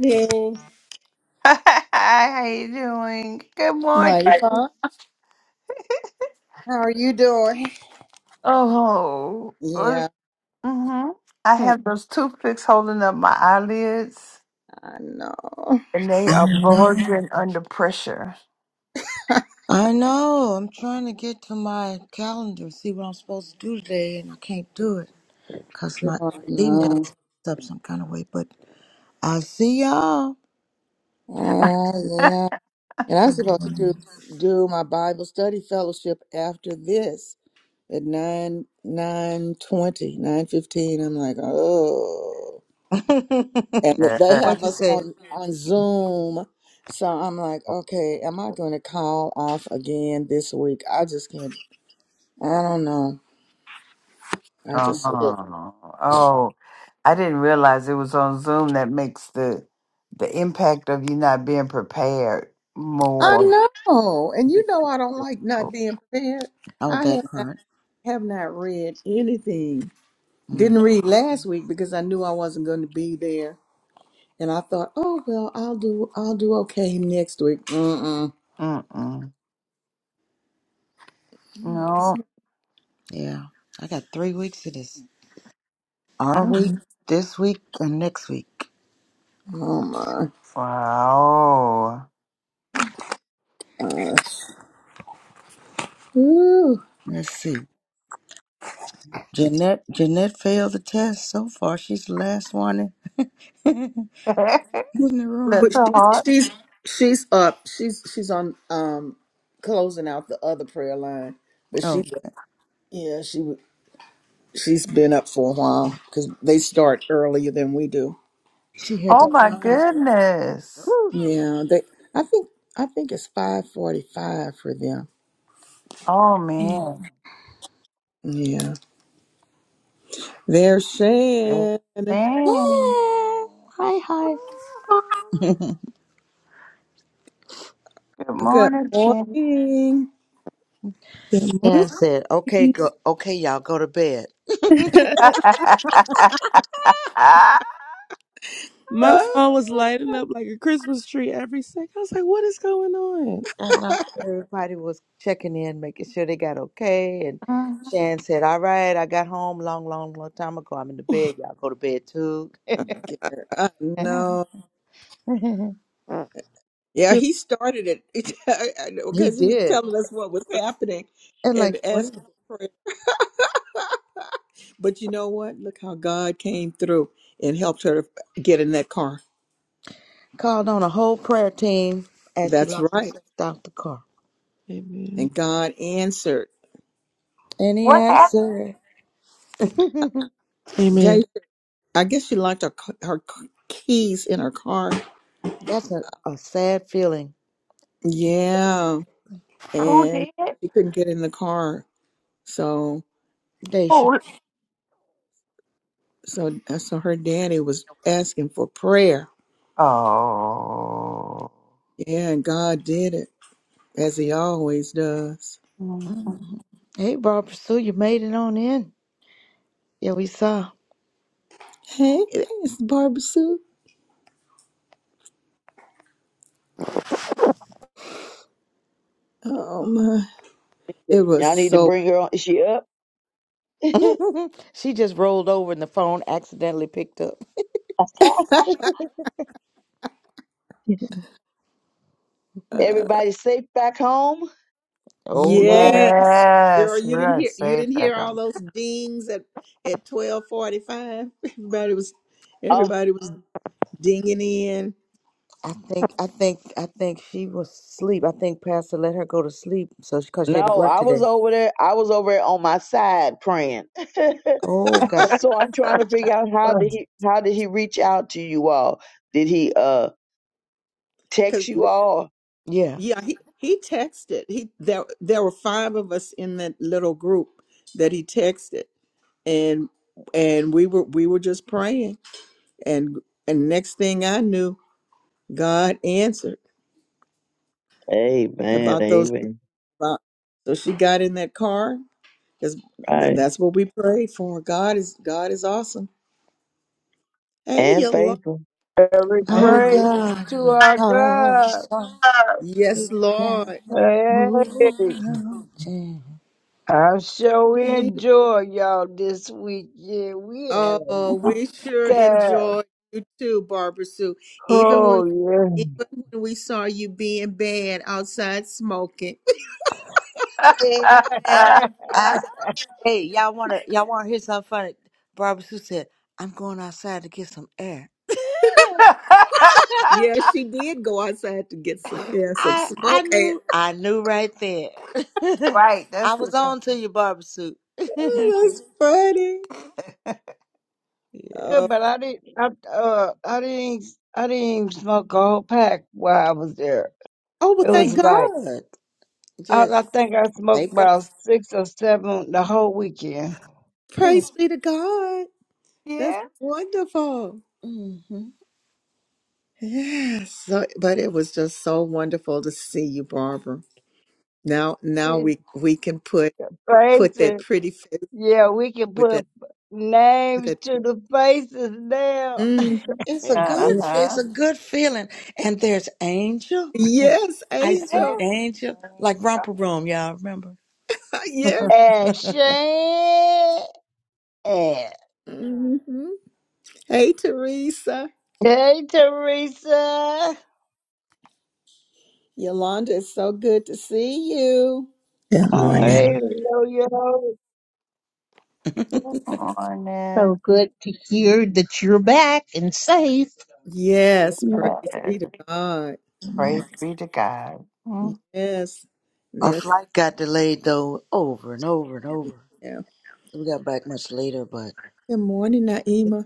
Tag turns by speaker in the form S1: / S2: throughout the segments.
S1: Hey,
S2: How you doing? Good
S1: Mighty
S2: morning.
S1: Pot, how are you doing?
S2: Oh, uh,
S1: Yeah,
S2: mm-hmm. I
S1: I
S2: have those toothpicks holding up my eyelids,
S1: know.
S2: and they are
S3: I know.
S2: bulging under pressure.
S3: I know. I'm trying to get to my calendar, see what I'm supposed to do today, and I can't do it because my
S1: I know.
S3: email's up some kind of way. But I'll see y'all.
S1: Ah, yeah. And I'm
S3: Good
S1: supposed to do
S3: morning.
S1: do my Bible study fellowship after this at nine nine twenty nine fifteen. I'm like, oh, and they
S3: what
S1: have
S2: oh,
S3: you
S1: us
S3: said?
S1: on on Zoom, so I'm like, okay, am I going to call off again this week? I just can't. I don't know. I just.
S2: oh, I didn't realize it was on Zoom. That makes the the impact of you not being prepared more.
S1: I know, and you know I don't like not being prepared.
S3: Oh,
S1: I
S3: that
S1: have not,
S3: part.
S1: have not read anything.
S3: Mm,
S1: Didn't read last week because I knew I wasn't going to be there, and I thought, oh well, I'll do I'll do okay next week. Mm-mm.
S2: Mm-mm. No.
S3: yeah. I got three weeks of this. Our week, this week, and next week.
S1: Oh my.
S2: Wow.
S1: Uh, whew.
S3: Let's see. Jeanette Jeanette failed the test so far. She's the last one in, in
S2: That's
S3: the
S1: but
S3: room.
S2: a
S1: she's
S2: hard.
S1: she's she's up. She's she's on um closing out the other prayer line, but she
S3: Oh,
S1: yeah she she's been up for a while because they start earlier than we do.
S3: she had to
S2: Oh my
S3: drive. Yeah.
S2: goodness.
S1: Yeah, they. I think I think it's five forty-five for them.
S2: Oh man.
S1: Yeah, there's are Shan.
S2: Dang.
S3: Hi, hi.
S2: Good
S1: Good
S2: morning, Jen.
S1: morning.
S4: Good
S3: And
S4: morning.
S3: said, "Okay, go. Okay, y'all, go to bed."
S4: My
S1: Oh,
S4: phone was lighting up like a Christmas tree every second. I was like, what is going
S3: And uh, everybody was checking in, making sure they got okay. And
S2: Mhm.
S3: Shan said, "All right, I got home long, long, long time ago. I'm in the bed. Y'all go to bed too."
S1: Garrett, I know.
S4: on?
S1: Yeah,
S4: Good.
S1: he started it
S3: he
S1: because he was
S3: did.
S1: telling us what was happening
S3: And like
S1: and asking
S3: well,
S1: for prayer. But you know what? Look how God came through and helped her to get in that car.
S3: called on a whole prayer team as she
S1: That's
S3: locked
S1: right.
S3: herself out the car.
S4: Amen.
S1: And God answered.
S3: And he
S2: what happened?
S3: answered.
S4: Amen.
S1: Jay, I guess she locked her, c- her c- keys in her car.
S3: That's a, a sad feeling,
S1: Yeah.
S2: Who
S1: and
S2: did? it?
S1: she couldn't get in the car. So
S3: Daisha.
S2: Who?
S1: so uh, so her daddy was asking for prayer.
S2: Oh.
S1: Yeah, and God did it as He always does.
S3: Mm.
S2: Mhm.
S3: Hey, Barbara Sue, you made it on in. Yeah, we saw.
S1: Hey, it's Barbara Sue. Oh my! It
S5: Y'all
S1: was
S5: need to
S1: so.
S5: bring her on. Is she up?
S3: she just rolled over and the phone accidentally picked up.
S1: Uh,
S5: Everybody safe back home?
S3: Oh yeah.
S1: yes, girl,
S2: Yes, we
S1: you didn't
S2: are
S1: hear you
S2: safe,
S1: didn't hear all
S2: Beckham.
S1: those dings at at twelve forty five. Everybody was
S5: Oh
S1: everybody was dinging in.
S3: I think I think I think she was asleep. I think Pastor let her go to sleep so she, cause she
S5: no,
S3: had to work
S5: I was
S3: today.
S5: over there. I was over there on my side praying.
S3: Oh God.
S5: so I'm trying to figure out how did he how did he reach out to you all? Did he uh text
S1: because.
S5: you all?
S3: Yeah.
S1: Yeah, he he texted. He there there were five of us in that little group that he texted, and and we were we were just praying, and and next thing I knew, God answered
S5: Amen,
S1: about those.
S5: amen.
S1: About, so she got in that car. That's tha-
S5: Right.
S1: that's what we prayed for. God is God is awesome. Hey,
S5: And
S1: you Lord.
S5: faithful.
S6: Every
S1: Oh
S3: Our
S1: yeah.
S6: praise is
S3: God
S6: to
S3: is
S6: our God.
S3: awesome.
S1: Yes,
S3: He can
S1: Lord.
S6: Hey,
S3: move mountains.
S6: I sure
S1: Hey,
S6: enjoy y'all this week. Yeah, we had a
S1: Oh, we sure
S6: good time.
S1: enjoyed you too, Barbara Sue. Even
S6: Oh
S1: when
S6: yeah,
S1: even when we saw you being bad outside smoking.
S3: Amen. I said, hey, y'all wanna y'all wanna hear something funny? Barbara Sue said, I'm going outside to get some air.
S1: Yeah, she did go outside to get some air, some
S3: I I
S1: smoke air.
S3: knew I knew right there.
S2: Right.
S3: I
S2: That's
S3: was
S2: the
S3: on to your barbecue. yeah.
S1: Oh, That's funny. Oh,
S6: but I didn't. I, uh, I didn't. I didn't even smoke a whole pack while I was there.
S1: oh well
S6: It
S3: Oh,
S6: was
S1: thank God.
S6: like
S3: good.
S6: I,
S3: Just
S6: I think I smoked
S3: taper. it.
S6: about six or seven the whole weekend.
S1: Praise be to God. That's
S2: Yeah.
S1: wonderful.
S3: Mm-hmm.
S1: Yes. So, but it was just so wonderful to see you, Barbara. Now now
S6: It's
S1: we we can put put
S6: Crazy.
S1: that pretty face
S6: Yeah, we can
S1: with
S6: put
S1: that with
S6: names
S1: that
S6: to the faces now.
S1: mm.
S3: It's a
S2: uh
S3: good. It's
S2: huh.
S3: a good feeling. And there's Angel.
S1: Yes,
S3: I see
S1: Angel.
S3: Angel like romper room. Y'all remember?
S1: Yeah.
S6: and Shane and
S1: Mhm. Hey, Teresa.
S6: hey Teresa.
S1: Yolanda, it's so good to see you.
S7: Good
S2: Yeah.
S6: Hey
S7: morning.
S6: Yo Yo.
S2: Come on
S8: So
S2: now.
S8: good to hear that you're back and safe.
S1: Yes, praise
S2: Yes.
S1: be to God.
S2: Praise
S3: Man,
S2: be to God. Mm.
S1: Yes.
S3: our
S1: Yes.
S3: flight got delayed though, over and over and over.
S1: Yeah.
S3: So We got back much later, but
S1: Good morning, Naima.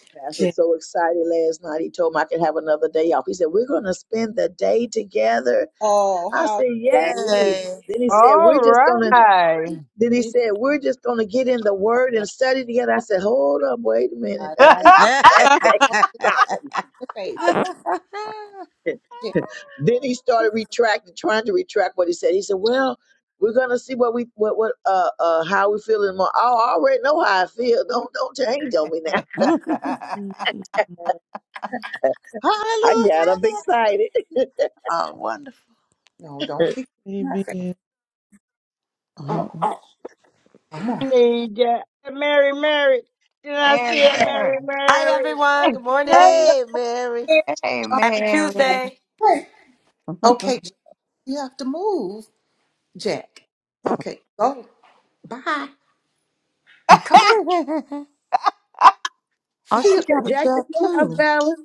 S5: Pastor
S1: Yeah.
S5: was so excited last night. He told me I could have another day off. He said, We're gonna spend the day together.
S1: Oh,
S5: I
S1: how
S5: said, Yay.
S1: sweet.
S3: yay!
S5: Then he said, We're
S6: All
S5: just gonna
S1: You
S6: right.
S5: Then he said, We're just going to get in the word
S1: know,
S5: and study together. I said, Hold up, wait a minute.
S1: I don't want to see
S5: that's a
S1: your face. Yeah,
S5: problem. then he started retracting, trying to retract what he said. He said, Well, we're gonna see what we what what uh uh how we feel in more. I already know how I feel.
S1: I'm
S5: Don't don't change on me now.
S4: Mm-mm.
S1: sorry.
S5: I
S3: Hallelujah.
S5: got up excited.
S3: Oh, wonderful.
S1: No, don't kick my face.
S4: Amen.
S1: Oh,
S3: Mhm.
S1: come
S6: Need uh, Mary Mary. Did I
S2: Mary,
S6: see a
S2: Mary.
S6: Mary Mary?
S3: Hey, Mary.
S2: Hey,
S1: on.
S2: Mary.
S1: Okay.
S3: oh,
S1: Okay, you have to move. Jack. Okay. Go. Bye. Come on. He,
S3: she got a
S5: Jack's at
S3: job
S5: your house,
S3: too.
S5: Valor.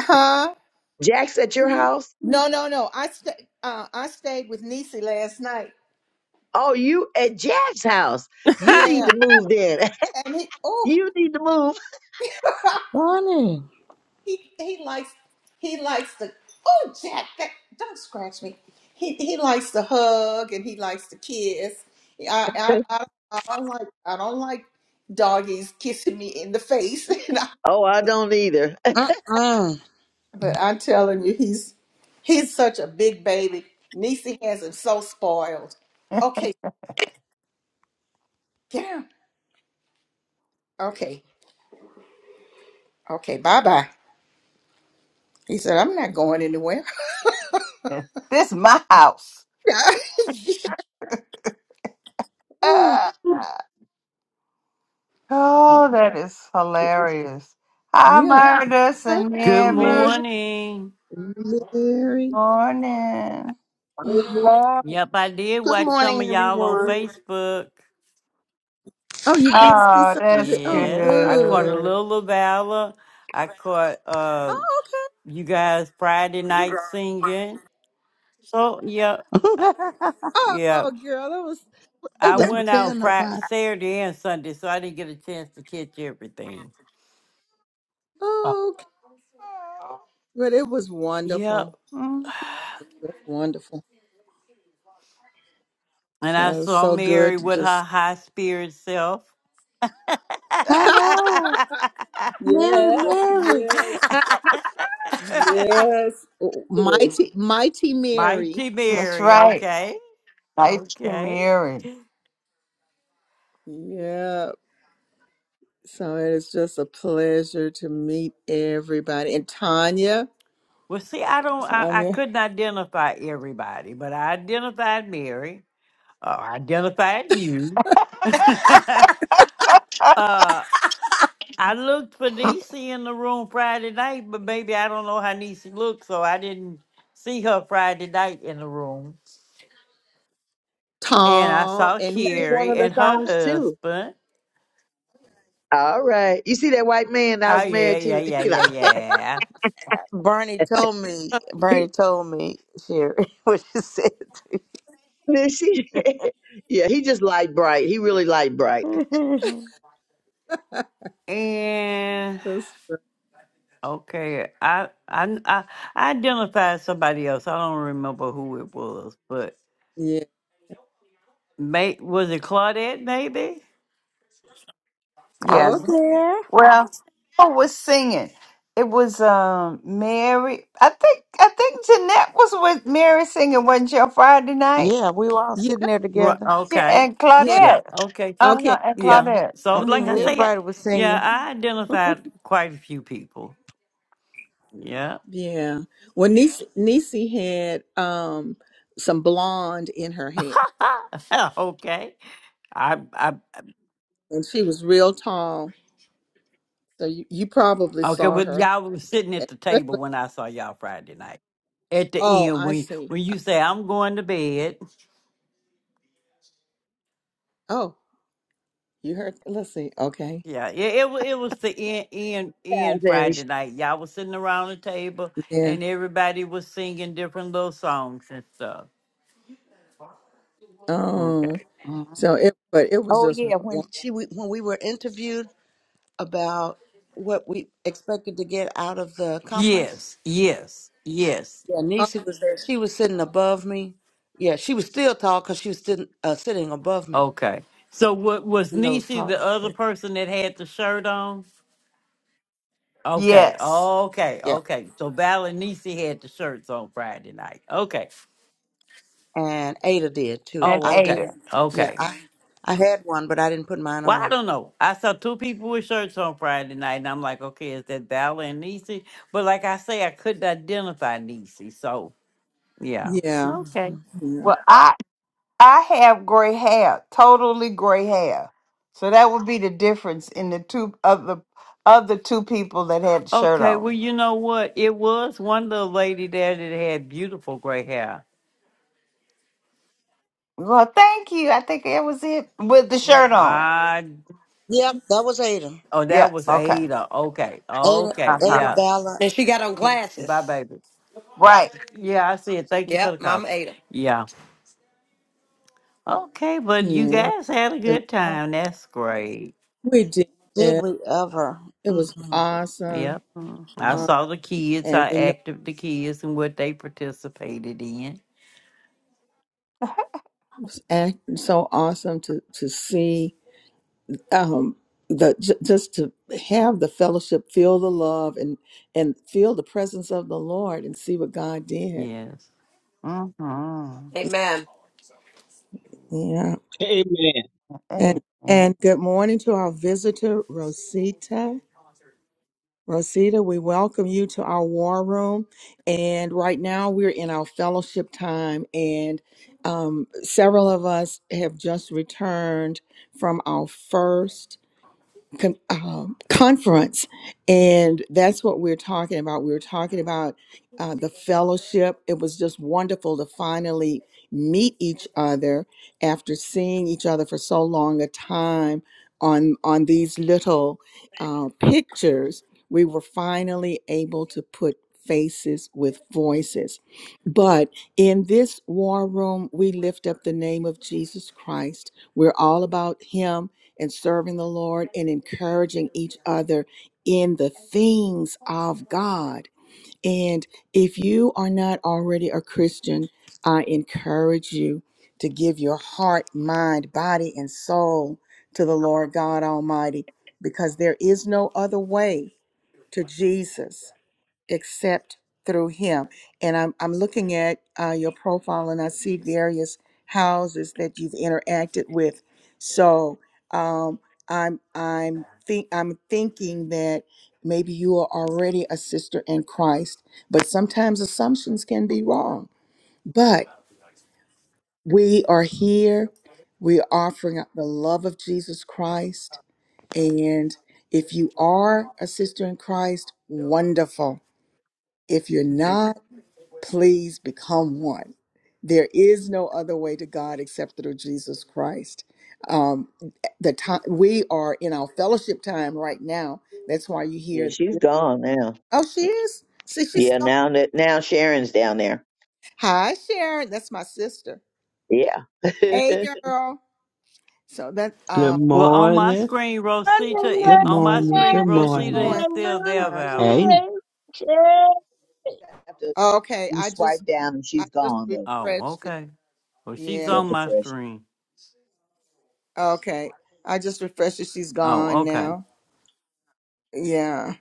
S1: huh?
S5: Jack's at your house.
S1: No, no, no. I sta uh, I stayed with Nisi last night.
S5: Oh, you at Jack's house. You need
S1: Yeah,
S5: to move then.
S1: and he oh
S5: you need to move.
S3: Funny.
S1: he he likes he likes to oh Jack that don't scratch me. He he likes to hug and he likes to kiss. I I I, I don't like I don't like doggies kissing me in the face.
S5: Oh, I don't either.
S3: Mm-mm.
S1: But I'm telling you, he's he's such a big baby. Niecy has him so spoiled. Okay, get him. Okay, okay, bye bye. He said, I'm not going anywhere.
S2: This my house.
S1: Oh,
S2: Ah.
S1: man.
S2: oh, that is hilarious. Hi,
S1: yeah.
S2: Murders
S1: Hey,
S2: and
S9: Good
S1: hey,
S2: Mary.
S1: murder.
S9: morning.
S1: Mary.
S2: Morning.
S6: Good
S1: Oh,
S6: morning.
S9: Yep, I did
S10: Good
S9: watch some
S10: morning,
S9: of y'all on
S10: everyone.
S9: Facebook.
S1: oh, you did see
S2: Oh,
S1: some of
S2: that's
S1: it. Oh,
S9: Yes, I caught
S1: good.
S9: a
S2: good.
S9: little of Valor. I caught uh,
S1: Oh, okay.
S9: you guys Friday night singing. So, yep,
S1: Oh, oh,
S9: yep.
S1: girl, that was it
S9: I
S1: was
S3: Don't
S9: went
S3: tell
S9: out
S1: wonderful.
S9: Friday,
S3: nobody.
S9: Saturday and Sunday, so I didn't get a chance to catch everything.
S1: Oh, okay.
S2: Oh.
S1: But it was
S9: Yep.
S1: wonderful.
S2: Mhm.
S1: It was wonderful.
S9: And I
S1: So it was
S9: saw
S1: so
S9: Mary
S1: good to
S9: with her
S1: just
S9: high spirit self.
S3: I know. Mary,
S1: Yes,
S3: Mary.
S1: yes, yes. Oh, Mighty, mighty Mary.
S9: Mighty
S2: That's
S9: Mary,
S2: right.
S9: okay.
S2: Night to
S9: Okay.
S2: Mary.
S1: Yep. So it is just a pleasure to meet everybody. And Tanya,
S9: Well, see, I don't, I, I
S1: Tanya,
S9: couldn't identify everybody, but I identified Mary. Uh, I identified you. uh, I looked for Niecy in the room Friday night, but maybe I don't know how Niecy looked, so I didn't see her Friday night in the room. And I
S1: tall
S9: saw
S1: and
S5: sang one
S9: Sherry
S5: of the
S9: and her
S5: songs too.
S9: husband.
S5: All right. You see that white man I
S9: Oh,
S5: was
S9: yeah,
S5: married
S9: yeah,
S5: to?
S9: yeah,
S5: You know,
S9: yeah, yeah.
S3: Bernie told me, Bernie
S5: he,
S3: told me, Sherry, what she said to
S5: then she, yeah, he just light bright. He really light bright.
S3: you.
S9: and.
S1: that's-
S9: Okay, I I I I identified somebody else. I don't remember who it was, but
S1: yeah.
S9: may was it Claudette? Maybe.
S3: I
S2: Yeah.
S3: was
S1: Okay.
S3: there.
S2: Well, who was singing? It was um Mary. I think I think Jeanette was with Mary singing, wasn't she, on Friday night?
S3: Yeah, we were all sitting
S1: Yeah.
S3: there
S9: Right.
S3: together.
S2: Yeah,
S9: Okay.
S2: and
S1: Yeah.
S9: Yeah.
S2: Claudette.
S9: Okay.
S2: Uh
S1: Okay.
S2: huh. And
S1: Yeah.
S9: Yeah.
S2: Claudette.
S9: So,
S3: I
S9: like
S3: think
S9: I
S2: Mm-hmm.
S1: Thank-
S9: say,
S3: everybody was
S9: yeah,
S3: singing.
S9: I identified quite a few people. Yeah.
S1: Yeah. Well, Nisi, Nisi had um some blonde in her hair,
S9: okay. I I
S1: and she was real tall. So you, you probably
S9: okay.
S1: saw
S9: But y'all was sitting at the
S1: her,
S9: table when I saw y'all Friday night at the
S1: Oh,
S9: end
S1: I
S9: when
S1: see.
S9: when you say I'm going to bed
S1: Oh, you heard. Let's see. Okay.
S9: Yeah, it it, wa- it was the end, end
S5: Yeah,
S9: end
S5: then he-
S9: Friday night. Y'all was sitting around the table
S1: Yeah.
S9: and everybody was singing different little songs and stuff.
S1: Oh,
S9: Okay.
S2: Mm-hmm.
S1: so it, but it was
S3: Oh,
S1: just
S3: yeah, when
S1: one.
S3: she we, when we were interviewed. about what we expected to get out of the conference.
S9: Yes, yes, yes.
S3: Yeah,
S1: Oh,
S3: Nisi was there. She was sitting above me. Yeah, she was still tall because she was sitting, uh, sitting above me
S9: Okay. So what was
S3: in those
S9: Nisi the
S3: taller
S9: other
S3: chairs.
S9: person that had the shirt on? Okay,
S2: Yes.
S9: okay,
S3: Yeah,
S9: okay. So Val and Nisi had the shirts on Friday night. Okay.
S3: and Ada did too.
S2: And
S9: Oh,
S3: I
S9: okay,
S2: Ada.
S3: didn't. Yeah,
S9: okay.
S3: I I had one, but I didn't put mine
S9: Well, I
S3: on.
S9: don't know. I saw two people with shirts on Friday night, and I'm like, okay, is that Dalla and Niecy? But like I say, I couldn't identify Niecy. So, yeah.
S1: yeah.
S3: hmm
S9: Okay.
S1: Yeah.
S2: Well, I I have gray hair, totally gray hair. So that would be the difference in the two of the of the two people that had the shirt
S9: Okay. Well,
S2: on.
S9: you know what? It was one little lady there that had beautiful gray hair.
S2: Well, thank you. I think that was it with the shirt on.
S9: I,
S3: Yep, that was Ada.
S9: oh, that
S2: Yes.
S9: was
S2: Okay.
S9: Ada. Okay.
S3: Ada
S9: Okay.
S2: Uh
S3: Ada
S2: huh.
S9: Yeah.
S3: Ballard. Yeah.
S9: Bye, baby.
S2: Right.
S9: Yeah, I see it. Thank you for the coffee. Yeah. Okay. But you
S1: Yeah.
S9: guys had a good time. That's great.
S1: We did.
S3: Did we
S1: It
S3: ever? hmm
S1: was
S9: Yeah.
S1: awesome.
S9: I
S2: Mm-hmm.
S1: Um,
S9: saw the kids, how
S1: and we know
S9: active the kids and what they participated in.
S1: it was act- so awesome to to see um the j- just to have the fellowship, feel the love, and and feel the presence of the Lord, and see what God did.
S9: Yes.
S2: Mm-hmm.
S1: Yeah.
S11: Amen.
S1: And
S2: Amen.
S1: and good morning to our visitor Rosita. Rosita, we welcome you to our war room. And right now we're in our fellowship time, and um, several of us have just returned from our first con- um, conference, and that's what we're talking about. We were talking about uh, the fellowship. It was just wonderful to finally meet each other after seeing each other for so long a time on on these little uh, pictures. We were finally able to put faces with voices. But in this war room, we lift up the name of Jesus Christ. We're all about Him and serving the Lord and encouraging each other in the things of God. And if you are not already a Christian, I encourage you to give your heart, mind, body, and soul to the Lord God Almighty because there is no other way to Jesus except through him. And I'm, I'm looking at uh, your profile and I see various houses that you've interacted with. So um, I'm I'm think I'm thinking that maybe you are already a sister in Christ, but sometimes assumptions can be wrong. But we are here. We are offering up the love of Jesus Christ. And if you are a sister in Christ, wonderful. If you're not, Please become one. There is no other way to God except through Jesus Christ. Um, the time we are in our fellowship time right now. That's why you
S5: yeah,
S1: hear.
S5: she's gone now.
S1: Oh, she is. See, she's
S5: Yeah,
S1: still.
S5: now that now Sharon's down there.
S1: Hi, Sharon. That's my sister.
S5: Yeah.
S1: Hey,
S5: After
S1: girl. So that
S11: Good
S1: um,
S9: Well, on my
S11: morning.
S9: screen, Rosita,
S11: Good
S9: on
S1: it's
S9: my
S11: morning.
S9: screen,
S11: Good
S1: still
S9: Rosita
S11: morning.
S9: is
S1: showing.
S6: And
S9: still there,
S1: Uh,
S9: Vala.
S11: Hey.
S6: Lucy. Check.
S1: okay,
S5: you
S1: I just
S5: swipe down and
S1: I
S5: she's
S1: just
S5: gone though.
S9: Oh,
S1: refreshed it.
S9: okay. Well, she's
S5: You
S1: Yeah.
S5: have
S9: on
S5: to
S9: my
S5: fresh.
S9: screen.
S1: Okay. I just refreshed it. She's
S9: Oh,
S1: gone
S9: okay.
S1: now. Yeah.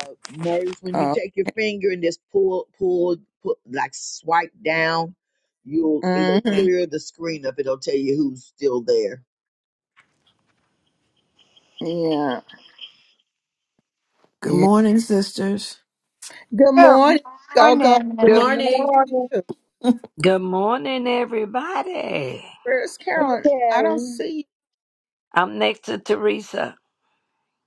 S5: Uh, Murs, when you
S1: Oh.
S5: take your finger and just pull, pull, pull, like swipe down, you'll it'll clear the screen up. It'll tell you who's still there.
S1: mhm,
S12: Good
S1: Yeah.
S12: morning, sisters.
S1: Good
S2: Good
S1: morning, go go.
S2: morning.
S6: Good morning.
S13: Good morning, everybody.
S1: Where's Carolyn?
S5: Yeah,
S1: I don't see you.
S13: I'm next to Teresa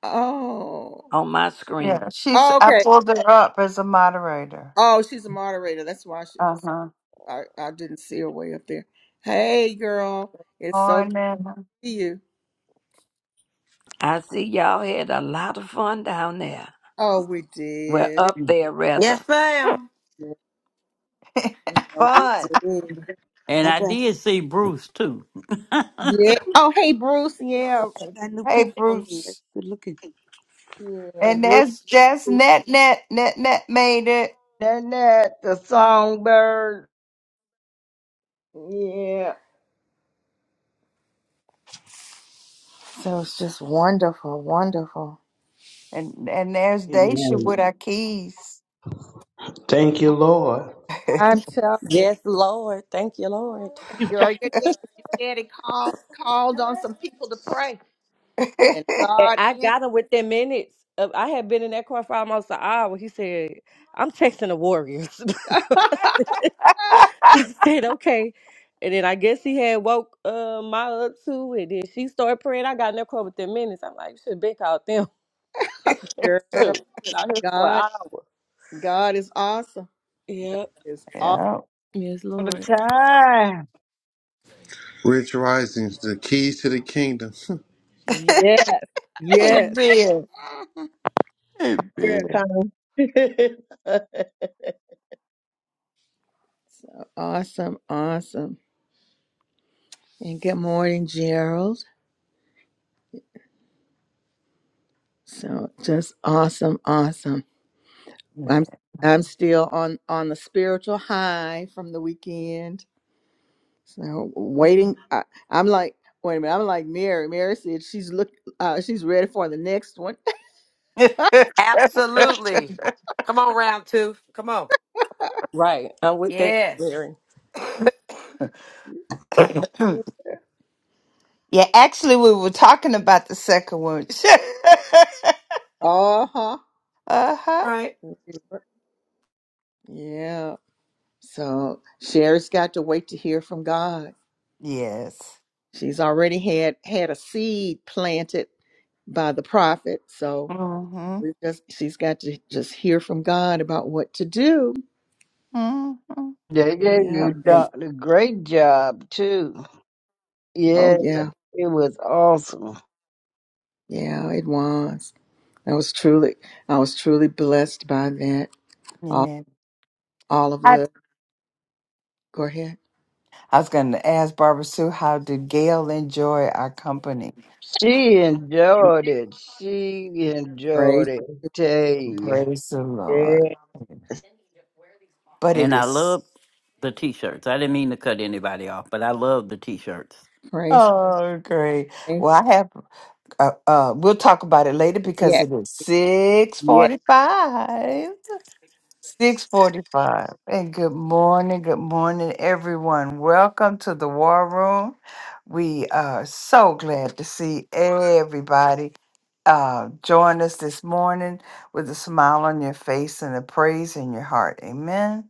S1: Oh.
S13: on my screen.
S2: Yeah, she's.
S1: oh,
S2: I
S1: okay.
S2: pulled her up as a moderator.
S1: Oh, she's a moderator. That's why
S2: Uh
S1: she's.
S2: huh.
S1: I, I didn't see her way up there. Hey, girl, it's so good
S2: Morning.
S1: to see you.
S13: I see y'all had a lot of fun down there.
S1: Oh, we
S13: Well,
S1: did. It
S13: up there, rather.
S1: was good. Yeah, we did.
S9: And
S3: The
S9: I did
S3: best.
S9: see Bruce too.
S1: Yeah. Oh, hey, Bruce. Yeah.
S3: She got a new
S2: Hey,
S3: picture on there. It's
S2: Bruce.
S3: Good looking.
S1: Yeah,
S2: And
S1: Bruce.
S2: there's just net net net net made it.
S6: Isn't that the songbird
S1: Yeah. So it's just wonderful, wonderful.
S2: And and there's Daisha
S11: Amen.
S2: with our keys.
S11: Thank you, Lord.
S1: I'm telling.
S14: Yes, Lord. Thank you, Lord.
S1: Girl, your daddy, your daddy called called on some people to pray, and
S14: And
S1: God
S14: I got
S1: answered.
S14: him within minutes. Of, I had been in that car for almost an hour. He said, I'm texting the Warriors. I said, okay. And then I guess he had woke uh, my up too. And then she started praying. I got in that car within minutes. I'm like, you should have been called them.
S1: Girl,
S14: Shoot. Been out here for an
S1: God,
S14: hour.
S1: God is awesome. God
S14: Yep.
S1: is awesome.
S2: yeah.
S14: Yes,
S6: all the
S14: Lord.
S6: time?
S15: Rich Risings, the keys to the kingdom.
S1: Yes,
S2: Hey
S1: yes.
S2: Bill. Hey
S5: prayer
S2: Bill.
S5: time.
S1: So awesome, awesome. And good morning, Gerald. So just awesome, awesome. I'm I'm still on on the spiritual high from the weekend. So waiting, I, I'm like, wait a minute, I'm like Mary. Mary said she's look, uh, she's ready for the next one.
S14: Right. I'm with that too, Mary.
S2: yeah, actually we were talking about the second one.
S1: Uh huh.
S2: uh-huh.
S1: Yeah. So Sherry's got to wait to hear from God.
S2: Yes.
S1: She's already had had a seed planted by the prophet. So
S2: Mm-hmm.
S1: we just she's got to just hear from God about what to do.
S2: Mm-hmm.
S6: They gave
S1: Yeah.
S6: you do-
S1: And
S6: a great job too. Yeah,
S1: oh yeah.
S6: it was awesome.
S1: Yeah, it was. I was truly I was truly blessed by that. All
S2: Yeah.
S1: all of
S2: I,
S1: the Go ahead.
S2: I was gonna ask Barbara Sue how did Gail enjoy our company?
S6: She enjoyed it. She enjoyed
S1: Praise,
S6: it. Tell you.
S2: Praise the
S6: Yeah.
S2: Lord. but it
S9: and I
S2: is
S9: love the t shirts. I didn't mean to cut anybody off, but I love the t shirts.
S1: praise,
S2: oh great
S1: thank
S2: well i
S1: you.
S2: have uh, uh we'll talk about it later because
S1: Yes,
S2: it is
S1: yes,
S2: 645 645 and good morning good morning everyone welcome to the war room we are so glad to see everybody uh, join us this morning with a smile on your face and a praise in your heart amen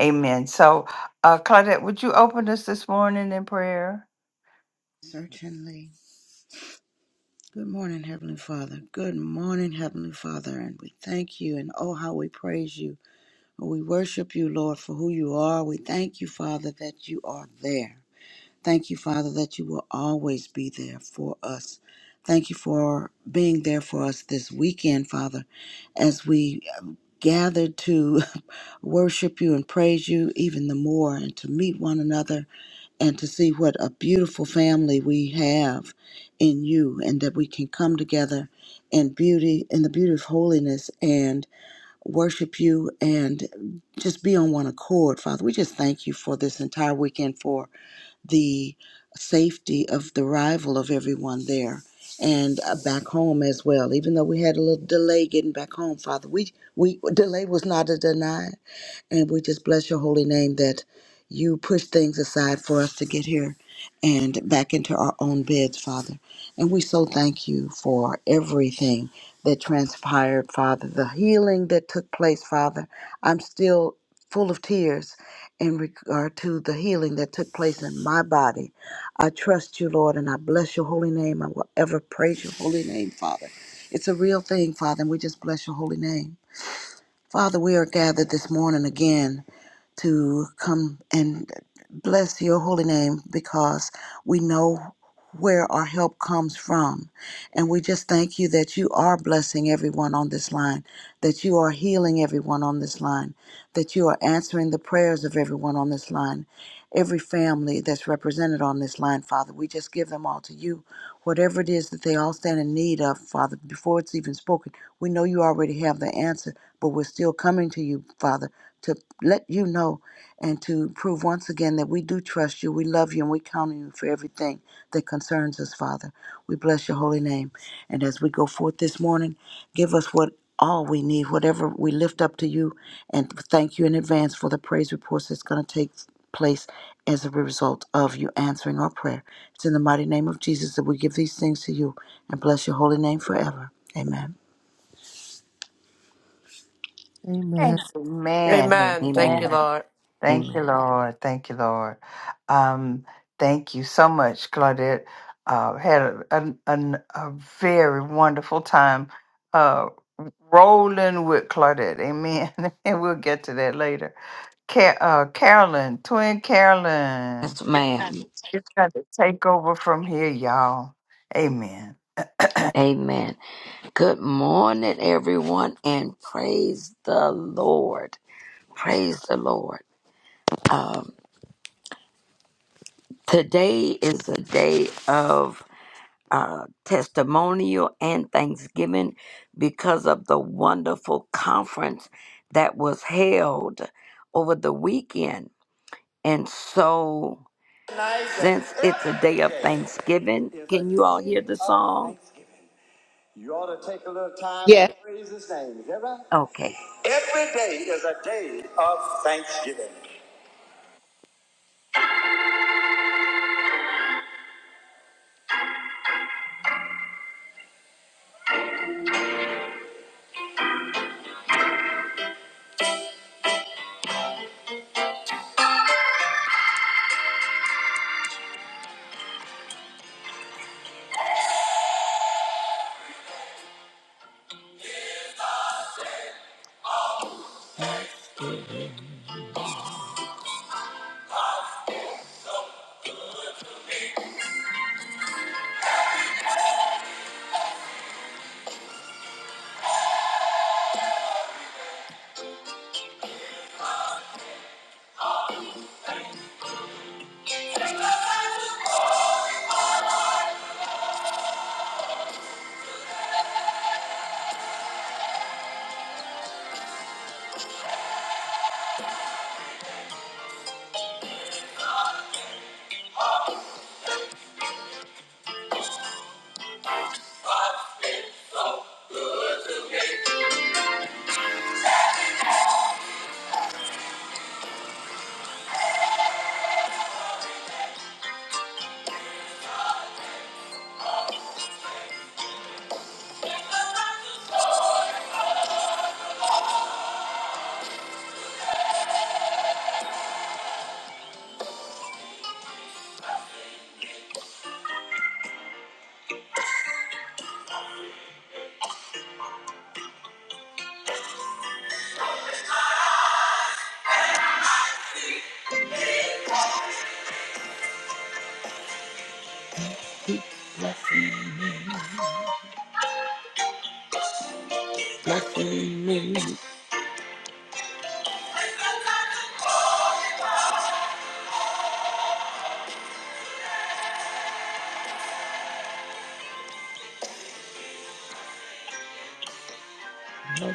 S2: amen so uh claudette would you open us this morning in prayer
S3: Certainly. Good morning, Heavenly Father. Good morning, Heavenly Father. And we thank you and oh, how we praise you. We worship you, Lord, for who you are. We thank you, Father, that you are there. Thank you, Father, that you will always be there for us. Thank you for being there for us this weekend, Father, as we gather to worship you and praise you even the more and to meet one another and to see what a beautiful family we have in you and that we can come together in beauty in the beauty of holiness and worship you and just be on one accord father we just thank you for this entire weekend for the safety of the arrival of everyone there and uh, back home as well even though we had a little delay getting back home father we we delay was not a denial and we just bless your holy name that you push things aside for us to get here and back into our own beds, Father. And we so thank you for everything that transpired, Father, the healing that took place, Father. I'm still full of tears in regard to the healing that took place in my body. I trust you, Lord, and I bless your holy name. I will ever praise your holy name, Father. It's a real thing, Father, and we just bless your holy name. Father, we are gathered this morning again to come and bless your holy name because we know where our help comes from. And we just thank you that you are blessing everyone on this line that you are healing everyone on this line, that you are answering the prayers of everyone on this line, every family that's represented on this line, Father. We just give them all to you. Whatever it is that they all stand in need of, Father, before it's even spoken, we know you already have the answer, but we're still coming to you, Father, to let you know and to prove once again that we do trust you, we love you, and we count on you for everything that concerns us, Father. We bless your holy name. And as we go forth this morning, give us what all we need, whatever we lift up to you, and thank you in advance for the praise reports that's going to take place as a result of you answering our prayer. It's in the mighty name of Jesus that we give these things to you and bless your holy name forever. Amen.
S4: Amen.
S2: Amen.
S13: Amen.
S2: Amen. Thank you,
S13: Amen.
S2: Lord. Thank you, Lord. Um, thank you so much, Claudette. Uh, had a, a, a, a very wonderful time uh, rolling with Claudette. Amen. and we'll get to that later. Ca- uh, Carolyn, twin Carolyn,
S13: Yes, ma'am.
S2: it's got to take over from here, y'all. Amen.
S13: Amen. Good morning, everyone, and praise the Lord. Praise the Lord. Um, today is a day of uh, testimonial and thanksgiving because of the wonderful conference that was held over the weekend. And so, since it's a day of Thanksgiving, can you all hear the song? You ought to take a little time and
S1: yes.
S13: praise his name. Is that right? Okay. Every day is a day of thanksgiving. Keep blessing me, blessing me. Amen.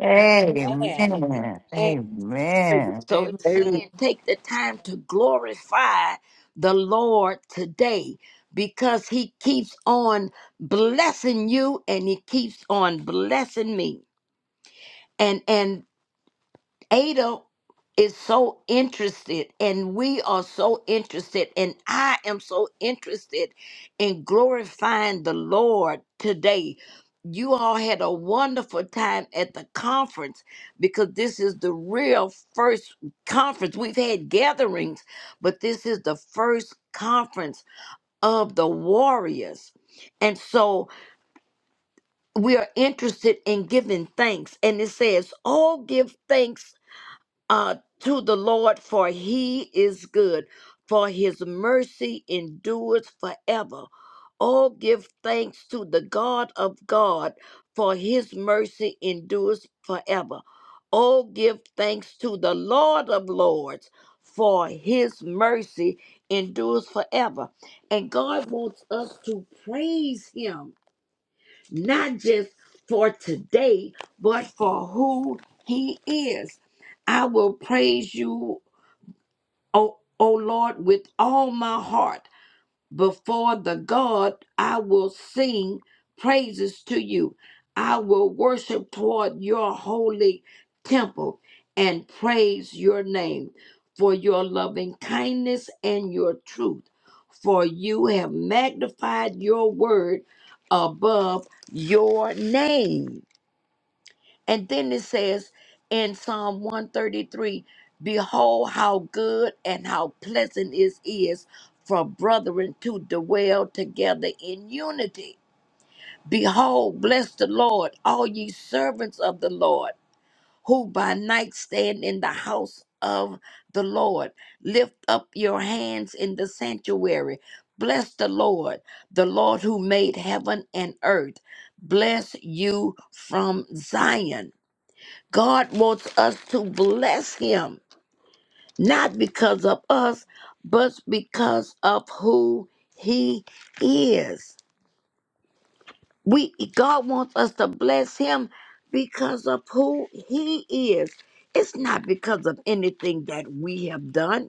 S2: Amen.
S13: Amen.
S2: Amen.
S13: So
S4: Amen.
S13: it's
S6: They-
S13: saying
S4: I'm
S13: take the time to glorify the Lord today because he keeps on blessing you and he keeps on blessing me. And and Ada is so interested, and we are so interested, and I am so interested in glorifying the Lord today. You all had a wonderful time at the conference because this is the real first conference. We've had gatherings, but this is the first conference of the warriors. And so we are interested in giving thanks. And it says, Oh, give thanks uh, to the Lord, for he is good, for his mercy endures forever. Oh, give thanks to the God of God, for his mercy endures forever. Oh, give thanks to the Lord of Lords, for his mercy endures forever. And God wants us to praise him not just for today, but for who he is. I will praise you, O, o Lord, with all my heart. Before the God, I will sing praises to you. I will worship toward your holy temple and praise your name for your loving kindness and your truth. For you have magnified your word above your name. And then it says in Psalm 133 Behold, how good and how pleasant it is for brethren to dwell together in unity. Behold, bless the Lord, all ye servants of the Lord, who by night stand in the house of the Lord. Lift up your hands in the sanctuary. Bless the Lord, the Lord who made heaven and earth. Bless you from Zion. God wants us to bless him, not because of us, but because of who he is. We God wants us to bless him because of who he is. It's not because of anything that we have done,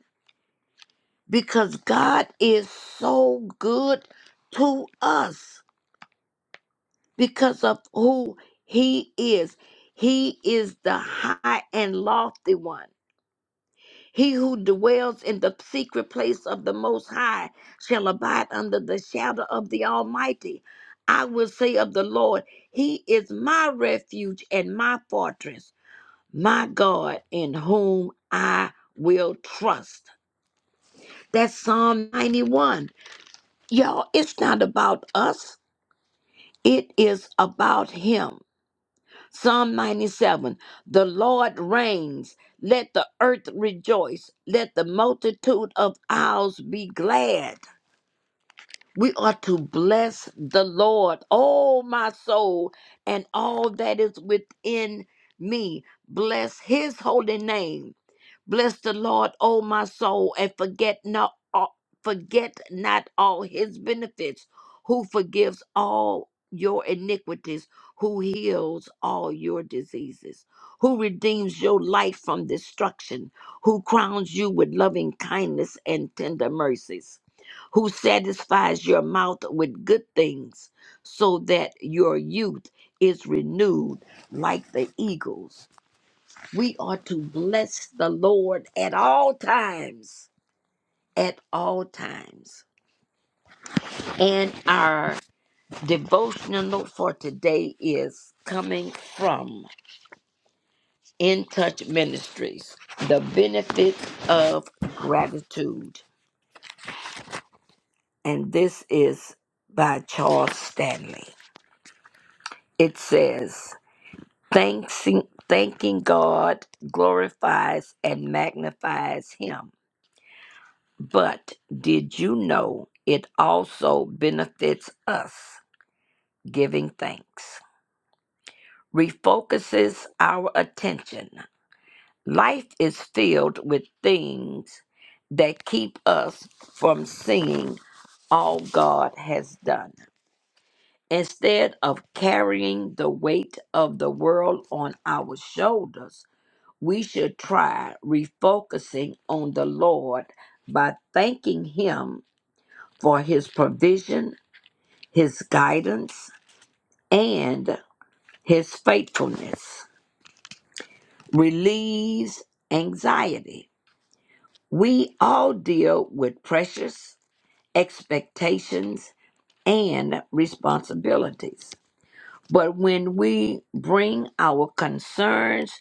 S13: because God is so good to us because of who he is. He is the high and lofty one. He who dwells in the secret place of the Most High shall abide under the shadow of the Almighty. I will say of the Lord, He is my refuge and my fortress, my God in whom I will trust. That's Psalm 91. Y'all, it's not about us, it is about Him. Psalm 97 The Lord reigns. Let the earth rejoice. Let the multitude of isles be glad. We are to bless the Lord, oh my soul, and all that is within me. Bless his holy name. Bless the Lord, O my soul, and forget not all, forget not all his benefits, who forgives all your iniquities, who heals all your diseases, who redeems your life from destruction, who crowns you with loving kindness and tender mercies, who satisfies your mouth with good things, so that your youth is renewed like the eagles. We are to bless the Lord at all times, at all times. And our devotional for today is coming from In Touch Ministries The Benefits of Gratitude. And this is by Charles Stanley. It says, Thanks, Thanking God glorifies and magnifies Him But did you know it also benefits us giving thanks? Refocuses our attention. Life is filled with things that keep us from seeing all God has done. Instead of carrying the weight of the world on our shoulders, we should try refocusing on the Lord by thanking Him for His provision his guidance, and his faithfulness relieves anxiety. We all deal with pressures, expectations, and responsibilities. But when we bring our concerns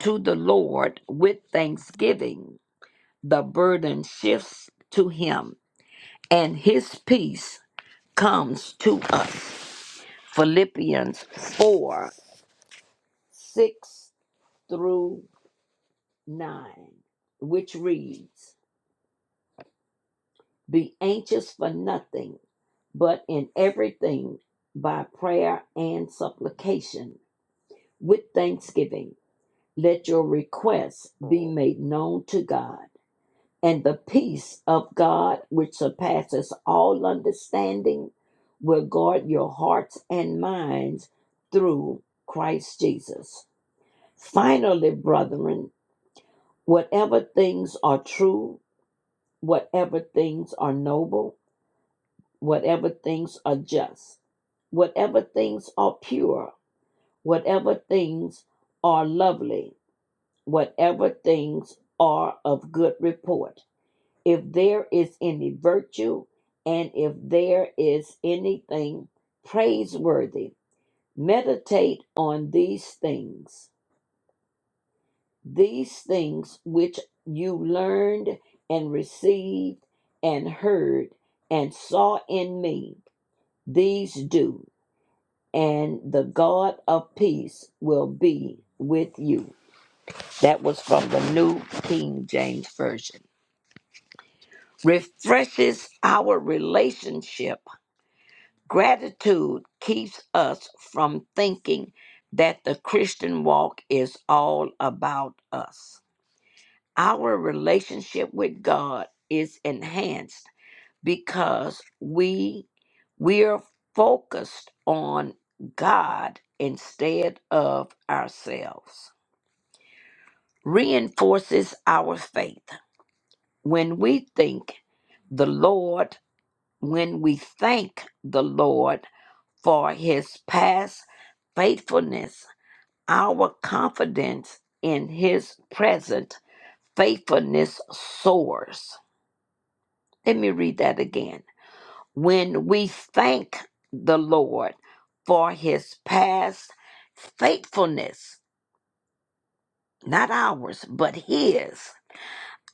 S13: to the Lord with thanksgiving, the burden shifts to Him, and His peace comes to us. Philippians 4 6 through 9, which reads, Be anxious for nothing, but in everything by prayer and supplication, with thanksgiving, let your requests be made known to God. And the peace of God, which surpasses all understanding, will guard your hearts and minds through Christ Jesus. Finally, brethren, whatever things are true, whatever things are noble, whatever things are just, whatever things are pure, whatever things are lovely, whatever things are of good report, if there is any virtue, and if there is anything praiseworthy, meditate on these things. These things which you learned and received and heard and saw in me, these do, and the God of peace will be with you. That was from the New King James Version. Refreshes our relationship. Gratitude keeps us from thinking that the Christian walk is all about us. Our relationship with God is enhanced because we we're focused on God instead of ourselves. Reinforces our faith when we think the Lord, when we thank the Lord for his past faithfulness, our confidence in his present faithfulness soars. Let me read that again. When we thank the Lord for his past faithfulness, not ours, but his,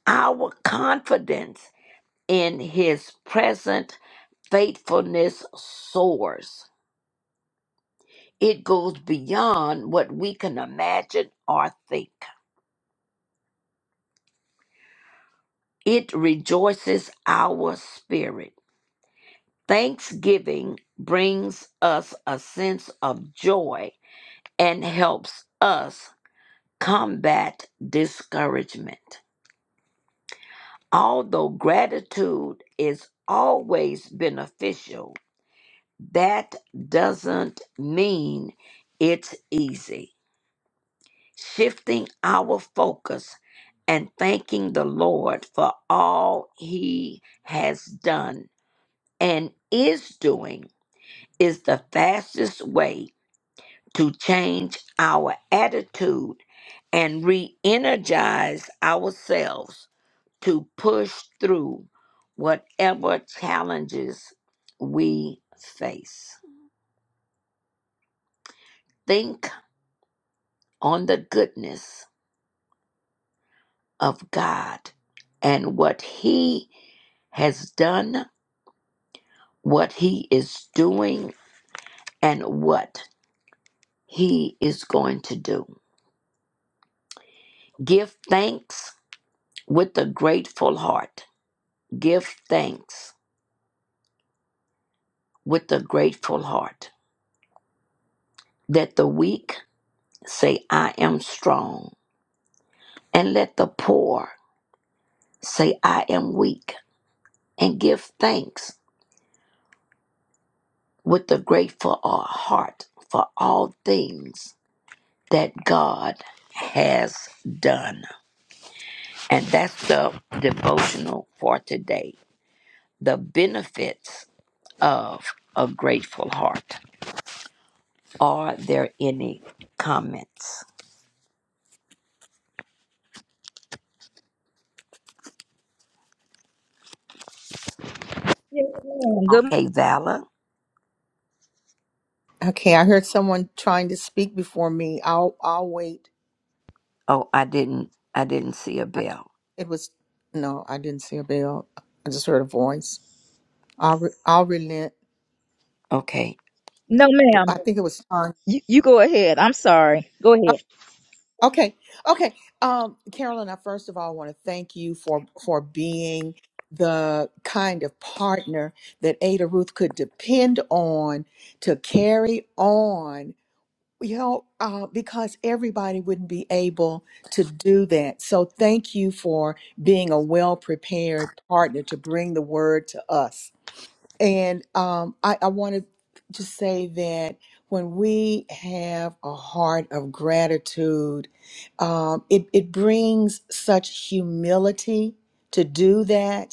S13: our confidence in his present faithfulness soars. It goes beyond what we can imagine or think. It rejoices our spirit. Thanksgiving brings us a sense of joy and helps us combat discouragement. Although gratitude is always beneficial, that doesn't mean it's easy. Shifting our focus and thanking the Lord for all He has done and is doing is the fastest way to change our attitude and re energize ourselves to push through whatever challenges we face. Think on the goodness of God and what He has done, what He is doing, and what He is going to do. Give thanks with a grateful heart. Give thanks with a grateful heart. Let the weak say, I am strong, and let the poor Say, I am weak, and give thanks with a grateful uh, heart for all things that God has done. And that's the devotional for today. The benefits of a grateful heart. Are there any comments?
S16: Yes, ma'am. Good.
S13: Okay, Vala.
S1: Okay, I heard someone trying to speak before me. I'll, I'll wait.
S13: Oh, I didn't I didn't see a
S1: I,
S13: bell.
S1: it was no, I didn't see a bell. I just heard a voice. I'll, re, I'll relent.
S13: Okay.
S16: No, ma'am.
S1: I think it was Tanya.
S16: You, you go ahead. I'm sorry. Go
S1: Oh,
S16: ahead.
S1: okay, okay. Um, Carolyn, I first of all want to thank you for for being the kind of partner that Ada Ruth could depend on to carry on you know, uh, because everybody wouldn't be able to do that. So thank you for being a well prepared partner to bring the word to us. And um, I, I want to just say that when we have a heart of gratitude, um, it, it brings such humility to do that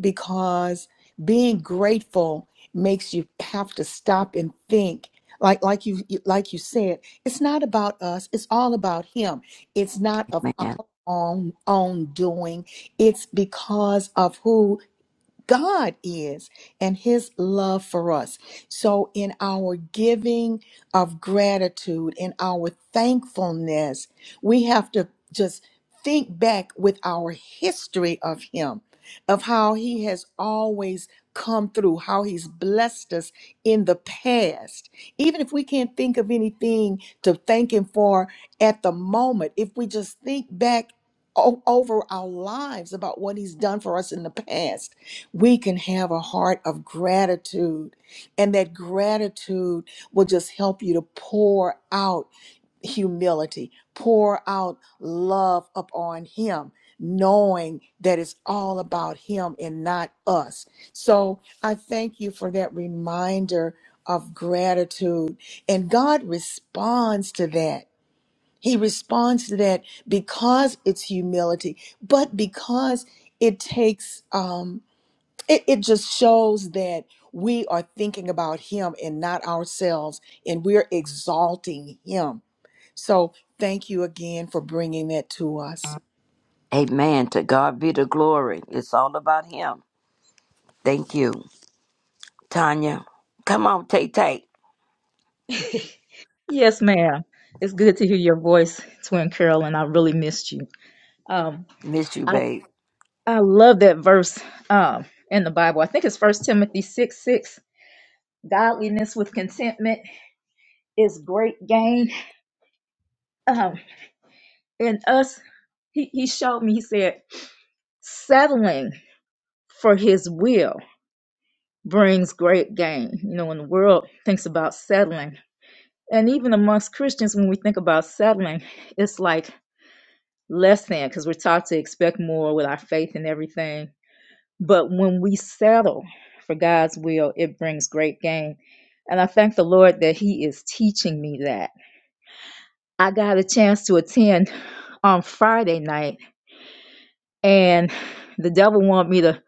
S1: because being grateful makes you have to stop and think like like you like you said it's not about us it's all about him it's not of our
S13: Man.
S1: own own doing it's because of who God is and his love for us. So, in our giving of gratitude, in our thankfulness, we have to just think back with our history of him, of how he has always come through, how he's blessed us in the past. Even if we can't think of anything to thank him for at the moment, if we just think back o- over our lives about what he's done for us in the past we can have a heart of gratitude. And that gratitude will just help you to pour out humility, pour out love upon Him, knowing that it's all about Him and not us. So I thank you for that reminder of gratitude. And God responds to that. He responds to that because it's humility, but because it takes. Um, it, it just shows that we are thinking about him and not ourselves and we're exalting him so thank you again for bringing that to us
S13: Amen. To God be the glory. It's all about him. Thank you. Tanya. Come on, Tay Tay.
S16: Yes, ma'am. It's good to hear your voice, Twin Carolyn. I really missed you. Um,
S13: Miss you,
S16: I
S13: babe.
S16: I love that verse um in the Bible. I think it's First Timothy six six. Godliness with contentment is great gain. Um, and us, he he showed me. He said, settling for His will brings great gain. You know, when the world thinks about settling. and even amongst Christians, when we think about settling, it's like less than because we're taught to expect more with our faith and everything. But when we settle for God's will, it brings great gain. And I thank the Lord that He is teaching me that. I got a chance to attend on Friday night, and the devil wanted me to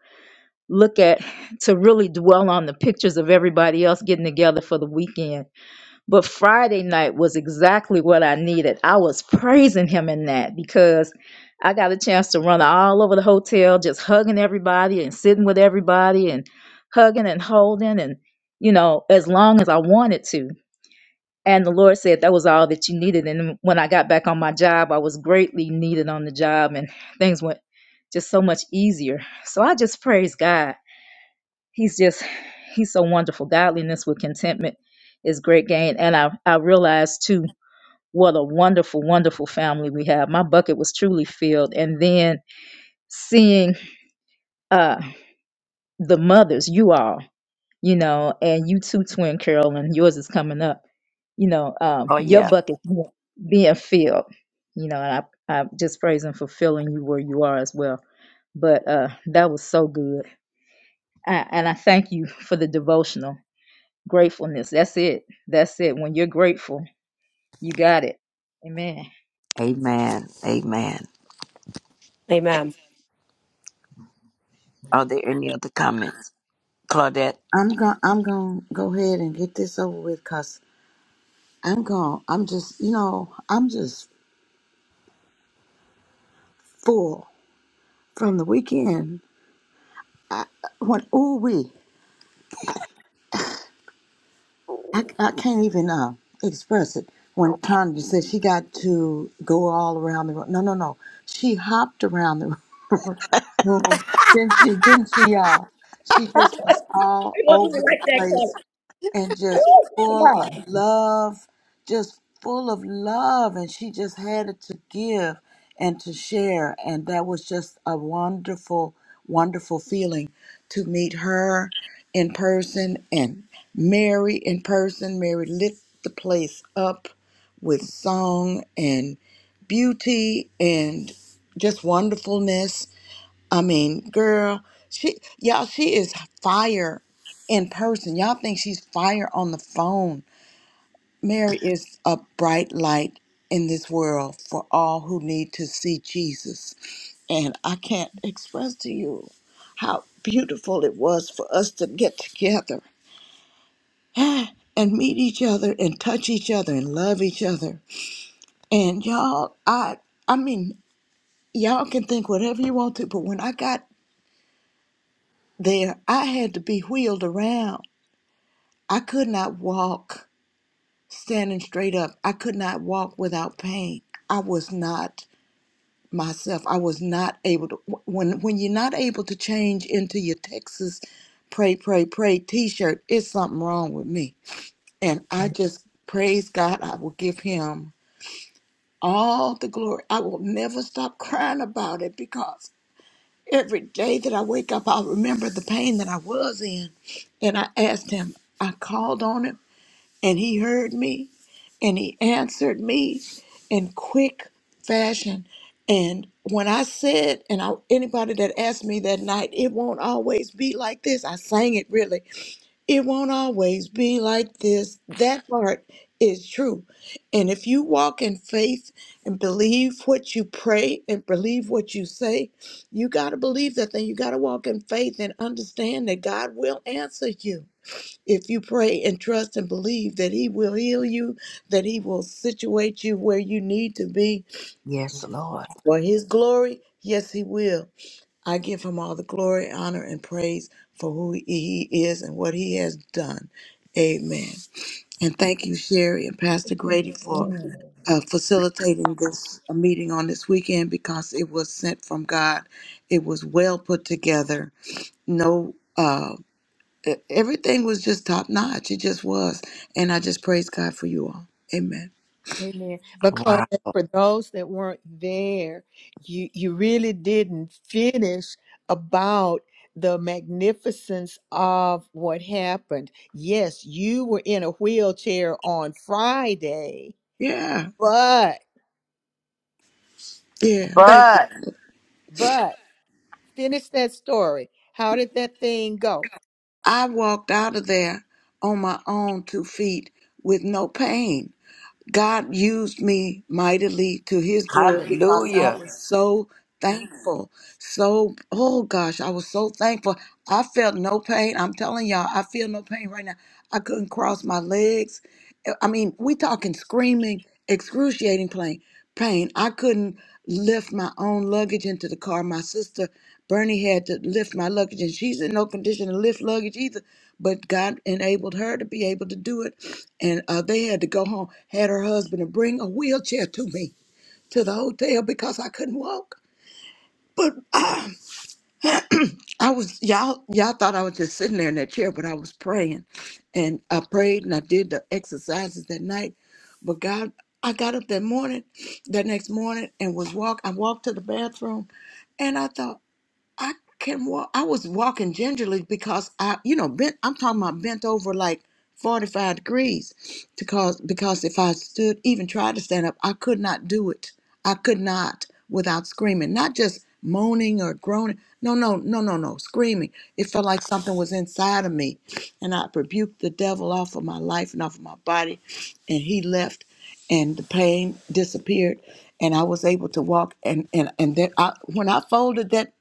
S16: look at, to really dwell on the pictures of everybody else getting together for the weekend But Friday night was exactly what I needed. I was praising him in that because I got a chance to run all over the hotel, just hugging everybody and sitting with everybody and hugging and holding and, you know, as long as I wanted to. And the Lord said that was all that you needed. And when I got back on my job, I was greatly needed on the job and things went just so much easier. So I just praise God he's just he's so wonderful godliness with contentment is great gain and i i realized too what a wonderful wonderful family we have my bucket was truly filled and then seeing uh the mothers you all you know and you too twin carol and yours is coming up you know um
S13: Oh,
S16: your
S13: yeah.
S16: bucket being being filled you know and i i just praise him for filling you where you are as well but uh that was so good I, and i thank you for the devotional Gratefulness. That's it. That's it. When you're grateful, you got it. Amen.
S13: Amen. Amen. Are there any other comments? Claudette?
S3: I'm going I'm going to go ahead and get this over with cuz I'm gone. I'm just, you know, I'm just full from the weekend. I, when ooh wee. I, I can't even uh, express it. When Tanya said she got to go all around the room. No, no, no. She hopped around the room. Then she didn't she uh she just was all
S16: You don't even
S3: over the
S16: like that color.
S3: place and just
S16: Woo! Come
S3: full of love, just full of love. And she just had it to give and to share. And that was just a wonderful, wonderful feeling to meet her in person and Mary in person. Mary lit the place up with song and beauty and just wonderfulness I mean, girl, she y'all, she is fire in person. Y'all think she's fire on the phone. Mary is a bright light in this world for all who need to see Jesus. And I can't express to you how beautiful it was for us to get together and meet each other and touch each other and love each other. And y'all, I I mean, y'all can think whatever you want to, but when I got there, I had to be wheeled around. I could not walk standing straight up. I could not walk without pain. I was not myself. I was not able to. When when you're not able to change into your Texas pray pray pray T-shirt, it's something wrong with me. And I just praise God. I will give Him all the glory. I will never stop crying about it because Every day that I wake up, I'll remember the pain that I was in. And I asked him, I called on him, and he heard me, and he answered me in quick fashion. And when I said, and I, anybody that asked me that night, it won't always be like this, I sang it really it won't always be like this. That part is true. And if you walk in faith and believe what you pray and believe what you say, you got to believe that thing. You got to walk in faith and understand that God will answer you. If you pray and trust and believe that He will heal you, that He will situate you where you need to be
S13: Yes, Lord.
S3: for His glory, yes, He will. I give him all the glory, honor, and praise for who he is and what he has done. Amen. And thank you, Sherry and Pastor Grady, for uh, facilitating this uh, meeting on this weekend because it was sent from God. It was well put together. No, uh, e- everything was just top notch. It just was. And I just praise God for you all. Amen.
S1: Amen. Because
S13: Wow.
S1: for those that weren't there, you you really didn't finish about the magnificence of what happened. Yes, you were in a wheelchair on Friday,
S3: Yeah.
S1: but
S3: Yeah. Thank you.
S2: But,
S1: but finish that story. How did that thing go?
S3: I walked out of there on my own two feet with no pain. God used me mightily to his glory because I Hallelujah.
S13: Hallelujah.
S3: was Hallelujah. so thankful. So, oh gosh, I was so thankful. I felt no pain. I'm telling y'all, I feel no pain right now. I couldn't cross my legs. Eh, I mean, we talking screaming, excruciating pain. Pain. I couldn't lift my own luggage into the car. My sister Bernie had to lift my luggage, and she's in no condition to lift luggage either but God enabled her to be able to do it. And uh, they had to go home, had her husband to bring a wheelchair to me to the hotel because I couldn't walk. But um, I was y'all y'all thought I was just sitting there in that chair, but I was praying, and I prayed and I did the exercises that night. But God, I got up that morning, that next morning, and was walk. I walked to the bathroom, and I thought. I can walk. I was walking gingerly because I, you know, bent. I'm talking about bent over like 45 degrees, because because if I stood, even tried to stand up, I could not do it. I could not without screaming, not just moaning or groaning. No, no, no, no, no, screaming. It felt like something was inside of me, and I rebuked the devil off of my life and off of my body, and he left, and the pain disappeared, and I was able to walk. And and and then I, when I folded that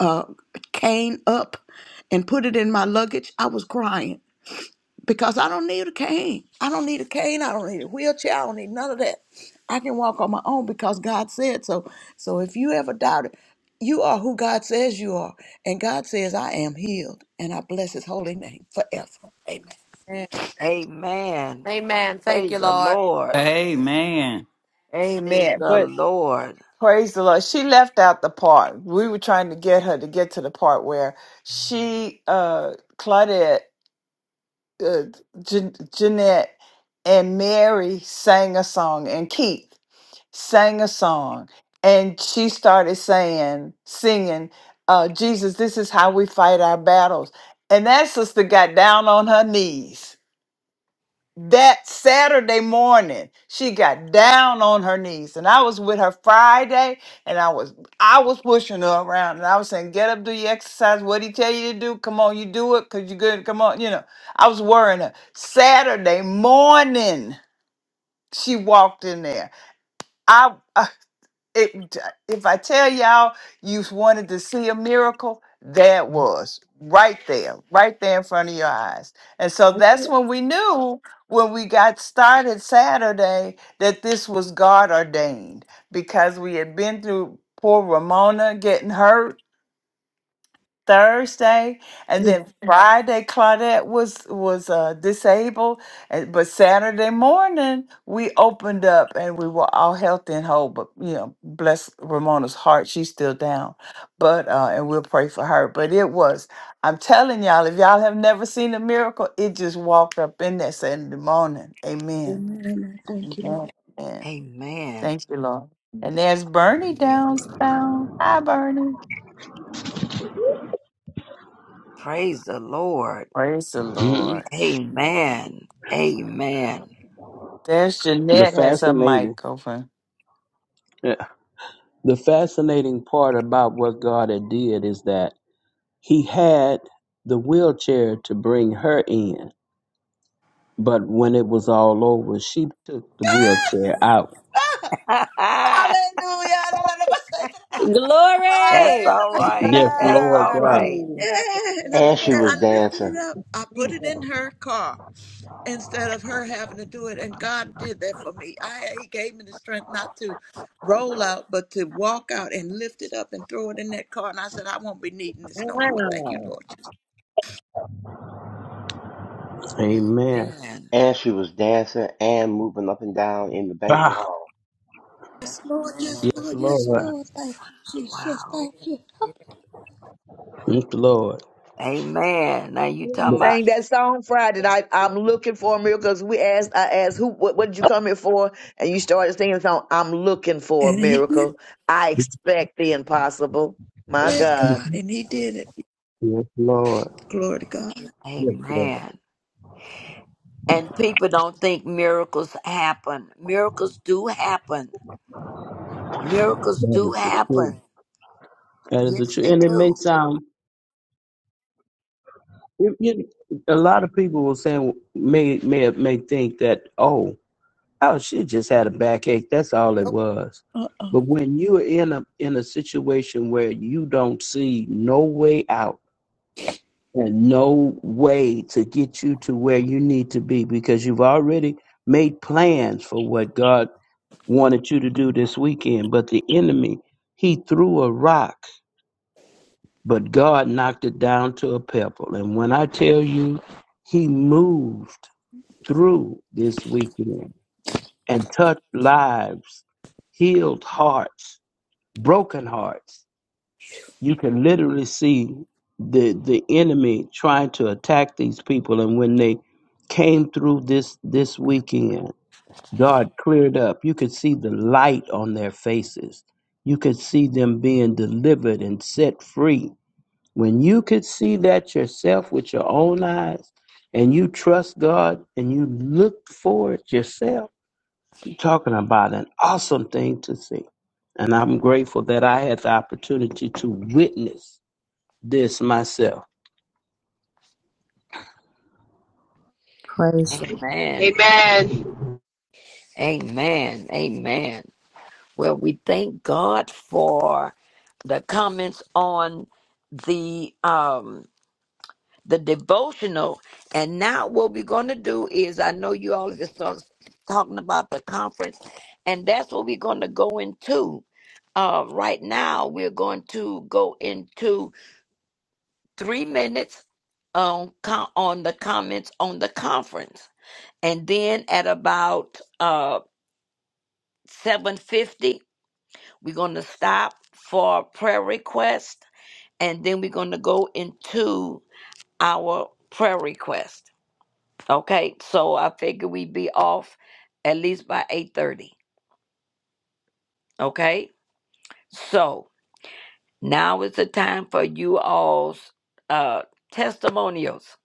S3: uh, cane up and put it in my luggage, I was crying because I don't need a cane. I don't need a cane. I don't need a wheelchair. I don't need none of that. I can walk on my own because God said so. So if you ever doubt it, you are who God says you are. And God says, I am healed. And I bless his holy name forever. Amen.
S1: Amen.
S13: Amen. Praise the Lord.
S9: Amen.
S13: Praise
S2: amen.
S13: the
S2: But
S13: Lord.
S2: Praise the Lord. She left out the part. We were trying to get her to get to the part where she, uh, Claudette, uh, Jan- Jeanette, and Mary sang a song, and Keith sang a song. And she started saying, singing, uh, Jesus, this is how we fight our battles. And that sister got down on her knees that Saturday morning, she got down on her knees, and I was with her Friday, and I was I was pushing her around, and I was saying, "Get up, do your exercise. What he tell you to do? Come on, you do it, cause you good. Come on, you know." I was worrying her. Saturday morning, she walked in there. I it, if I tell y'all you wanted to see a miracle, there it was right there, right there in front of your eyes. And so
S3: That's
S2: that's
S3: it.
S2: when we knew when we got started Saturday that this was God ordained because we had been through poor Ramona getting hurt Thursday, and
S3: Yeah.
S2: then Yeah. Friday Claudette was was uh, disabled, and, but Saturday morning we opened up and we were all healthy and whole. But you know, bless Ramona's heart, she's still down, but uh, and we'll pray for her. But it was, I'm telling y'all, if y'all have never seen a miracle, it just walked up in there Saturday morning. Amen.
S3: Amen. Amen. Thank you, Lord.
S2: Amen. Amen.
S13: Amen.
S2: Thank you, Lord. And there's Bernie
S13: Yeah.
S2: downtown. Hi, Bernie.
S13: Praise the Lord.
S2: Praise the
S11: Mhm.
S2: Lord.
S13: Amen. Amen.
S2: There's
S11: The
S2: Jeanette has her
S11: fascinating,
S2: mic open.
S11: yeah. the fascinating part about what God had did is that He had the wheelchair to bring her in, but when it was all over, she took the wheelchair out.
S13: That's
S3: Hallelujah. La, la, la, la, la, la, la,
S14: Glory.
S13: all
S11: Yes,
S13: right.
S3: Hallelujah.
S13: That's
S11: Lord
S13: all
S1: Ah, yeah,
S11: God.
S13: right.
S3: Yeah,
S16: on.
S3: and I
S1: yeah,
S17: And
S3: put
S17: she
S3: that,
S17: was
S3: I lifted it
S17: dancing.
S3: up.
S16: Ooh. Oh,
S3: I put
S16: Jesus.
S3: it in her car instead of her having to do it. And God did that for me. I He gave me the strength not to roll out, but to walk out and lift it up and throw it in that car. And I said, I won't be needing this no more.
S16: Wow.
S3: Thank you, Lord Jesus.
S11: Amen.
S13: Amen.
S17: And she was dancing and moving up and down in the banquet
S11: Ah,
S17: hall.
S3: Lord, yes,
S11: yes,
S3: Lord, yes,
S11: Lord.
S3: Lord. Thank you, Jesus.
S13: Wow.
S3: Thank you.
S1: Yeah,
S11: Yes, Lord.
S13: Amen. Now you talking about
S5: Sang that song Friday night. I'm looking for a miracle. 'Cause We asked, I asked, who, what, what did you come here for? And you started singing the song. I'm looking for a
S3: And he did.
S5: miracle. I expect the impossible. My
S3: Bless
S5: God.
S3: God. And he did it.
S11: Yes, Lord.
S3: Glory to God.
S1: yeah.
S11: Yes, Lord.
S13: Amen. And people don't think miracles happen. Miracles do happen. Miracles
S11: That
S13: do
S11: is the truth.
S13: happen.
S11: That is the
S13: Yes,
S11: truth,
S13: they
S1: yeah.
S11: and it may
S13: do.
S11: sound. You, you, a lot of people will say may may may think that oh oh she just had a backache. That's all it
S1: Nope.
S11: was.
S3: uh oh.
S11: But when you are in a in a situation where you don't see no way out and no way to get you to where you need to be because you've already made plans for what God wanted you to do this weekend, but the enemy he threw a rock but God knocked it down to a pebble. And when I tell you, He moved through this weekend and touched lives, healed hearts, broken hearts. You can literally see the the enemy trying to attack these people, and when they came through this this weekend, God cleared up. You could see the light on their faces. You could see them being delivered and set free when you could see that yourself with your own eyes and you trust God and you look for it yourself, you're talking about an awesome thing to see. And I'm grateful that I had the opportunity to witness this myself.
S13: Amen. Amen. Amen. Well, we thank God for the comments on the um the devotional. And now what we're going to do is, I know you all just started talking about the conference, and that's what we're going to go into. Uh, right now, we're going to go into three minutes on com- on the comments on the conference, and then at about uh, seven fifty, we're going to stop for prayer request, and then we're going to go into our prayer request. Okay, so I figure we'd be off at least by 8:30. Okay? So now is the time for you all's uh testimonials.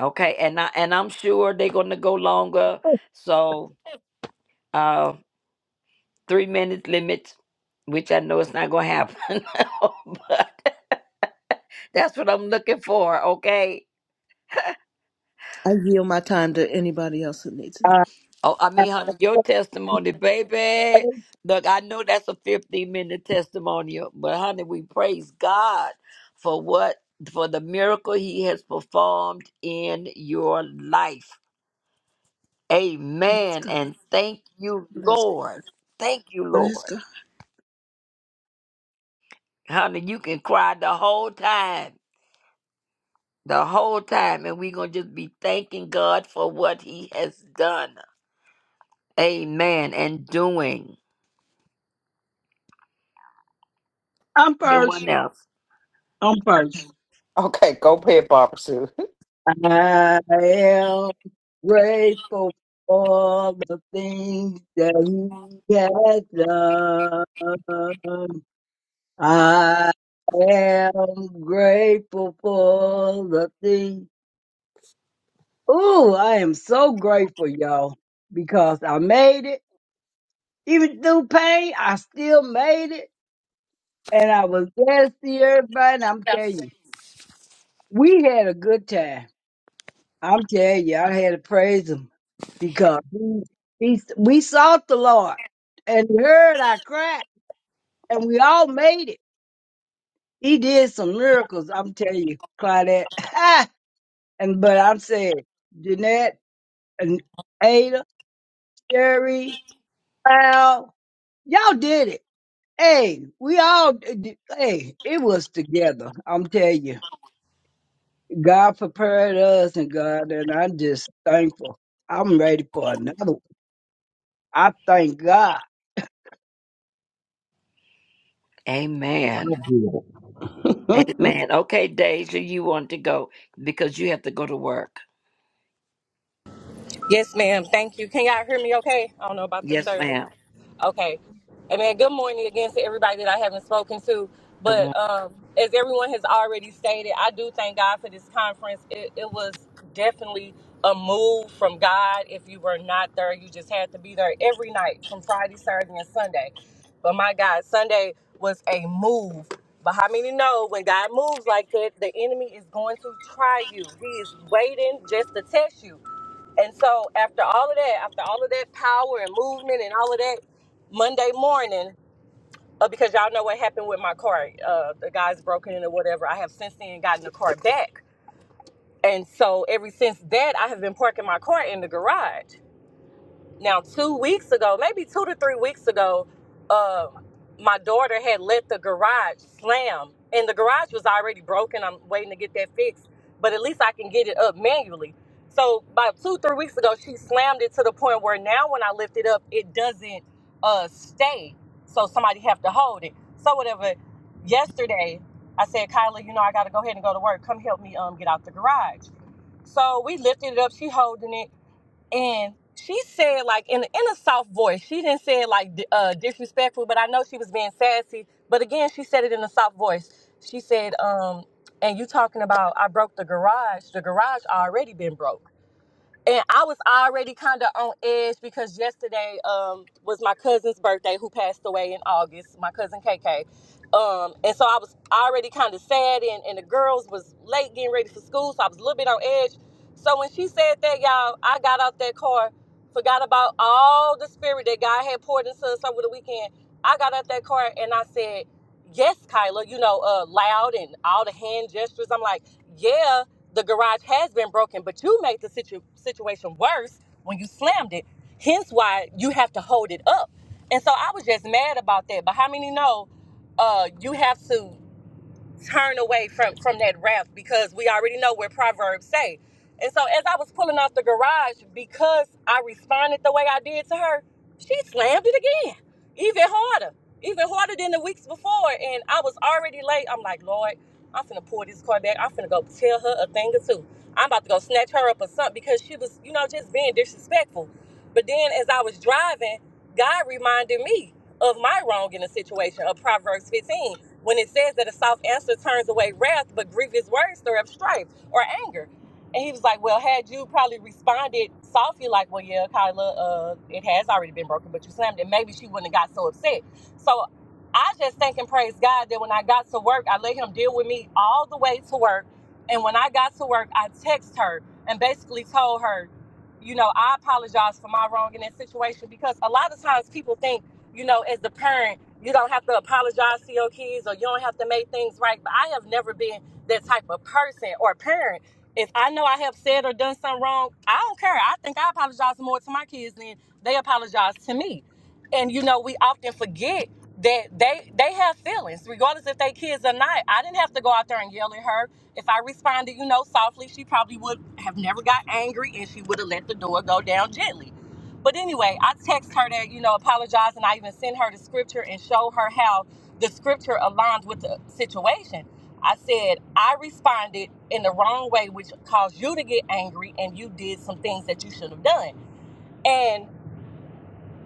S13: Okay, and I and I'm sure they're gonna go longer. So uh three minute limit, which I know it's not gonna happen, but that's what I'm looking for, okay?
S3: I yield my time to anybody else who needs it.
S6: I
S13: Oh, I mean, honey, your testimony, baby. Look, I know that's a 15 minute testimony, but honey, we praise God for what, for the miracle He has performed in your life.
S3: Bless
S13: Amen.
S3: God.
S13: And thank you,
S3: Bless,
S13: Lord. Thank you,
S3: bless
S13: Lord.
S3: God.
S13: Honey, you can cry the whole time, the whole time, and we're going to just be thanking God for what He has done. Amen. And doing.
S6: I'm first.
S13: Anyone else?
S6: I'm first.
S2: Okay, go pay Barbara Sue.
S6: I am grateful for the things that he has done. I am grateful for the things. Ooh, I am so grateful, y'all, because I made it. Even through pain, I still made it. And I was glad to see everybody. And I'm telling you, we had a good time. I'm telling you, I had to praise him because he, he, we sought the Lord and he heard our cry and we all made it. He did some miracles. I'm telling you, Claudette. and, but I'm saying, Jeanette and Ada, Sherry, Al, y'all did it. Hey, we all, hey, it was together. I'm telling you, God prepared us and God, and I'm just thankful. I'm ready for another one. I thank God.
S11: God
S13: Amen.
S11: did
S13: Amen. Okay, Deja, you want to go because you have to go to work.
S14: Yes, ma'am. Thank you. Can y'all hear me okay? I don't know about the
S13: Yes,
S14: service.
S13: ma'am.
S14: Okay. And man, good morning again to everybody that I haven't spoken to.
S13: Good morning.
S14: But um, as everyone has already stated, I do thank God for this conference. It, it was definitely a move from God. If you were not there, you just had to be there every night from Friday, Saturday, and Sunday. But my God, Sunday was a move. But how many know when God moves like that, the enemy is going to try you? He is waiting just to test you. And so after all of that, after all of that power and movement and all of that, Monday morning, uh, because y'all know what happened with my car, uh, the guy's broken in or whatever. I have since then gotten the car back, and so ever since that, I have been parking my car in the garage. Now, two weeks ago, maybe two to three weeks ago, uh, my daughter had let the garage slam, and the garage was already broken. I'm waiting to get that fixed, but at least I can get it up manually. So, about two, three weeks ago, she slammed it to the point where now when I lift it up, it doesn't uh, stay. So, somebody have to hold it. So, whatever. Yesterday, I said, Kyla, you know, I got to go ahead and go to work. Come help me um, get out the garage. So, we lifted it up. She holding it and she said like in in a soft voice. She didn't say it like di- uh, disrespectful, but I know she was being sassy. But again, she said it in a soft voice. She said, um, "And you talking about I broke the garage? The garage already been broke." and I was already kind of on edge because yesterday um, was my cousin's birthday, who passed away in August. My cousin KK, um, and so I was already kind of sad, and, and the girls was late getting ready for school, so I was a little bit on edge. So when she said that, y'all, I got out that car, forgot about all the spirit that God had poured into us over the weekend. I got out that car and I said yes, Kyla, you know, uh, loud and all the hand gestures. I'm like, yeah, the garage has been broken, but you made the situ- situation worse when you slammed it. Hence why you have to hold it up. And so I was just mad about that. But how many know uh, you have to turn away from, from that wrath because we already know what Proverbs say. And so as I was pulling off the garage, because I responded the way I did to her, she slammed it again even harder, even harder than the weeks before. And I was already late. I'm like, Lord, I'm finna pull this car back. I'm finna go tell her a thing or two. I'm about to go snatch her up or something because she was, you know, just being disrespectful. But then as I was driving, God reminded me of my wrong in the situation of Proverbs 15 when it says that a soft answer turns away wrath, but grievous words stir up strife or anger. And he was like, Well, had you probably responded softly, like, Well, yeah, Kyla, uh, it has already been broken, but you slammed it, maybe she wouldn't have got so upset. So I just thank and praise God that when I got to work, I let him deal with me all the way to work. And when I got to work, I texted her and basically told her, you know, I apologize for my wrong in that situation because a lot of times people think, you know, as the parent, you don't have to apologize to your kids or you don't have to make things right. But I have never been that type of person or parent if I know I have said or done something wrong, I don't care. I think I apologize more to my kids than they apologize to me. And you know, we often forget that they they have feelings, regardless if they kids or not. I didn't have to go out there and yell at her. If I responded, you know, softly, she probably would have never got angry and she would have let the door go down gently. But anyway, I text her that, you know, apologize and I even send her the scripture and show her how the scripture aligns with the situation I said, I responded in the wrong way, which caused you to get angry, and you did some things that you should have done. and.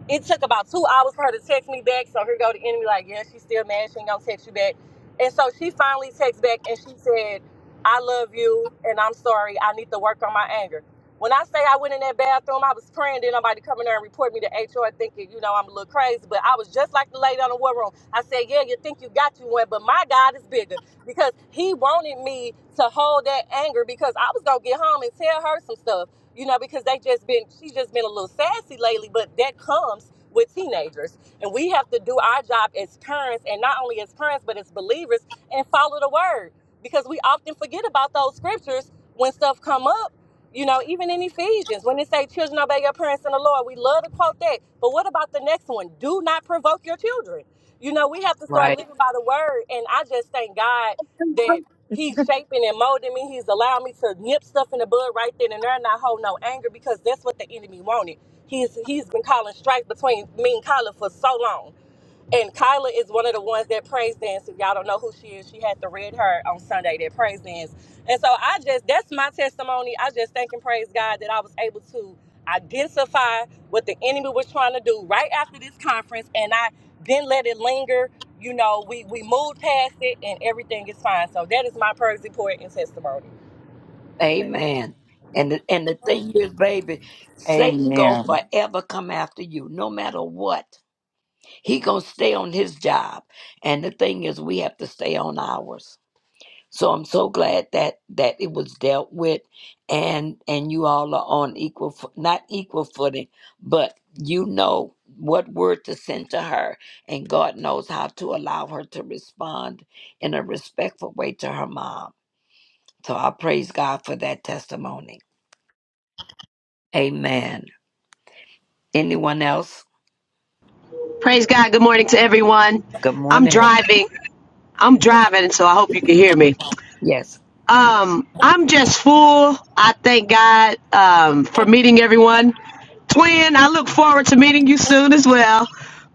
S14: It took about two hours for her to text me back. So here go the enemy, like, yeah, she's still mad. She ain't gonna text you back. And so she finally texts back and she said, I love you and I'm sorry. I need to work on my anger. When I say I went in that bathroom, I was praying that nobody come in there and report me to HR thinking, you know, I'm a little crazy. But I was just like the lady on the war room. I said, yeah, you think you got you one, but my God is bigger because he wanted me to hold that anger because I was going to get home and tell her some stuff you know, because they just been she's just been a little sassy lately, but that comes with teenagers. And we have to do our job as parents and not only as parents but as believers and follow the word. Because we often forget about those scriptures when stuff come up. You know, even in Ephesians, when they say children obey your parents in the Lord, we love to quote that. But what about the next one? Do not provoke your children. You know, we have to start
S13: Right.
S14: living by the word. And I just thank God that he's shaping and molding me. He's allowing me to nip stuff in the bud right then and there, and not hold no anger because that's what the enemy wanted. He's he's been calling strife between me and Kyla for so long. And Kyla is one of the ones that praise dance. If y'all don't know who she is, she had the red hair on Sunday that praise dance. And so I just, that's my testimony. I just thank and praise God that I was able to identify what the enemy was trying to do right after this conference. And I didn't let it linger. You know, we, we moved past it and everything is fine. So that is my praise report and testimony.
S13: Amen. And the, and the thing is, baby, Satan gonna
S2: Amen.
S13: forever come after you, no matter what. He gonna stay on his job. And the thing is, we have to stay on ours. So I'm so glad that that it was dealt with, and and you all are on equal, fo- not equal footing, but you know what word to send to her, and God knows how to allow her to respond in a respectful way to her mom. So I praise God for that testimony. Amen. Anyone else?
S18: Praise God. Good morning to everyone.
S13: Good
S18: I'm
S13: morning.
S18: driving. I'm driving, so I hope you can hear me.
S13: Yes.
S18: Um, I'm just full. I thank God um, for meeting everyone. Twin, I look forward to meeting you soon as well.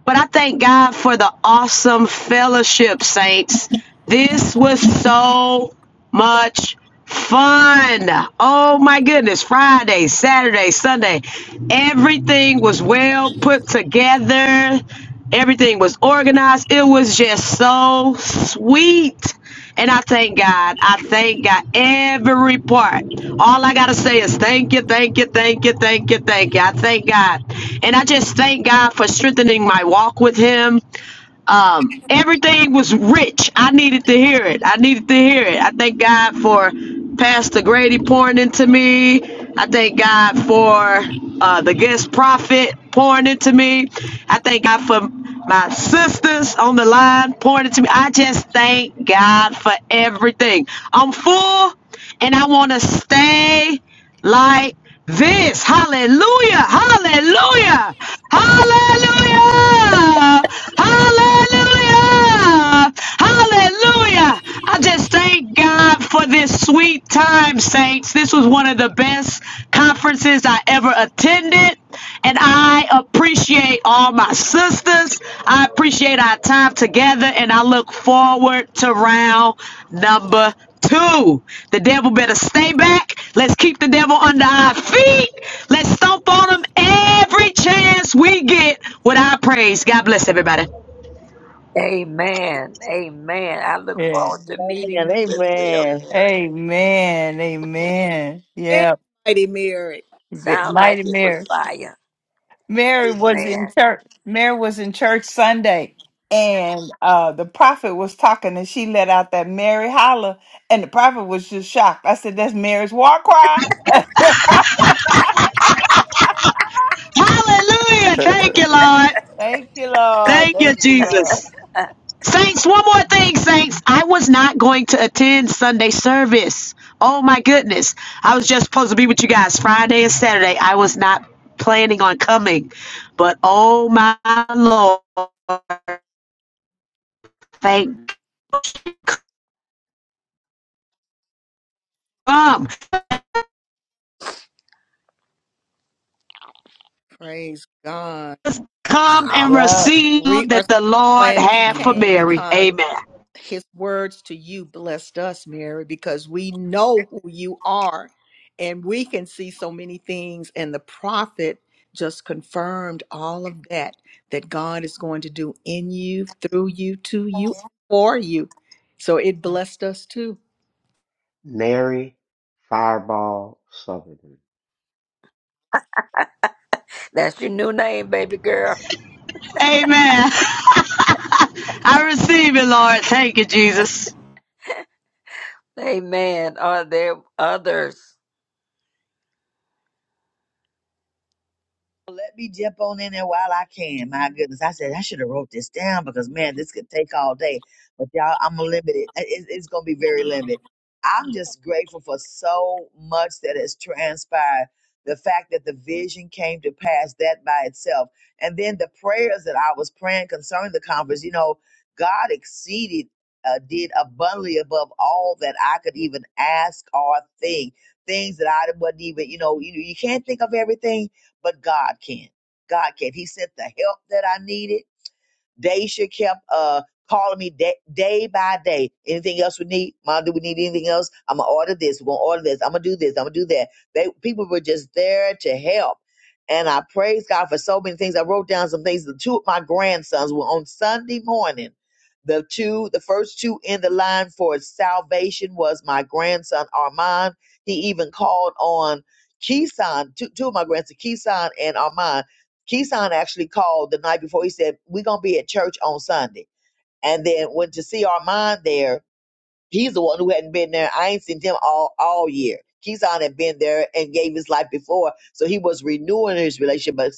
S18: But I thank God for the awesome fellowship, saints. This was so much fun. Oh my goodness. Friday, Saturday, Sunday. Everything was well put together. Everything was organized. It was just so sweet. And I thank God. I thank God every part. All I got to say is thank you, thank you, thank you, thank you, thank you. I thank God. And I just thank God for strengthening my walk with Him um, everything was rich. I needed to hear it. I needed to hear it. I thank God for Pastor Grady pouring into me. I thank God for uh, the guest prophet pouring into me. I thank God for my sisters on the line pouring into me. I just thank God for everything. I'm full and I want to stay like this. Hallelujah! Hallelujah! Hallelujah! Hallelujah! Hallelujah! I just thank God for this sweet time, saints. This was one of the best conferences I ever attended. And I appreciate all my sisters. I appreciate our time together. And I look forward to round number Two, the devil better stay back. Let's keep the devil under our feet. Let's stomp on him every chance we get with our praise. God bless everybody.
S13: Amen. Amen. I look
S2: Yeah.
S13: forward to
S5: Amen.
S13: meeting you as well,
S5: Amen.
S13: Mary.
S2: Amen. Amen.
S1: Amen,
S2: Yeah.
S1: Mighty Mary.
S2: Bit-
S13: Sound like
S2: Mighty
S13: it was
S2: Mary.
S13: fire.
S2: Mary was
S13: Amen.
S2: in church. Mary was in church Sunday, and uh, the prophet was talking, and she let out that Mary holler, and the prophet was just shocked. I said, "That's Mary's war cry."
S18: Hallelujah. Thank you, Lord.
S2: Thank you, Lord.
S18: Thank you,
S2: Thank you, Lord.
S18: Jesus. Saints, one more thing, Saints. I was not going to attend Sunday service. Oh, my goodness. I was just supposed to be with you guys Friday and Saturday. I was not planning on coming. But oh, my Lord. Thank you come.
S1: Praise God.
S18: Come and
S13: Oh,
S2: Yeah.
S18: receive
S1: We are
S18: that
S1: so
S18: the Lord
S1: glad you
S18: had for
S2: Yeah.
S1: came
S18: Mary.
S1: because
S18: Amen.
S1: his words to you blessed us, Mary, because we know who you are and we can see so many things. And the prophet just confirmed all of that that God is going to do in you, through you, to you, for you. So it blessed us too.
S17: Mary Fireball Sutherland.
S13: that's your new name, baby girl.
S18: Amen. I receive it, Lord. Thank you, Jesus.
S13: Amen. Are there others?
S5: Let me jump on in there while I can. My goodness, I said I should have wrote this down because man, this could take all day. But y'all, I'm limited. I- It's, it's going to be very limited. I'm just grateful for so much that has transpired. The fact that the vision came to pass, that by itself, and then the prayers that I was praying concerning the conference. You know, God exceeded, uh, did abundantly above all that I could even ask or think. Things that I wasn't even, you know, you you can't think of everything but God can. God can. He sent the help that I needed. Daisha kept uh calling me day, day by day. Anything else we need? Mom, do we need anything else? I'm gonna order this. We're gonna order this. I'm gonna do this. I'm gonna do that. They people were just there to help. And I praise God for so many things. I wrote down some things. The two of my grandsons were on Sunday morning. The two, the first two in the line for salvation was my grandson Armand. He even called on Keeson, two, two of my grandsons, Keeson and Armand Keyshawn actually called the night before. He said, We're going to be at church on Sunday. And then went to see Armand there He's the one who hadn't been there. I ain't seen him all all year. Keyshawn had been there and gave his life before, so he was renewing his relationship. But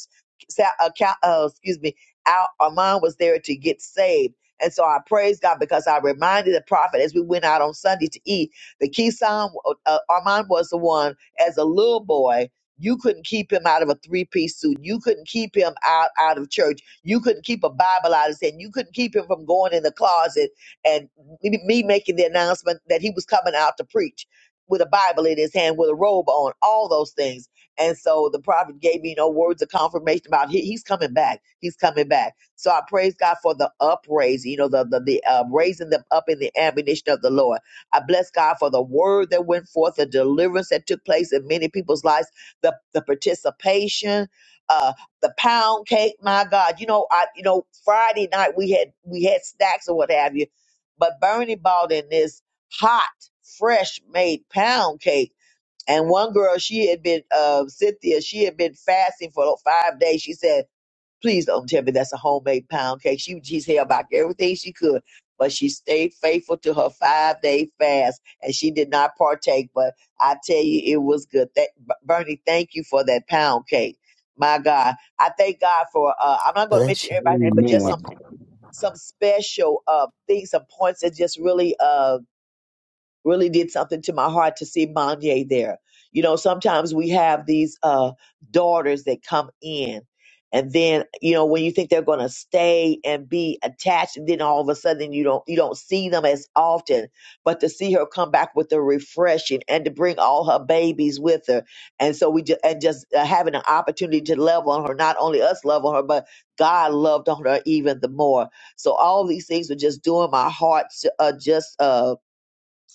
S5: Sa- uh, Cal- uh, excuse me, Al Armand was there to get saved, and so I praise God because I reminded the prophet as we went out on Sunday to eat that Keyshawn uh, uh, Armand was the one as a little boy. You couldn't keep him out of a three-piece suit. You couldn't keep him out out of church. You couldn't keep a Bible out of his hand. You couldn't keep him from going in the closet and me, me making the announcement that he was coming out to preach with a Bible in his hand, with a robe on, all those things. And so the prophet gave me no words of confirmation about he, he's coming back. He's coming back. So I praise God for the upraising, you know, the the, the uh, raising them up in the ammunition of the Lord. I bless God for the word that went forth, the deliverance that took place in many people's lives, the the participation, uh, the pound cake. My God, you know, I you know Friday night we had we had snacks or what have you but Bernie bought in this hot, fresh made pound cake. And one girl, she had been, uh, Cynthia, she had been fasting for five days. She said, please don't tell me that's a homemade pound cake. She, she's held back everything she could, but she stayed faithful to her five day fast and she did not partake. But I tell you, it was good. That, Bernie, thank you for that pound cake. My God. I thank God for, uh, I'm not going to mention
S19: Bless you.
S5: everybody's name, but just
S19: Well,
S11: Amen.
S5: some some special uh things, some points that just really uh really did something to my heart to see Manye there. You know, sometimes we have these uh, daughters that come in, and then you know when you think they're going to stay and be attached, and then all of a sudden you don't you don't see them as often. But to see her come back with the refreshing and to bring all her babies with her, and so we just and just uh, having an opportunity to love on her, not only us love on her, but God loved on her even the more. So all these things were just doing my heart uh, just. Uh,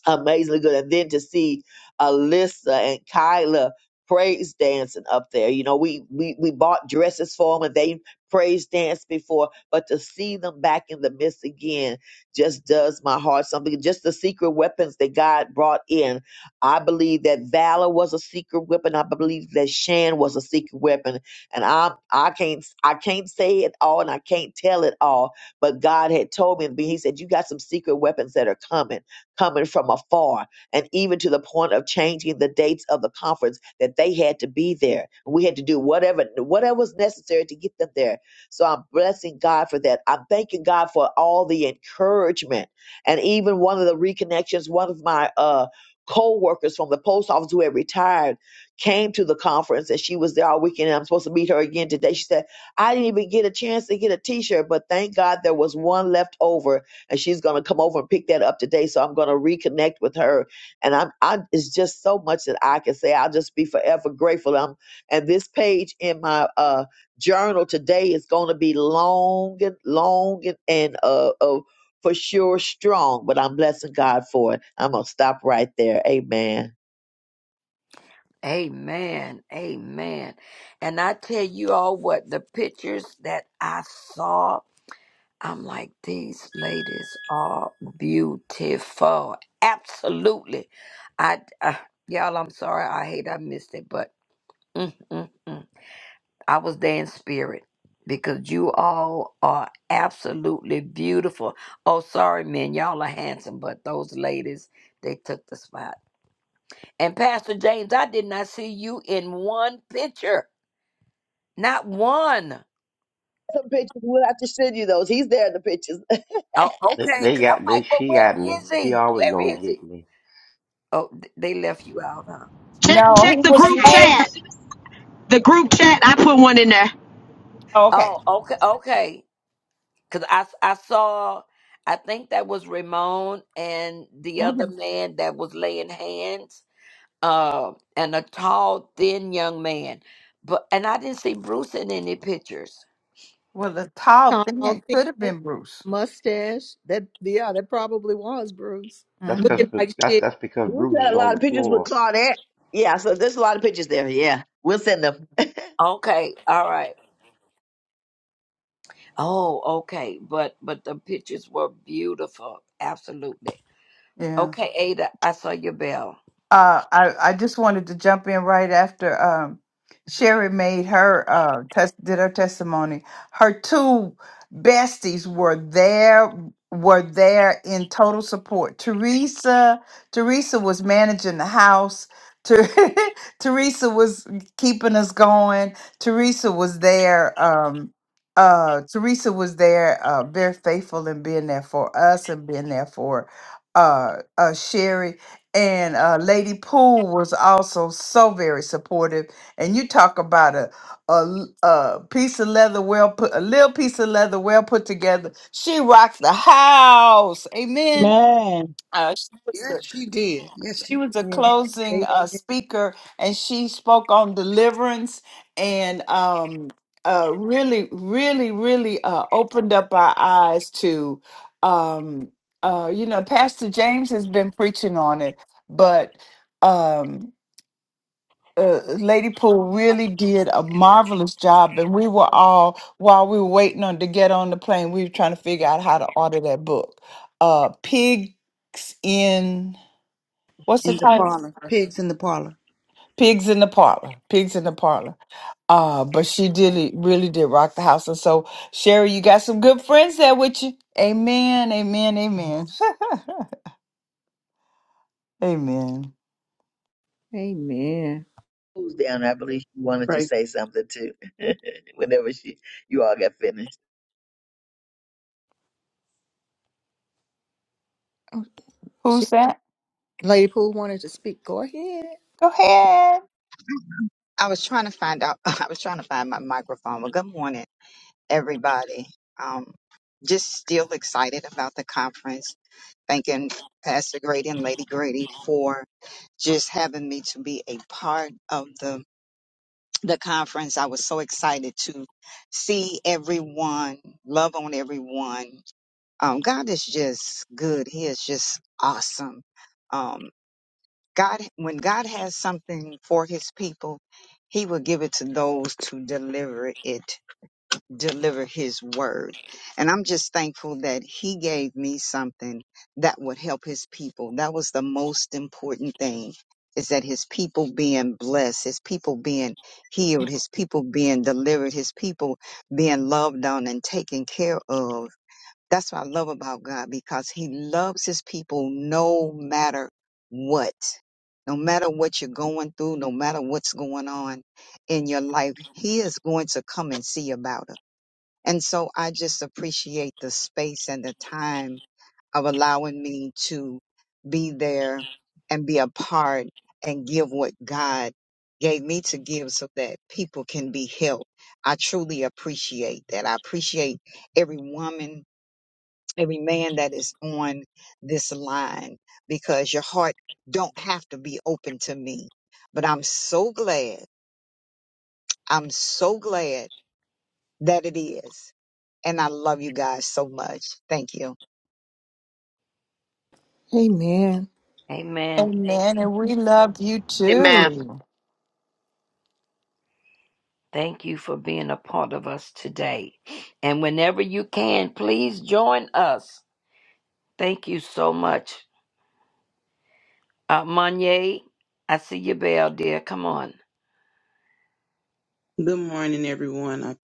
S5: amazingly good. And then to see Alyssa and Kyla praise dancing up there. You know, we we we bought dresses for them and they praise danced before, but to see them back in the midst again just does my heart something. Just the secret weapons that God brought in. I believe that valor was a secret weapon. I believe that Shan was a secret weapon. And I I can't I can't say it all and I can't tell it all, but God had told me, he said, You got some secret weapons that are coming coming from afar, and even to the point of changing the dates of the conference that they had to be there. We had to do whatever whatever was necessary to get them there. So I'm blessing God for that. I'm thanking God for all the encouragement and even one of the reconnections. One of my uh, co-workers from the post office who had retired came to the conference and she was there all weekend. And I'm supposed to meet her again today. She said, I didn't even get a chance to get a t-shirt, but thank God there was one left over and she's going to come over and pick that up today. So I'm going to reconnect with her, and I'm, I it's just so much that I can say. I'll just be forever grateful. I'm, and this page in my uh journal today is going to be long and long and, and uh, uh for sure strong. But I'm blessing God for it. I'm gonna stop right there. Amen.
S13: Amen. Amen. And I tell you all what, the pictures that I saw, I'm like, these ladies are beautiful. Absolutely. I, uh, y'all, I'm sorry. I hate I missed it, but mm, mm, mm. I was there in spirit because you all are absolutely beautiful. Oh, sorry, men, y'all are handsome, but those ladies, they took the spot. And Pastor James, I did not see you in one picture, not one.
S5: Some pictures. We'll have to send you those. He's there in the pictures.
S13: Oh,
S17: They,
S13: okay,
S17: they
S13: because I'm
S17: got they,
S13: like, well,
S17: she
S13: where
S17: got me.
S13: is
S17: She
S13: he?
S17: always
S13: Where
S17: gonna
S13: is he?
S17: get me.
S13: Oh, th- they left you out, huh?
S18: Check
S2: No, he
S18: check the
S2: was
S18: group
S2: late.
S18: chat. The group chat, I put one in there.
S2: Oh, okay.
S13: Oh, okay, okay. Because I, s- I saw, I think that was Ramon and the
S2: Mm-hmm.
S13: other man that was laying hands uh, and a tall, thin young man. But and I didn't see Bruce in any pictures.
S2: Well, the tall thing
S1: Tall,
S2: could have
S1: thin,
S2: been Bruce.
S1: mustache. That yeah, that probably was Bruce.
S17: That's cause
S2: hmm
S1: Looking like
S17: that's
S1: shit.
S17: that's because
S5: We've
S17: Bruce
S5: got
S17: is
S5: a
S17: on
S5: lot of
S17: the
S5: pictures with
S17: floor.
S5: Claudette. Yeah, so there's a lot of pictures there. Yeah, we'll send them.
S13: Okay, all right. Oh, okay. But but the pictures were beautiful. Absolutely.
S2: Yeah.
S13: Okay, Ada, I saw your bell.
S2: Uh, I, I just wanted to jump in right after um, Sherry made her uh, tes- did her testimony. Her two besties were there were there in total support. Teresa Teresa was managing the house. Ter- Teresa was keeping us going. Teresa was there. Um, uh, Teresa was there, uh, very faithful in being there for us and being there for uh, uh, Sherry and uh, Lady Poole was also so very supportive. And you talk about a, a l- a piece of leather well put, a little piece of leather well put together. She rocked the house. Amen.
S6: Man,
S2: Uh,
S3: Yes, she did. Yes,
S2: she
S3: she
S2: was a
S1: Yeah.
S2: closing
S1: Amen.
S2: uh, speaker, and she spoke on deliverance and um, uh, really, really, really uh, opened up our eyes to, um, uh, you know, Pastor James has been preaching on it, but um, uh, Lady Poole really did a marvelous job, and we were all while we were waiting on to get on the plane, we were trying to figure out how to order that book, uh, Pigs in. What's the
S3: in the
S2: title?
S3: parlor. Pigs in the parlor.
S2: Pigs in the parlor. Pigs in the parlor. Uh, but she did really did rock the house. And so Sherry, you got some good friends there with you. Amen. Amen. Amen. amen.
S1: Amen.
S5: Who's down? I believe she wanted to
S20: Praise.
S5: say something too. Whenever she, you all got finished.
S1: Oh, she,
S2: Who's that?
S1: Lady Pool wanted to speak. Go ahead.
S2: Go ahead.
S21: I was trying to find out. I was trying to find my microphone. Well, good morning, everybody. Um, just still excited about the conference. Thanking Pastor Grady and Lady Grady for just having me to be a part of the the conference. I was so excited to see everyone, love on everyone. Um, God is just good. He is just awesome. Um, God, when God has something for his people, he will give it to those to deliver it, deliver his word. And I'm just thankful that he gave me something that would help his people. That was the most important thing is that his people being blessed, his people being healed, his people being delivered, his people being loved on and taken care of. That's what I love about God because He loves His people no matter what. No matter what you're going through, no matter what's going on in your life, He is going to come and see about it. And so I just appreciate the space and the time of allowing me to be there and be a part and give what God gave me to give so that people can be helped. I truly appreciate that. I appreciate every woman every man that is on this line because your heart don't have to be open to me. But I'm so glad. I'm so glad that it is. And I love you guys so much. Thank you.
S1: Amen.
S13: Amen. Thank
S2: Amen. And we love you
S18: Amen.
S2: too.
S13: thank you for being a part of us today. And whenever you can, please join us. Thank you so much. Uh Monye, I see your bell, dear. Come on.
S20: Good morning, everyone. I,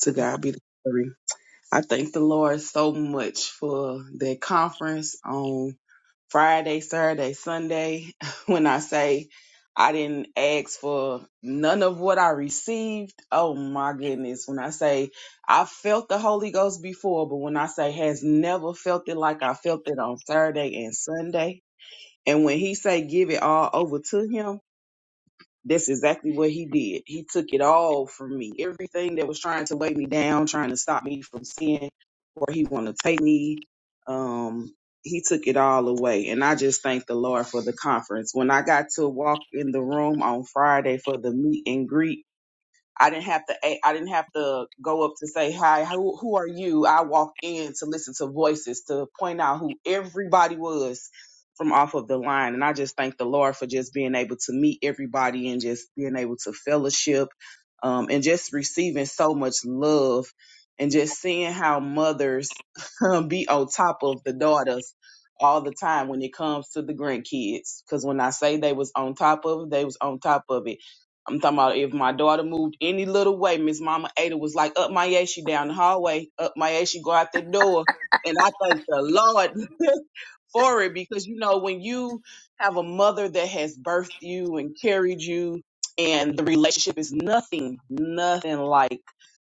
S20: to
S13: Good morning.
S20: God be the glory. I thank the Lord so much for that conference on Friday, Saturday, Sunday. When I say I didn't ask for none of what I received, oh my goodness. When I say I felt the Holy Ghost before, but when I say has never felt it like I felt it on Saturday and Sunday. And when he say give it all over to him, That's exactly what he did. He took it all from me. Everything that was trying to weigh me down, trying to stop me from seeing where he want to take me, um, he took it all away. And I just thank the Lord for the conference. When I got to walk in the room on Friday for the meet and greet, I didn't have to. a- I didn't have to go up to say hi. Who, who are you? I walked in to listen to voices to point out who everybody was from off of the line, and I just thank the Lord for just being able to meet everybody and just being able to fellowship, um, and just receiving so much love, and just seeing how mothers be on top of the daughters all the time when it comes to the grandkids. Because when I say they was on top of it, they was on top of it I'm talking about if my daughter moved any little way, Miss Mama Ada was like, up my ass, she down the hallway, up my ass, she go out the door. And I thank the Lord for it because, you know, when you have a mother that has birthed you and carried you, and the relationship is nothing, nothing like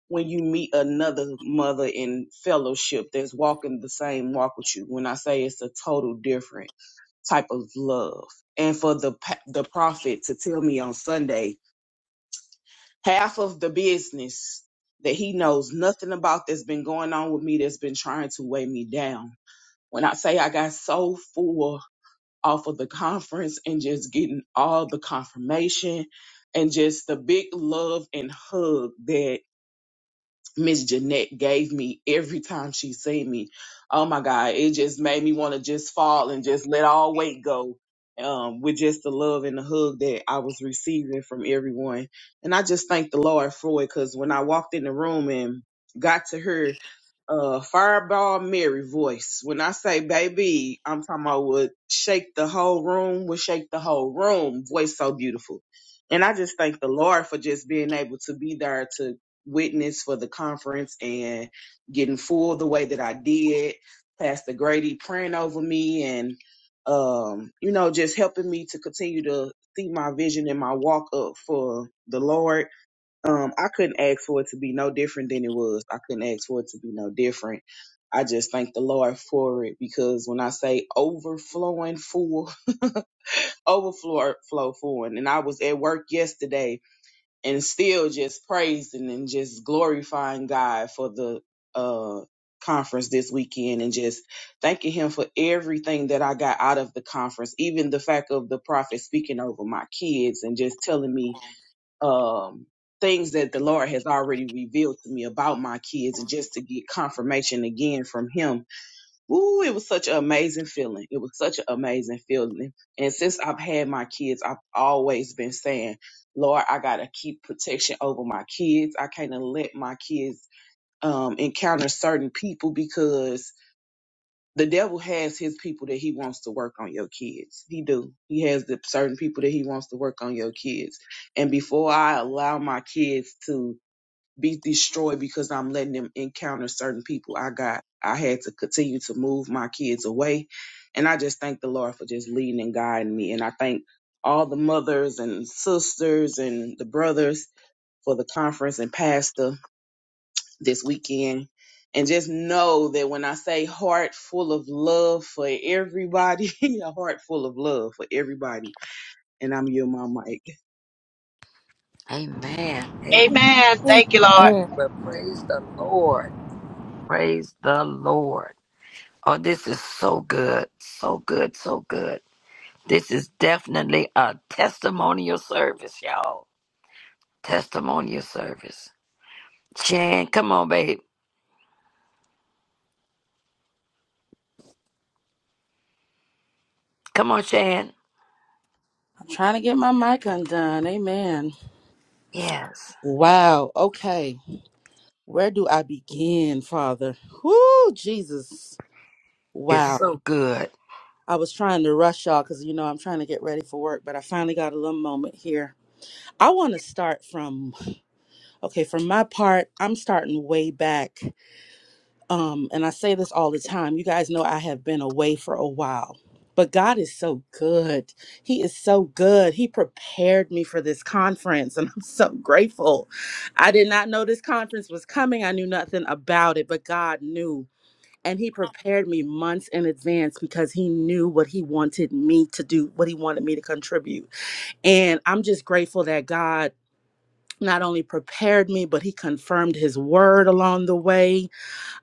S20: when you meet another mother in fellowship that's walking the same walk with you. When I say it's a total different type of love. And for the pa- the prophet to tell me on Sunday half of the business that he knows nothing about that's been going on with me that's been trying to weigh me down. When I say I got so full off of the conference and just getting all the confirmation and just the big love and hug that. Miss Jeanette gave me every time she seen me. Oh my God, it just made me want to just fall and just let all weight go. Um, with just the love and the hug that I was receiving from everyone. And I just thank the Lord for it because when I walked in the room and got to her, uh fireball Mary voice. When I say baby, I'm talking about would shake the whole room, would shake the whole room. Voice so beautiful. And I just thank the Lord for just being able to be there to witness for the conference and getting full the way that I did. Pastor Grady praying over me and um, you know, just helping me to continue to see my vision and my walk up for the Lord um, I couldn't ask for it to be no different than it was. I couldn't ask for it to be no different. I just thank the Lord for it because when I say overflowing full, overflow flow full, and I was at work yesterday and still just praising and just glorifying God for the uh conference this weekend and just thanking him for everything that I got out of the conference, even the fact of the prophet speaking over my kids and just telling me um things that the Lord has already revealed to me about my kids and just to get confirmation again from him. Ooh, it was such an amazing feeling. It was such an amazing feeling. And since I've had my kids, I've always been saying, Lord, I gotta keep protection over my kids. I can't let my kids um encounter certain people because the devil has his people that he wants to work on your kids. He do. He has the certain people that he wants to work on your kids. And before I allow my kids to be destroyed because I'm letting them encounter certain people, I got I had to continue to move my kids away. And I just thank the Lord for just leading and guiding me. And I thank all the mothers and sisters and the brothers for the conference and pastor this weekend. And just know that when I say heart full of love for everybody, a heart full of love for everybody. And I'm your mom, Mike.
S13: Amen. Amen.
S18: Amen. Thank you, Lord.
S1: Amen.
S13: Well, praise the Lord. Praise the Lord. Oh, this is so good. So good. So good. This is definitely a testimonial service, y'all. Testimonial service. Shan, come on, babe. Come on, Shan.
S4: trying to get my mic undone. Amen.
S13: Yes.
S4: Wow. Okay. Where do I begin, Father? Whoo, Jesus.
S13: It's
S4: Wow.
S13: so good.
S4: I was trying to rush y'all because, you know, I'm trying to get ready for work, but I finally got a little moment here. I want to start from Okay, for my part, I'm starting way back. Um, and I say this all the time. You guys know I have been away for a while. But God is so good. He is so good. He prepared me for this conference, and I'm so grateful. I did not know this conference was coming. I knew nothing about it, but God knew. And He prepared me months in advance because He knew what He wanted me to do, what He wanted me to contribute. And I'm just grateful that God not only prepared me, but he confirmed his word along the way.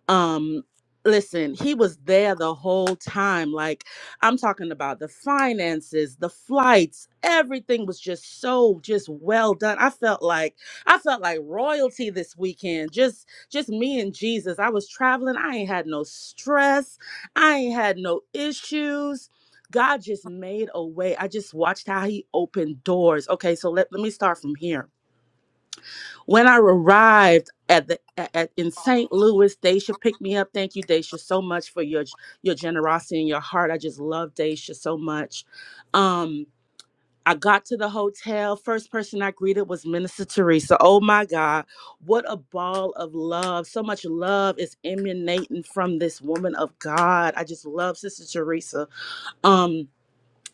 S4: Um, listen, he was there the whole time. Like, I'm talking about the finances, the flights, everything was just so just well done. I felt like I felt like royalty this weekend. Just just me and Jesus. I was traveling. I ain't had no stress. I ain't had no issues. God just made a way. I just watched how he opened doors. Okay, so let, let me start from here when I arrived at the at, at- in St. Louis, Daisha picked me up. Thank you, Daisha, so much for your your generosity and your heart. I just love Daisha so much. Um, I got to the hotel. First person I greeted was Minister Teresa. Oh my God, what a ball of love! So much love is emanating from this woman of God. I just love Sister Teresa. Um,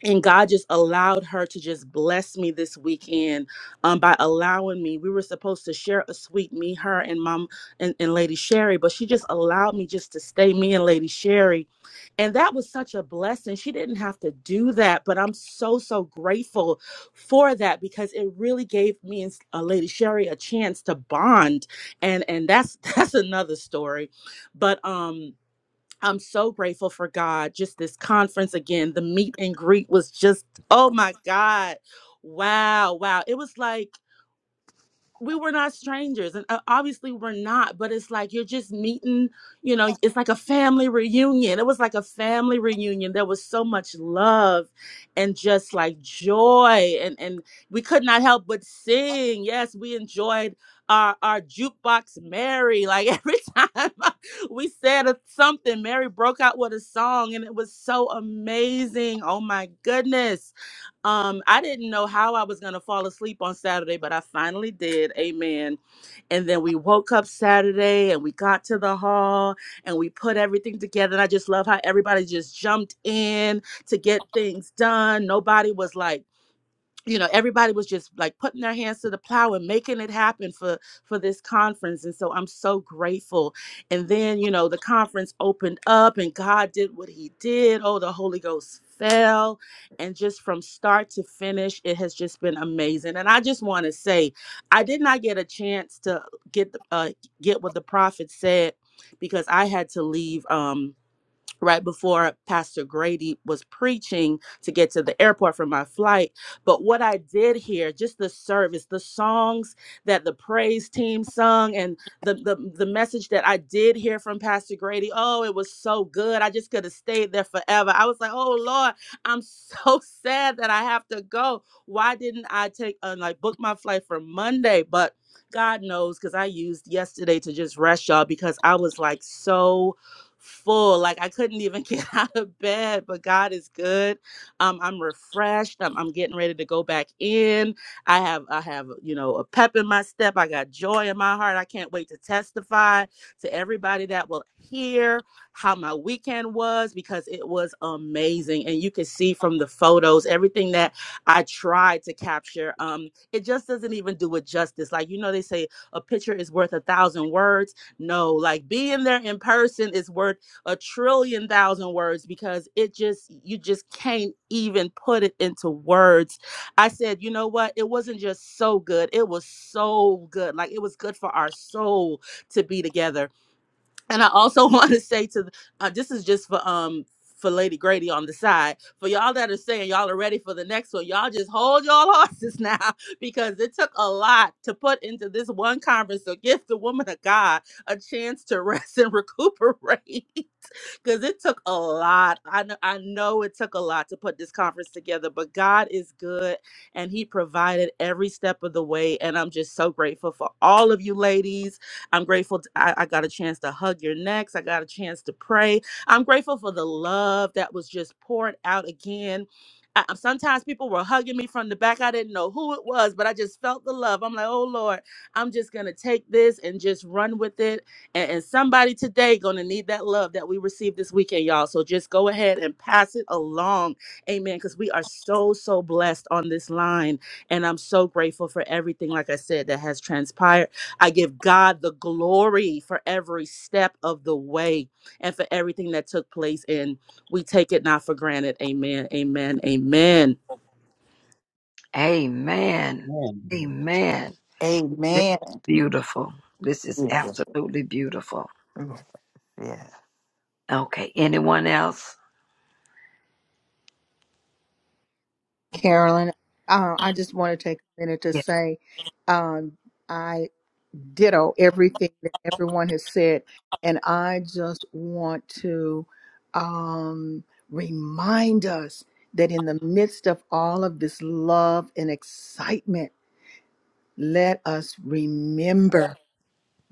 S4: and God just allowed her to just bless me this weekend um, by allowing me. We were supposed to share a suite, me, her, and mom and, and Lady Sherry, but she just allowed me just to stay me and Lady Sherry. And that was such a blessing. She didn't have to do that, but I'm so, so grateful for that because it really gave me and uh, Lady Sherry a chance to bond. And and that's that's another story. But um I'm so grateful for God. Just this conference again, the meet and greet was just, oh my God. Wow, wow. It was like we were not strangers and uh, obviously we're not but it's like you're just meeting you know it's like a family reunion it was like a family reunion there was so much love and just like joy and and we could not help but sing yes we enjoyed our our jukebox mary like every time we said a- something mary broke out with a song and it was so amazing oh my goodness um, I didn't know how I was going to fall asleep on Saturday, but I finally did. Amen. And then we woke up Saturday and we got to the hall and we put everything together. And I just love how everybody just jumped in to get things done. Nobody was like, you know everybody was just like putting their hands to the plow and making it happen for for this conference and so i'm so grateful and then you know the conference opened up and god did what he did oh the holy ghost fell and just from start to finish it has just been amazing and i just want to say i did not get a chance to get the- uh get what the prophet said because i had to leave um right before Pastor Grady was preaching to get to the airport for my flight. But what I did hear, just the service, the songs that the praise team sung, and the the, the message that I did hear from Pastor Grady, oh, it was so good. I just could have stayed there forever. I was like, oh Lord, I'm so sad that I have to go. Why didn't I take uh, like book my flight for Monday? But God knows because I used yesterday to just rest y'all because I was like so full. Like I couldn't even get out of bed, but God is good. Um, I'm refreshed. I'm, I'm getting ready to go back in. I have I have you know a pep in my step. I got joy in my heart. I can't wait to testify to everybody that will hear how my weekend was because it was amazing. And you can see from the photos everything that I tried to capture. Um, it just doesn't even do it justice. Like you know, they say a picture is worth a thousand words no, like being there in person is worth a trillion thousand words because it just, you just can't even put it into words. I said, you know what? It wasn't just so good. It was so good. Like it was good for our soul to be together and I also want to say to the, uh, this is just for um for Lady Grady on the side for y'all that are saying y'all are ready for the next one. Y'all just hold y'all horses now because it took a lot to put into this one conference to give the woman of God a chance to rest and recuperate because it took a lot. I know, I know it took a lot to put this conference together, but God is good and He provided every step of the way. And I'm just so grateful for all of you ladies. I'm grateful t- I, I got a chance to hug your necks, I got a chance to pray. I'm grateful for the love that was just poured out again. I, I- sometimes people were hugging me from the back. I didn't know who it was, but I just felt the love. I'm like, oh Lord, I'm just going to take this and just run with it and, and somebody today gonna need that love that we received this weekend, y'all. So just go ahead and pass it along. Amen. Because we are so, so blessed on this line. And I'm so grateful for everything, like I said, that has transpired. I give God the glory for every step of the way and for everything that took place. And we take it not for granted. Amen. Amen. Amen.
S13: Amen.
S11: Amen.
S13: Amen. This
S2: Amen.
S13: is beautiful. This is
S2: Yeah.
S13: absolutely beautiful.
S2: Yeah.
S13: Okay. Anyone else?
S1: Carolyn, uh, I just want to take a minute to
S13: Yeah.
S1: say, um, ditto everything that everyone has said. And I just want to um, remind us that in the midst of all of this love and excitement, let us remember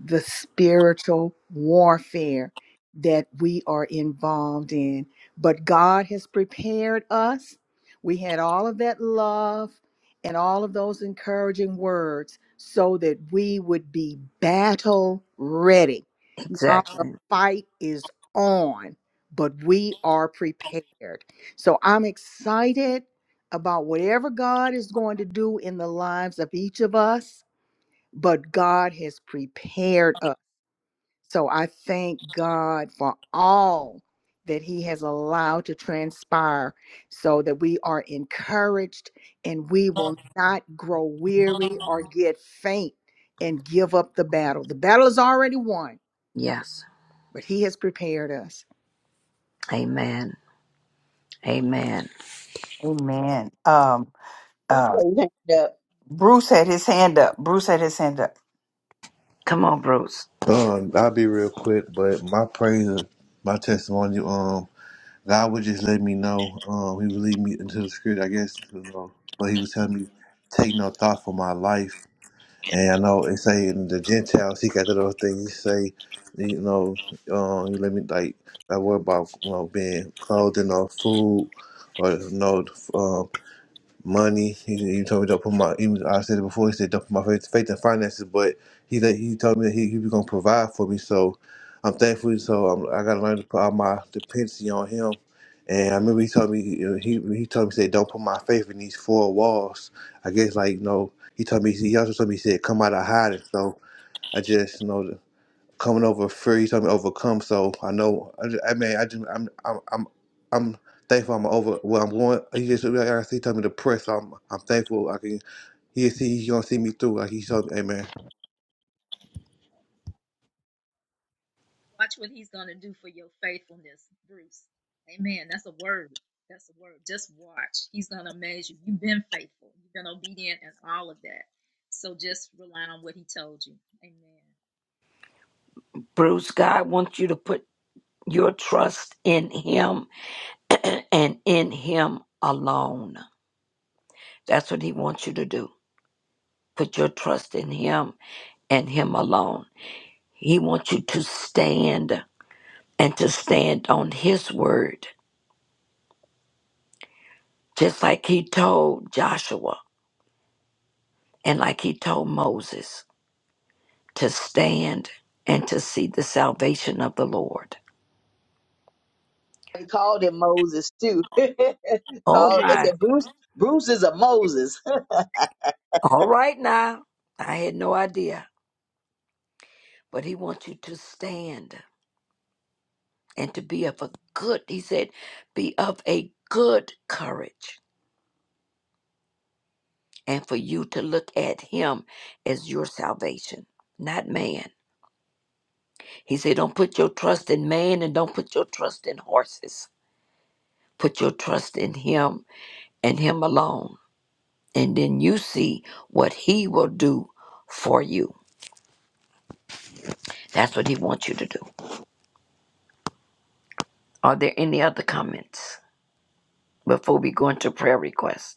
S1: the spiritual warfare that we are involved in. But God has prepared us. We had all of that love and all of those encouraging words so that we would be battle ready. Now the
S13: Exactly.
S1: fight is on, but we are prepared. So I'm excited about whatever God is going to do in the lives of each of us but God has prepared us. So I thank God for all that He has allowed to transpire so that we are encouraged and we will not grow weary or get faint and give up the battle. The battle is already won,
S13: Yes.
S1: but He has prepared us.
S13: Amen. Amen.
S2: Amen. Um
S5: Bruce raised his hand up.
S2: Bruce had his hand up. Bruce had his hand up.
S13: Come on, Bruce.
S15: um, I'll be real quick, but my praise, my testimony, um, God would just let me know. Um, He would lead me into the script, I guess. you know, But He was telling me, take no thought for my life. And I know it say in the Gentiles, he got that other thing. He say, you know, um, you let me like, I worry about you know being clothed and no food, or no um, money. He, he told me don't put my. He was, I said it before. He said don't put my faith, faith in finances, but he let- he told me that he, he was gonna provide for me. So I'm thankful. So I'm, I gotta learn to put all my dependency on him. And I remember he told me you he he told me he said don't put my faith in these four walls. I guess like you know he told me he also told me he said come out of hiding. So I just you know coming over free. He told me overcome. So I know. I, ju- I mean, I just I'm I'm I'm I'm thankful. I'm over. Well, I'm going. He just like I see. Told me to press. So I'm I'm thankful. I can. He see. He gonna see me through. Like he told me. Amen.
S16: Watch what he's going to do for your faithfulness, Bruce. Amen. That's a word. That's a word. Just watch. He's going to amaze you. You've been faithful, you've been obedient, and all of that. So just rely on what he told you. Amen.
S13: Bruce, God wants you to put your trust in Him and in Him alone. That's what He wants you to do. Put your trust in Him and Him alone. He wants you to stand and to stand on His word, just like He told Joshua and like He told Moses to stand and to see the salvation of the Lord.
S5: They called him Moses too.
S13: Oh
S5: called. They
S13: my.
S5: said Bruce. Bruce is a Moses.
S13: All right now. I had no idea, but He wants you to stand. and to be of a good, he said, be of a good courage, and for you to look at him as your salvation, not man. He said, don't put your trust in man and don't put your trust in horses. Put your trust in him and him alone. And then you see what he will do for you. That's what he wants you to do. Are there any other comments before we go into prayer requests?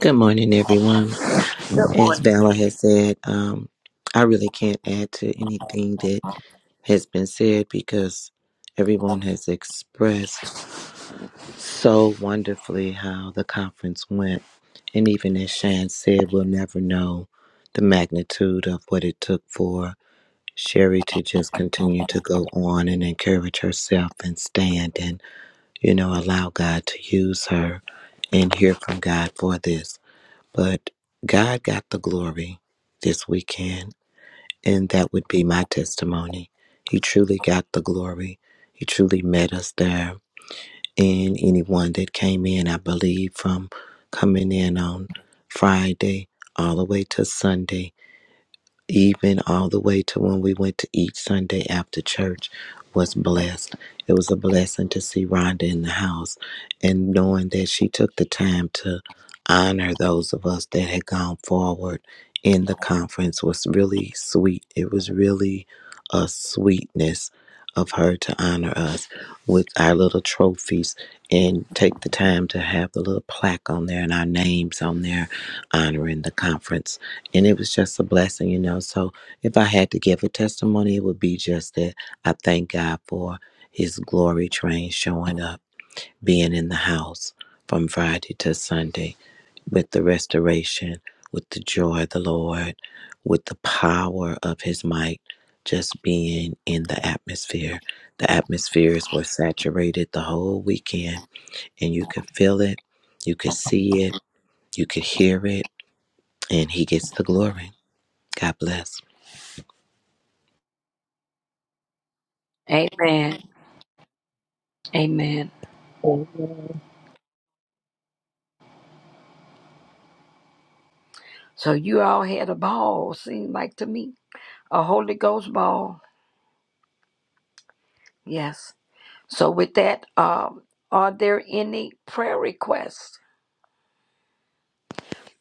S7: Good morning, everyone. As Valor has said, um, I really can't add to anything that has been said because everyone has expressed so wonderfully how the conference went. And even as Shan said, we'll never know the magnitude of what it took for Sherry to just continue to go on and encourage herself and stand and, you know, allow God to use her and hear from God for this. But God got the glory this weekend, and that would be my testimony. He truly got the glory. He truly met us there. And anyone that came in, I believe, from coming in on Friday all the way to Sunday, even all the way to when we went to each Sunday after church was blessed. It was a blessing to see Rhonda in the house and knowing that she took the time to honor those of us that had gone forward in the conference was really sweet. It was really a sweetness of her to honor us with our little trophies and take the time to have the little plaque on there and our names on there honoring the conference and it was just a blessing, you know. So if I had to give a testimony, it would be just that I thank God for His glory train showing up, being in the house from Friday to Sunday with the restoration, with the joy of the Lord, with the power of His might. Just being in the atmosphere. The atmospheres were saturated the whole weekend, and you could feel it, you could see it, you could hear it, and He gets the glory. God bless.
S13: Amen. Amen. So you all had a ball, seemed like to me a Holy Ghost ball. Yes. So with that, um, are there any prayer requests?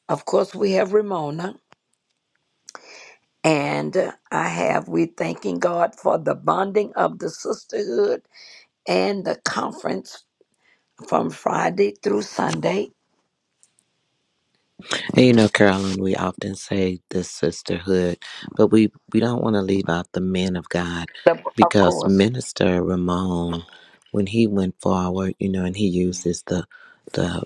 S13: Of course, we have Ramona, and uh, I have. We thanking God for the bonding of the sisterhood and the conference from Friday through Sunday.
S7: And you know, Carolyn, we often say the sisterhood, but we, we don't want to leave out the men of God
S13: The- Of
S7: because
S13: course.
S7: Minister Ramon, when he went forward, you know, and he uses the the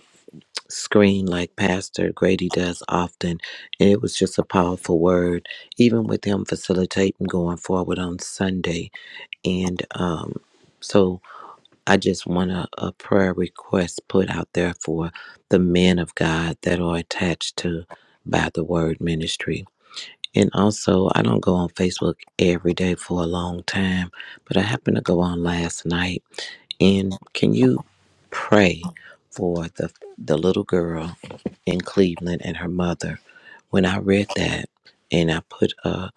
S7: screen like Pastor Grady does often, and it was just a powerful word, even with him facilitating going forward on Sunday. And um, so I just want a, a prayer request put out there for the men of God that are attached to By the Word Ministry. And also, I don't go on Facebook every day for a long time, but I happened to go on last night. And can you pray for the the little girl in Cleveland and her mother? When I read that, and I put a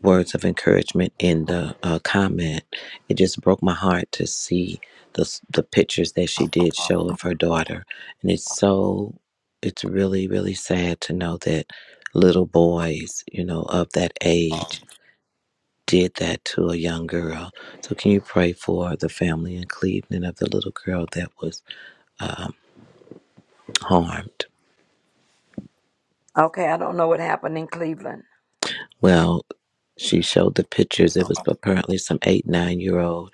S7: words of encouragement in the uh, comment. It just broke my heart to see the s- the pictures that she did show of her daughter, and it's so it's really really sad to know that little boys, you know, of that age did that to a young girl. So can you pray for the family in Cleveland of the little girl that was um, harmed?
S13: Okay, I don't know what happened in Cleveland.
S7: Well, she showed the pictures. It was apparently some eight, nine year old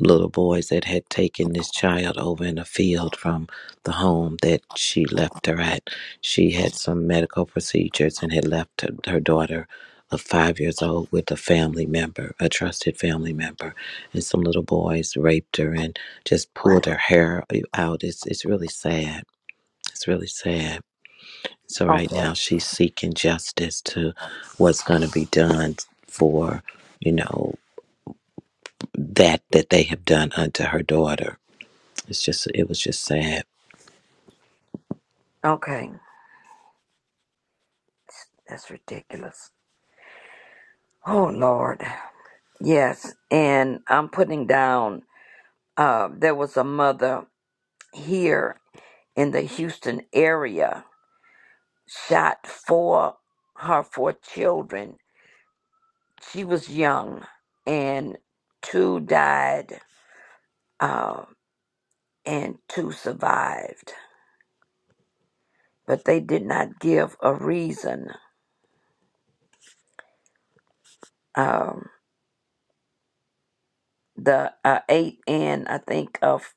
S7: little boys that had taken this child over in a field from the home that she left her at. She had some medical procedures and had left her, her daughter of five years old with a family member, a trusted family member. And some little boys raped her and just
S13: What?
S7: pulled her hair out. It's, it's really sad. It's really sad. So right
S13: Okay.
S7: now she's seeking justice to what's going to be done for, you know, that that they have done unto her daughter it's just it was just sad.
S13: Okay. That's ridiculous. Oh Lord. Yes, and I'm putting down. Uh, there was a mother here in the Houston area shot four her four children. She was young, and two died, uh, and two survived. But they did not give a reason. Um, the uh, eight and I think of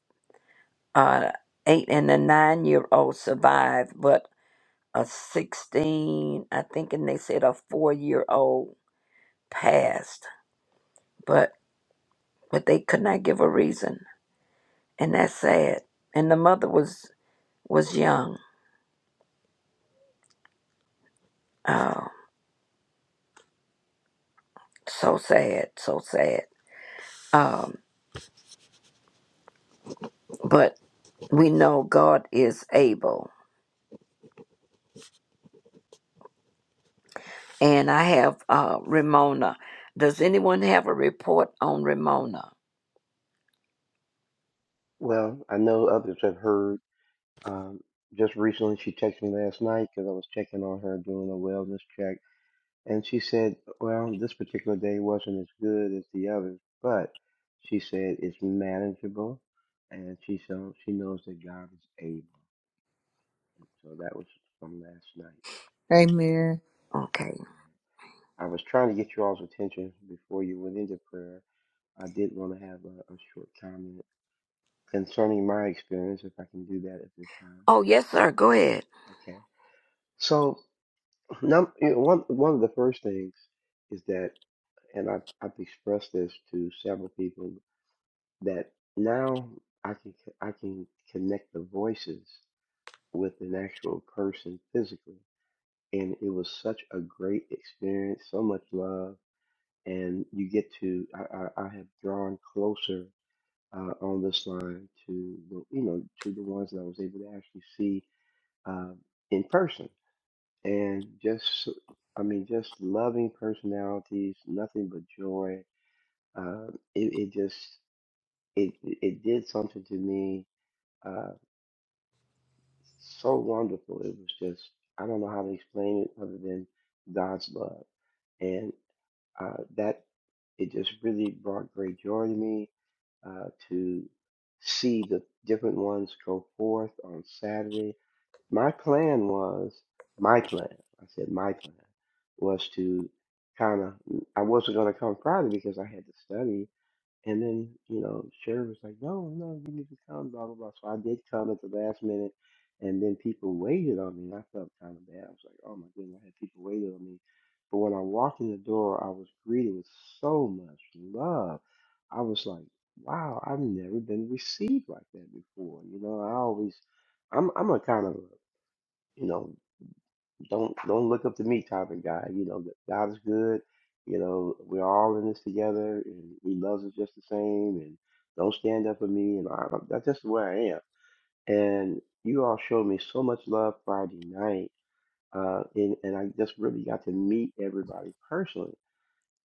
S13: uh, eight and a nine year old survived, but a sixteen, I think, and they said a four year old passed. But but they could not give a reason and that's sad. And the mother was was young. Oh, so sad, so sad. Um, but we know God is able. And I have uh, Ramona. Does anyone have a report on Ramona?
S17: Well, I know others have heard. Um, just recently, she texted me last night because I was checking on her doing a wellness check. And she said, well, this particular day wasn't as good as the others, but she said it's manageable, and she so she knows that God is able. And so that was from last night.
S1: Amen.
S13: Okay.
S17: Amen. I was trying to get you all's attention before you went into prayer. I did want to have a, a short comment concerning my experience, if I can do that at this time.
S13: Oh yes, sir. Go ahead.
S17: Okay. So, num- you know, one one of the first things is that, and I've, I've expressed this to several people that now I can c- I can connect the voices with an actual person physically, and it was such a great experience, so much love, and you get to I, I, I have drawn closer uh, on this line to the you know to the ones that I was able to actually see uh, in person, and just I mean just loving personalities, nothing but joy. Uh, it, it just it it did something to me uh, so wonderful. It was just, I don't know how to explain it other than God's love. And uh, that, it just really brought great joy to me uh, to see the different ones go forth on Saturday. My plan was, my plan, I said my plan, was to kind of, I wasn't going to come Friday because I had to study and then, you know, Sherry was like, no, no, you need to come, blah, blah, blah. So I did come at the last minute. And then people waited on me. And I felt kind of bad. I was like, oh my goodness, I had people waiting on me. But when I walked in the door, I was greeted with so much love. I was like, wow, I've never been received like that before. You know, I always, I'm, I'm a kind of, you know, don't don't look up to me type of guy. You know, God is good. You know, we're all in this together, and He loves us just the same. And don't stand up for me. And I, that's just where I am. And you all showed me so much love Friday night, uh, and and I just really got to meet everybody personally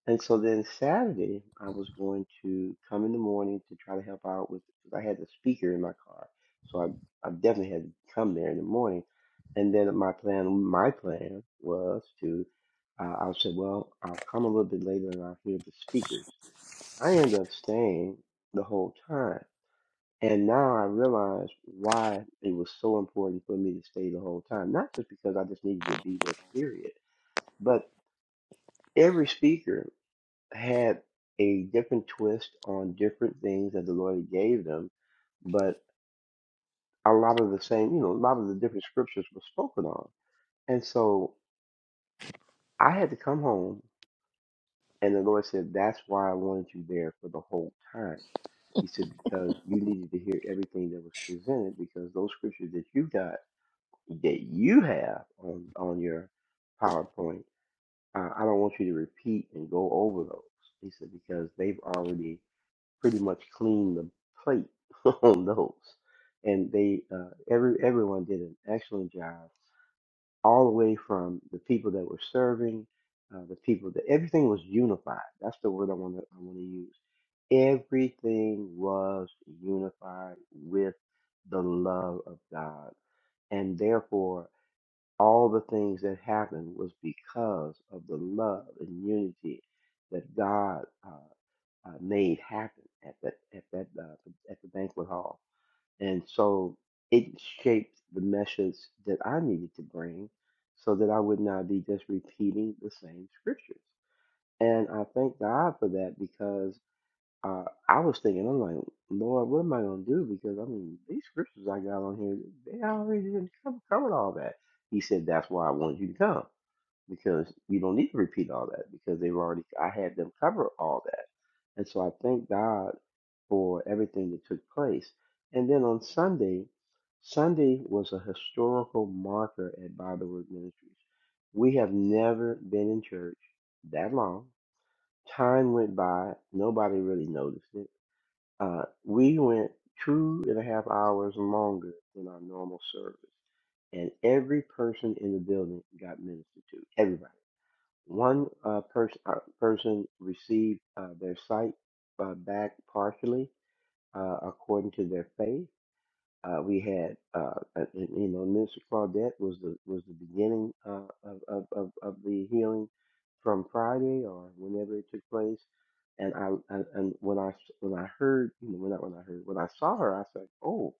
S17: and so then Saturday, I was going to come in the morning to try to help out with, because I had the speaker in my car. So I, I definitely had to come there in the morning. And then my plan, my plan was to, uh, I said, well, I'll come a little bit later and I'll hear the speakers. I ended up staying the whole time. And now I realize why it was so important for me to stay the whole time. Not just because I just needed to be there, period, but every speaker had a different twist on different things that the Lord gave them, but a lot of the same, you know, a lot of the different scriptures were spoken on. And so I had to come home, and the Lord said, That's why I wanted you there for the whole time. He said, Because you needed to hear everything that was presented, because those scriptures that you got, that you have on, on your PowerPoint, uh, I don't want you to repeat and go over those. He said, Because they've already pretty much cleaned the plate on those, and they uh, every everyone did an excellent job, all the way from the people that were serving, uh, the people that everything was unified. That's the word I want to I want to use. Everything was unified with the love of God, and therefore all the things that happened was because of the love and unity that God. uh, uh, made happen at that at that uh, at the banquet hall, and so it shaped the message that I needed to bring, so that I would not be just repeating the same scriptures. And I thank God for that because uh, I was thinking, I'm like, Lord, what am I going to do? Because I mean, these scriptures I got on here, they already didn't cover, all that. He said, that's why I want you to come because you don't need to repeat all that because they've already I had them cover all that. And so I thank God for everything that took place. And then on Sunday, Sunday was a historical marker at Bible Word Ministries. We have never been in church that long. Time went by, nobody really noticed it. Uh, we went two and a half hours longer than our normal service, and every person in the building got ministered to. Everybody one uh, pers- uh, person received uh, their sight uh, back partially uh, according to their faith. Uh, we had, uh, uh, and, you know, Minister Claudette was the was the beginning uh, of, of, of of the healing from Friday or whenever it took place. And I and, and when I when I heard, you know, when I when I heard when I saw her, I said, oh,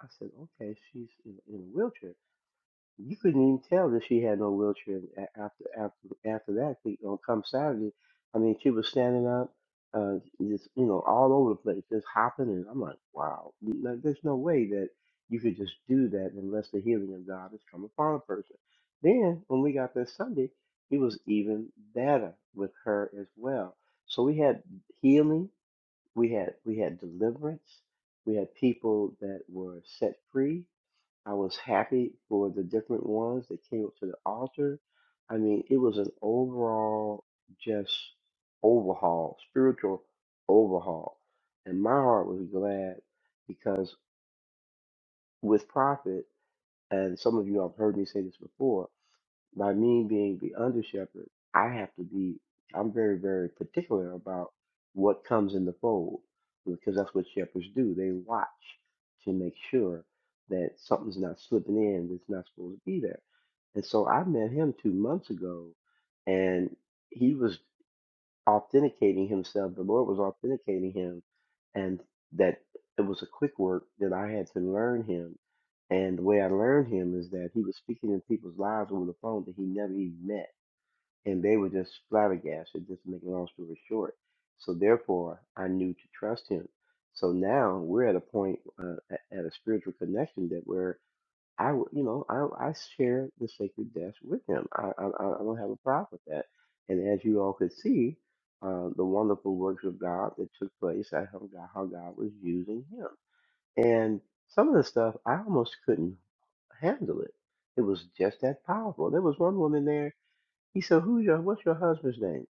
S17: I said, okay, she's in, in a wheelchair you couldn't even tell that she had no wheelchair a- after after after that. thing on come Saturday, I mean, she was standing up, uh, just you know, all over the place, just hopping. And I'm like, wow, no, there's no way that you could just do that unless the healing of God has come upon a person. Then when we got there Sunday, it was even better with her as well. So we had healing, we had we had deliverance, we had people that were set free I was happy for the different ones that came up to the altar. I mean, it was an overall just overhaul, spiritual overhaul. And my heart was glad because with Prophet, and some of you have heard me say this before, by me being the under shepherd, I have to be, I'm very, very particular about what comes in the fold because that's what shepherds do. They watch to make sure that something's not slipping in that's not supposed to be there. And so I met him two months ago and he was authenticating himself. The Lord was authenticating him, and that it was a quick work that I had to learn him. And the way I learned him is that he was speaking in people's lives over the phone that he never even met, and they were just flabbergasted. Just to make a long story short, so therefore I knew to trust him. So now we're at a point uh, at at a spiritual connection that we're I, w- you know, I, I share the sacred death with him. I, I, I I don't have a problem with that. And as you all could see, uh, the wonderful works of God that took place, I how God, how God was using him. And some of the stuff, I almost couldn't handle it. It was just that powerful. There was one woman there. He said, "Who's your? What's your husband's name?"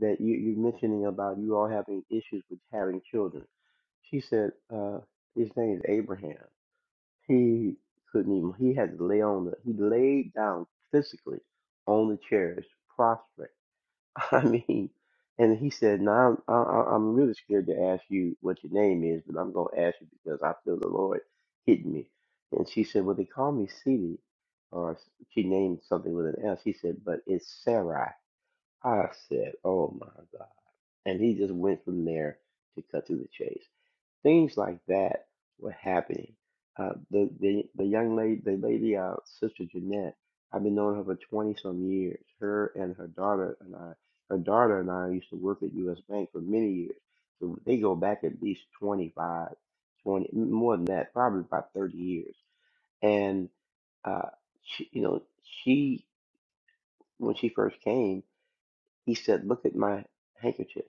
S17: That you, you're mentioning about you all having issues with having children. She said, uh, "His name is Abraham." He couldn't even. He had to lay on the. He laid down physically on the chairs, prostrate. I mean, and he said, "Now I'm, I, I'm really scared to ask you what your name is, but I'm gonna ask you because I feel the Lord hitting me." And she said, "Well, they call me Celie, or s- she named something with an S." He said, "But it's Sarai." I said, "Oh my God!" And he just went from there to cut to the chase. Things like that were happening. Uh, the, the the young lady, the lady, uh, sister Jeanette. I've been knowing her for twenty some years. Her and her daughter and I, her daughter and I used to work at U.S. Bank for many years. So they go back at least 25, 20 more than that, probably about thirty years. And uh, she, you know, she when she first came, he said, "Look at my handkerchief."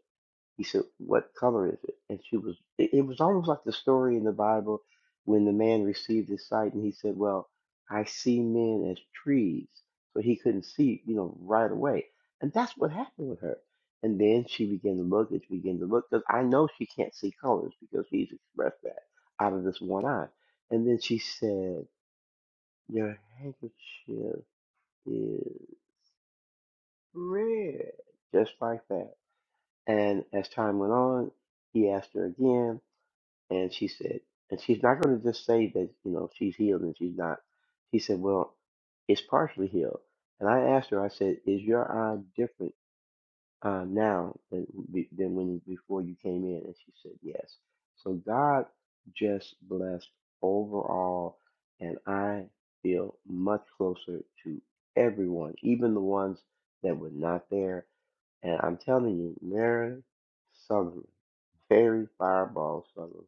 S17: He said, What color is it? And she was, it, it was almost like the story in the Bible when the man received his sight and he said, Well, I see men as trees. So he couldn't see, you know, right away. And that's what happened with her. And then she began to look and she began to look because I know she can't see colors because he's expressed that out of this one eye. And then she said, Your handkerchief is red, just like that. And as time went on, he asked her again And she said, and she's not going to just say that, you know, she's healed and she's not. She said, well, it's partially healed. And I asked her, I said, is your eye different uh, now than, be- than when before you came in? And she said, yes. So God just blessed overall, and I feel much closer to everyone, even the ones that were not there. And I'm telling you, Mary Sutherland, very fireball Sutherland.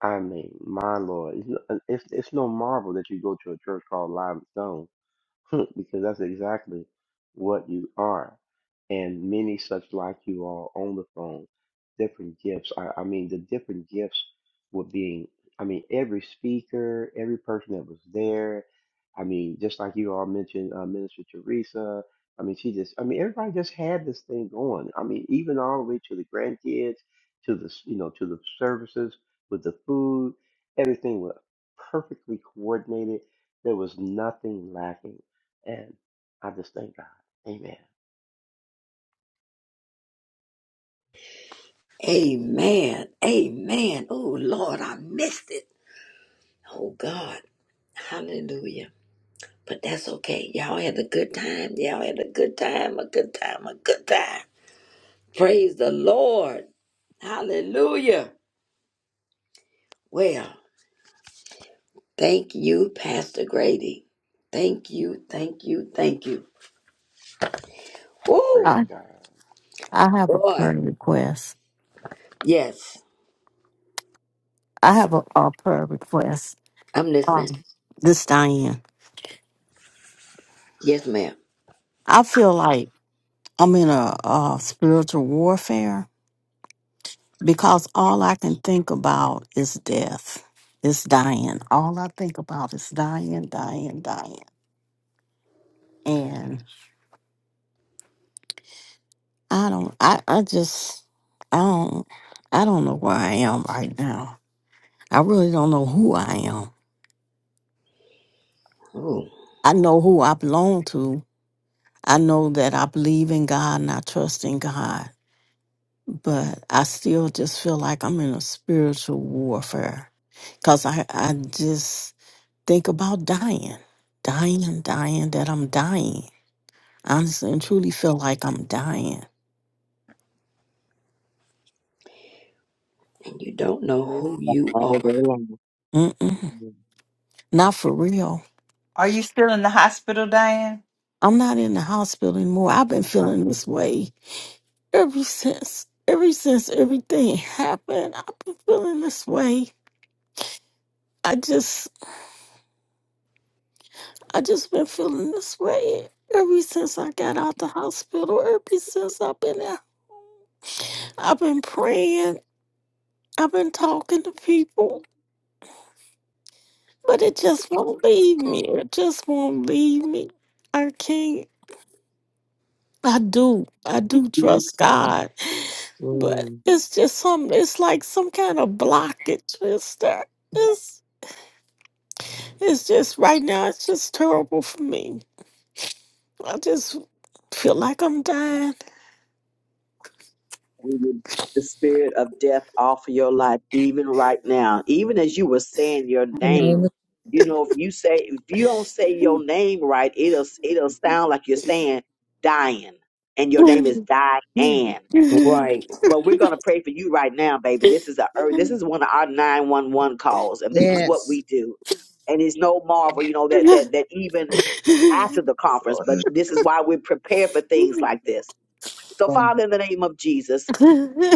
S17: I mean, my Lord, it's, no- it's it's no marvel that you go to a church called Live Stone cook because that's exactly what you are. And many such like you all on the phone, different gifts. I, I mean, the different gifts were being, I mean, every speaker, every person that was there. I mean, just like you all mentioned, uh, Minister Teresa. I mean, she just, I mean, everybody just had this thing going. I mean, even all the way to the grandkids, to the, s- you know, to the services with the food, everything was perfectly coordinated. There was nothing lacking and I just thank God. Amen.
S13: Amen. Amen. Oh, Lord, I missed it. Oh, God. Hallelujah. But that's okay. Y'all had a good time. Y'all had a good time, a good time, a good time. Praise the Lord. Hallelujah. Well, thank you, Pastor Grady. Thank you, thank you, thank you. Woo!
S17: Praise
S22: I
S17: God.
S22: I have a prayer
S13: Boy,
S22: request.
S13: yes,
S22: I have a, a prayer request.
S13: I'm
S22: Um,
S13: listening.
S22: this Diane.
S13: Yes, ma'am.
S22: I feel like I'm in a, uh spiritual warfare because all I can think about is death. It's dying. All I think about is dying, dying, dying. And I don't. I I just. I don't. I don't know where I am right now. I really don't know who I am.
S13: Ooh,
S22: I know who I belong to, I know that I believe in God and I trust in God, but I still just feel like I'm in a spiritual warfare because I, I just think about dying, dying and dying, that I'm dying. Honestly and truly feel like I'm dying.
S13: and you don't know
S5: Listen,
S13: who you
S5: all day
S13: are.
S5: long.
S22: Mm-mm, not for real.
S2: Are you still in the hospital, Diane?
S22: I'm not in the hospital anymore. I've been
S2: Oh.
S22: feeling this way ever since, ever since everything happened. I've been feeling this way. I just I just been feeling this way ever since I got out the hospital, ever since I've been out. I've been praying, I've been talking to people, but it just won't leave me. It just won't leave me. I can't. I do. I do
S5: You
S22: trust God, but
S5: Mm.
S22: it's just some. It's like some kind of blockage. It's that. It's. It's just right now. It's just terrible for me. I just feel like I'm dying.
S5: we rebuke the spirit of death off of your life, even right now. Even as you were saying your name, you know, if you say if you don't say your name right, it'll it'll sound like you're saying dying, and your name is Diane.
S13: Right.
S5: But we're gonna pray for you right now, baby. This is a ur- this is one of our nine one one calls, and this is what
S1: Yes.
S5: we do. And it's no marvel,
S16: Oh,
S5: you know, that that that even after the conference, but this is why we prepare for things like this. So,
S20: Thank
S5: Father, in the name of Jesus.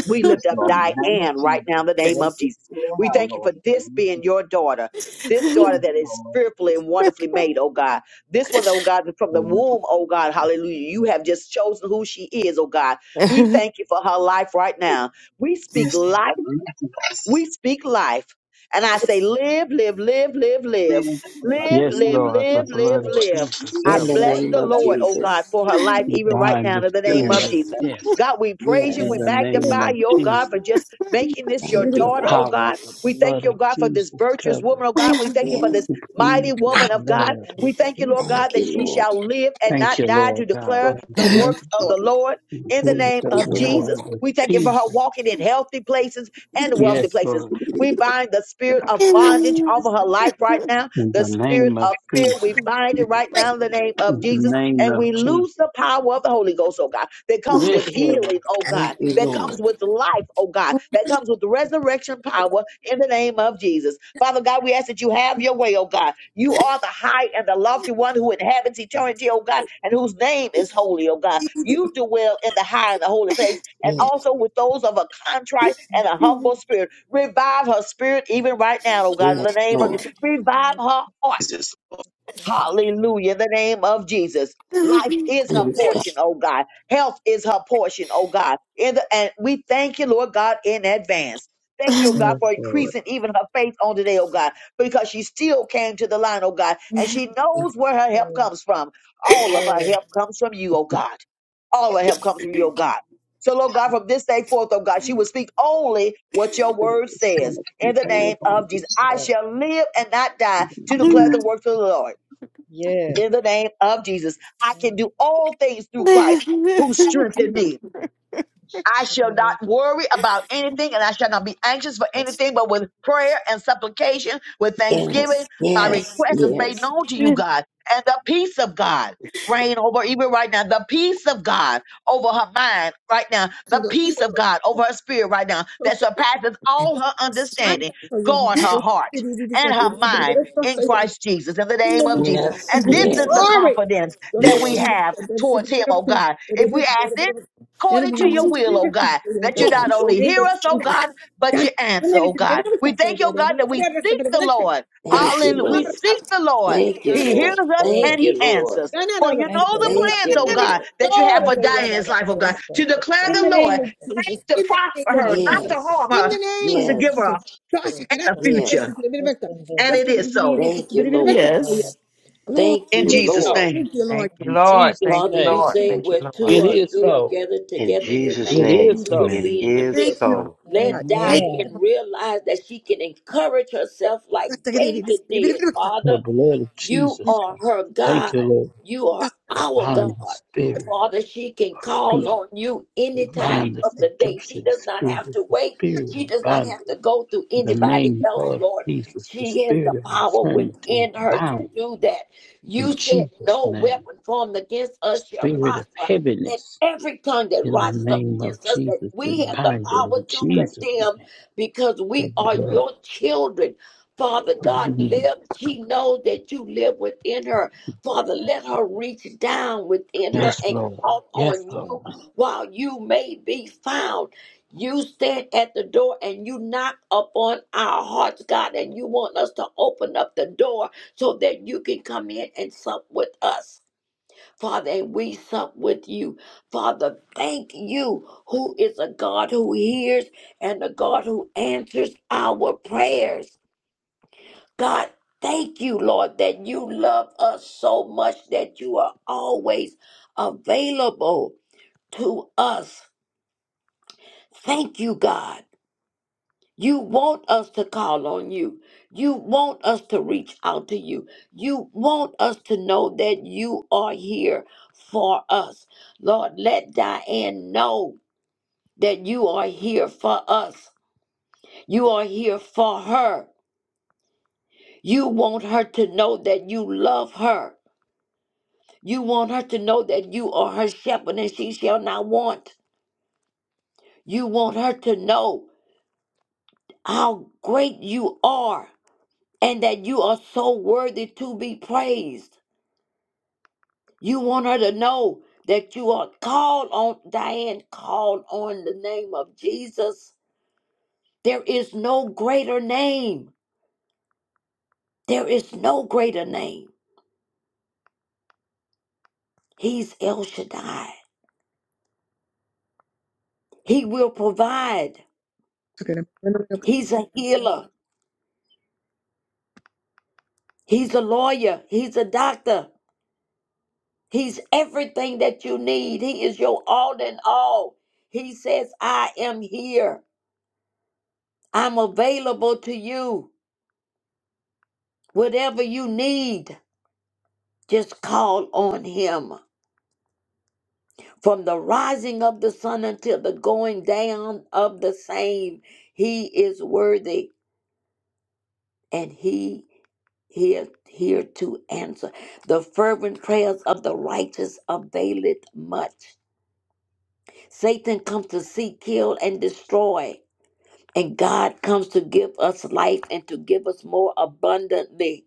S5: We lift up Diane right now in the name of Jesus. We thank you for this being your daughter, this daughter that is fearfully and wonderfully made, oh God. This one, oh God, from the womb, oh God, hallelujah. You have just chosen who she is, oh God. We thank you for her life right now. We speak life. We speak life. And I say, live, live, live, live, live, live,
S11: Yes,
S5: live,
S11: Lord, the
S5: live, live,
S11: blood of
S5: live.
S11: Jesus
S5: I
S20: you,
S13: In the
S11: covers.
S20: Lord.
S5: bless
S13: name
S5: the
S13: of
S20: Thank
S5: Lord, oh God,
S13: Jesus.
S5: for her life,
S11: We
S5: even right
S11: bind
S5: now,
S11: the
S5: in the
S20: you, Lord. Thank you,
S5: name of
S11: spirit of
S5: Jesus.
S13: Yes,
S11: death
S5: God, we praise you.
S11: in
S5: We
S11: the
S13: yes.
S11: name
S5: magnify
S11: of
S5: you, oh God,
S11: Jesus.
S5: for just making this your
S13: Thank you,
S11: The
S5: daughter, oh
S13: Lord.
S11: power
S5: God.
S11: of the
S5: We thank
S11: blood
S5: you,
S11: of
S5: oh God, for this
S11: Jesus
S5: virtuous
S11: covers.
S5: woman, oh God. We thank you for
S13: Yes.
S5: this
S11: We
S5: mighty
S11: plead the
S5: woman of God.
S11: blood
S16: thank
S11: of
S5: We
S16: you
S5: thank
S16: for
S5: you,
S16: this.
S5: Lord God,
S13: Thank
S11: Jesus.
S5: that
S13: you,
S5: she
S13: Lord.
S5: shall live and
S11: Thank
S5: not
S11: you,
S5: die to
S11: Lord God.
S5: declare
S20: Lord.
S5: the
S1: Yes,
S20: Thank
S5: works of
S1: Lord.
S5: the Lord
S11: We
S5: in the
S11: plead
S5: name
S11: the
S13: Thank
S1: Yes.
S5: of
S13: you, Lord.
S5: Jesus.
S11: blood of
S5: We thank you for her
S11: Jesus.
S5: walking in healthy places and wealthy
S11: Yes,
S5: places.
S11: Lord.
S5: We bind the spirit of bondage over her life right now,
S11: In
S5: the
S11: the
S5: spirit
S11: name of
S5: of fear. We
S11: Jesus.
S16: Yeah.
S5: bind it right now in the name of
S11: In the
S5: Jesus
S11: name
S5: and
S11: of
S5: we
S11: Jesus.
S5: lose the power of the Holy Ghost, oh God, that comes with
S11: Yes, Lord.
S5: healing, oh God,
S13: Thank you,
S5: that
S13: Lord.
S5: comes with life, oh God, that comes with resurrection power in the name of Jesus. Father God, we ask that you have your way, oh God. You are the high and the lofty one who inhabits eternity, oh God, and whose name is holy, oh God.
S1: Thank
S5: You dwell in the high and the holy place, and
S13: Yes,
S5: also with those of a contrite and a humble spirit. Revive her spirit even right now, oh God, in the
S13: yes,
S5: name of Jesus.
S13: Lord.
S5: Revive her heart
S20: you,
S16: Yeah.
S5: Hallelujah. In the name of Jesus. Life is her
S13: Please, God.
S5: portion, oh God. Health is her portion, oh God. In the, and we thank you, Lord God, in advance. Thank you, oh God, for
S20: Jesus.
S5: increasing even her faith on today, oh God, because she still came to the line, oh God, and she knows where her help comes from. All of her
S16: Yeah.
S5: help comes from you, oh God. All of her help
S16: Yeah.
S5: comes from you, oh God. So, Lord God, from this day forth, oh God, she will speak only what your word says. In the name of Jesus, I
S16: Yeah.
S5: shall live and not die to declare the works of the Lord
S16: Yes.
S5: in the name of Jesus. I can do
S16: Yes.
S5: all things through Christ who strengthened me. I shall not worry about anything and I shall not be anxious for anything, but with prayer and supplication, with thanksgiving,
S13: Yes,
S5: my
S13: yes,
S5: request is made
S13: yes.
S5: known to you, God. And the peace of God reign over even right now. The peace of God over her mind right now. The
S1: you,
S5: peace of God over her spirit right now
S1: Lord.
S5: that surpasses all her
S1: I am
S5: understanding.
S1: for your hand.
S5: Guard her
S1: We're
S5: heart
S1: pretty, we just
S5: and
S1: got to do
S5: her
S1: it.
S5: mind
S1: Let's just
S5: in
S1: say that
S5: Christ Jesus in the
S1: In
S5: name
S1: the
S5: of
S1: name of
S5: Jesus.
S13: Yes,
S5: And
S1: Jesus.
S5: this is the
S13: yes,
S1: Glory.
S5: confidence
S1: Just
S5: that
S1: like we
S5: we
S13: yes,
S1: did,
S5: have
S1: and then she
S5: towards
S1: began
S5: him,
S1: to
S5: oh
S1: pray.
S5: God.
S1: And it
S5: If we
S1: is, and it is,
S5: ask
S1: and it
S5: according to
S1: is, and it
S5: your
S1: is,
S5: will,
S1: and
S5: oh
S1: it
S5: God,
S1: is, and it is,
S5: that you
S1: God,
S5: not
S1: in
S13: yes.
S1: the
S5: only
S1: name
S5: hear
S1: of
S5: us, oh
S1: Jesus.
S5: God, but
S1: God,
S5: you
S1: and
S5: answer, oh
S1: it is, and
S5: God.
S1: it is,
S5: We
S1: and it is, and it
S5: thank you,
S1: is,
S5: oh God, that we seek
S1: and it is, and it is,
S5: the
S1: and it is.
S5: Lord.
S1: That's
S13: Thank you,
S5: Hallelujah. We
S1: right.
S13: Lord.
S5: seek the Lord.
S13: Thank
S1: God,
S13: you,
S5: He
S1: in the-
S5: hears
S13: Lord.
S5: us and
S13: Thank
S5: he
S13: you, Lord.
S5: answers.
S1: God, in the- God, in the-
S5: For you
S16: Thank
S5: know
S1: God, in
S16: you,
S5: the
S16: Lord.
S13: Thank
S5: plans,
S13: you,
S5: oh God,
S13: Lord.
S5: that you have
S16: Thank
S5: for
S1: the-
S16: you.
S1: God, in
S5: Diane's life, oh
S1: the-
S5: God,
S16: Yes, sir.
S5: to
S16: That's
S5: declare
S16: going
S1: in
S16: to
S5: the
S1: the name
S5: Lord,
S1: of
S16: perfect.
S1: Jesus.
S16: Lord.
S5: plans to
S1: In the
S5: prosper
S1: name of
S5: her,
S16: Yes,
S5: not
S1: Jesus.
S16: sir.
S5: to
S13: Yes,
S5: harm
S16: Yes,
S1: In
S5: her,
S1: the
S16: sir.
S1: name of
S5: to give her
S13: yes,
S1: Jesus.
S5: a
S1: Tasha
S16: Yes,
S1: kara-
S5: better
S16: sir.
S1: yes,
S13: yes.
S1: it's
S5: future.
S1: a bit
S16: Yes, sir.
S5: And
S1: Tasha
S5: it is
S16: Yes,
S5: so
S1: kara- it's
S13: Thank
S1: a
S13: you,
S1: bit of
S13: Lord.
S1: Oh, yes.
S22: Yes.
S16: Yes,
S1: Lord,
S13: Thank
S11: It
S5: in
S13: you,
S11: is
S5: Jesus'
S13: Lord.
S11: so.
S5: name.
S1: thank you,
S2: Thank
S1: Lord.
S16: sir.
S2: you,
S11: In
S2: Lord.
S11: Jesus'
S2: Thank
S13: Father,
S2: you,
S13: you
S11: name.
S2: Lord.
S13: say
S2: Thank you,
S13: where two
S2: Lord.
S11: It
S13: or
S1: Thank
S11: is
S13: three are
S11: so.
S13: gathered
S17: In
S13: together in your
S17: Jesus'
S11: It
S13: name,
S1: you,
S17: name,
S11: is
S13: that you
S1: Lord.
S11: so.
S13: would
S7: Amen.
S17: it
S13: be in the
S17: is
S13: midst.
S1: Thank you.
S2: Lord,
S17: so.
S2: In the
S13: Let
S1: Tasha
S2: name
S13: Diane
S16: Amen.
S13: realize that she can encourage herself like
S1: kara- it's
S13: David
S1: a bit of
S13: did,
S1: a- Tasha
S13: Father.
S11: The blood of
S13: You
S11: Jesus
S13: are
S11: comes.
S13: her
S11: Thank
S13: God.
S11: you, Lord.
S13: You are
S1: kara-
S13: our God.
S11: Bind the spirit.
S13: Father, she can call
S11: Speak.
S13: on you any time
S11: Bind the
S13: of the day. She
S11: seducing
S13: does not have
S11: spirit.
S13: to
S11: The
S13: wait.
S11: spirit
S13: She
S11: of
S13: does not
S11: bondage.
S13: have to go through
S11: In the
S13: anybody
S11: name
S13: else,
S11: of
S13: Lord.
S11: Jesus, the
S13: She has the
S11: spirit of
S13: power
S11: infirmity is
S13: within her to
S11: bound
S13: do that. You
S11: in
S13: said,
S11: Jesus'
S13: No
S11: name.
S13: weapon formed against
S11: The
S13: us shall
S11: spirit of
S13: prosper. And
S11: heaviness
S13: every tongue that
S11: in the
S13: rises up
S11: name of
S13: against us, that
S11: Jesus, we
S13: we have the
S11: bind it
S13: power
S11: in
S13: to
S11: Jesus' name.
S13: condemn because
S11: The
S13: we are
S11: blood
S13: your children. Father God,
S11: of Jesus.
S13: live. She knows that you live within her. Father, let her reach down within her
S11: Yes,
S13: and
S11: Lord.
S13: call
S11: Yes,
S13: on
S11: Lord.
S13: you while you may be found. You stand at the door and you knock upon our hearts, God, and you want us to open up the door so that you can come in and sup with us. Father, and we sup with you. Father, thank you, who is a God who hears and a God who answers our prayers. God, thank you, Lord, that you love us so much that you are always available to us. Thank you, God. You want us to call on you. You want us to reach out to you. You want us to know that you are here for us. Lord, let Diane know that you are here for us. You are here for her. You want her to know that you love her. You want her to know that you are her shepherd and she shall not want. You want her to know how great you are and that you are so worthy to be praised. You want her to know that you are called on, Diane, called on the name of Jesus. There is no greater name. There is no greater name. He's El Shaddai. He will provide. He's a healer. He's a lawyer. He's a doctor. He's everything that you need. He is your all in all. He says, I am here. I'm available to you. Whatever you need, just call on him. From the rising of the sun until the going down of the same, he is worthy and he is here to answer. The fervent prayers of the righteous availeth much. Satan comes to seek, kill, and destroy. And God comes to give us life and to give us more abundantly.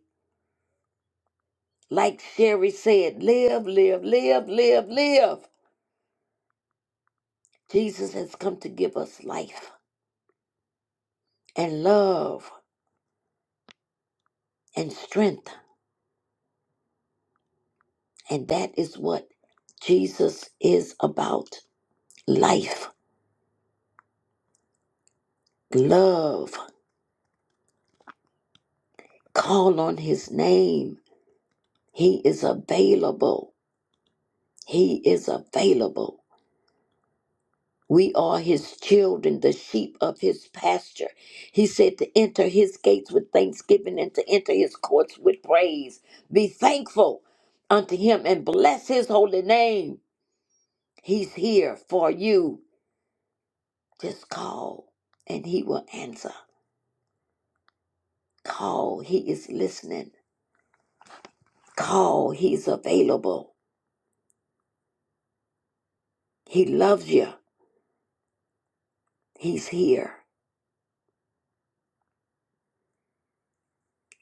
S13: Like Sherry said, live, live, live, live, live. Jesus has come to give us life and love and strength. And that is what Jesus is about life, love. Call on his name. He is available. He is available. We are his children, the sheep of his pasture. He said to enter his gates with thanksgiving and to enter his courts with praise. Be thankful unto him and bless his holy name. He's here for you. Just call and he will answer. Call, he is listening. Call, he's available. He loves you. He's here.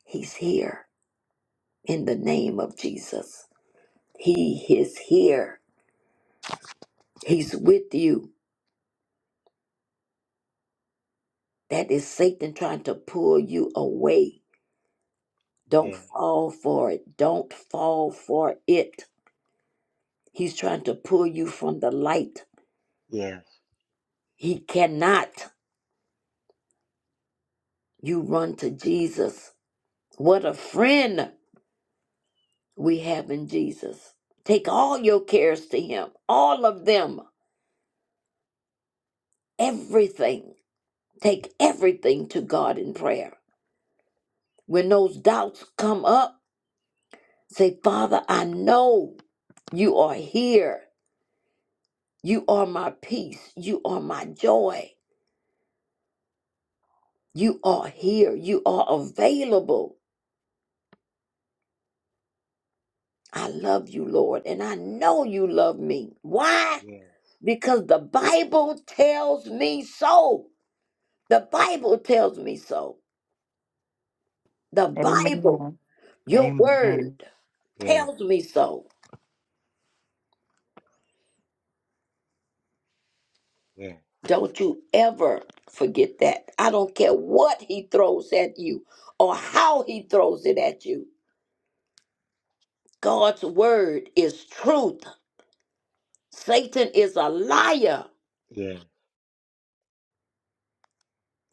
S13: He's here in the name of Jesus. He is here. He's with you. That is Satan trying to pull you away. Don't
S17: Yes,
S13: fall for it. Don't fall for it. He's trying to pull you from the light.
S17: yes,
S13: He cannot. You run to Jesus. What a friend we have in Jesus. Take all your cares to Him, all of them, everything. Take everything to God in prayer. When those doubts come up, say, Father, I know you are here. You are my peace. You are my joy. You are here. You are available. I love you, Lord, and I know you love me. Why?
S17: yes,
S13: Because the Bible tells me so. The Bible tells me so. The Bible,
S2: Amen.
S13: your
S2: Amen. Amen.
S13: word,
S17: yes,
S13: tells me so.
S17: yes,
S13: Don't you ever forget that. I don't care what he throws at you or how he throws it at you. God's word is truth. Satan is a liar.
S17: yes,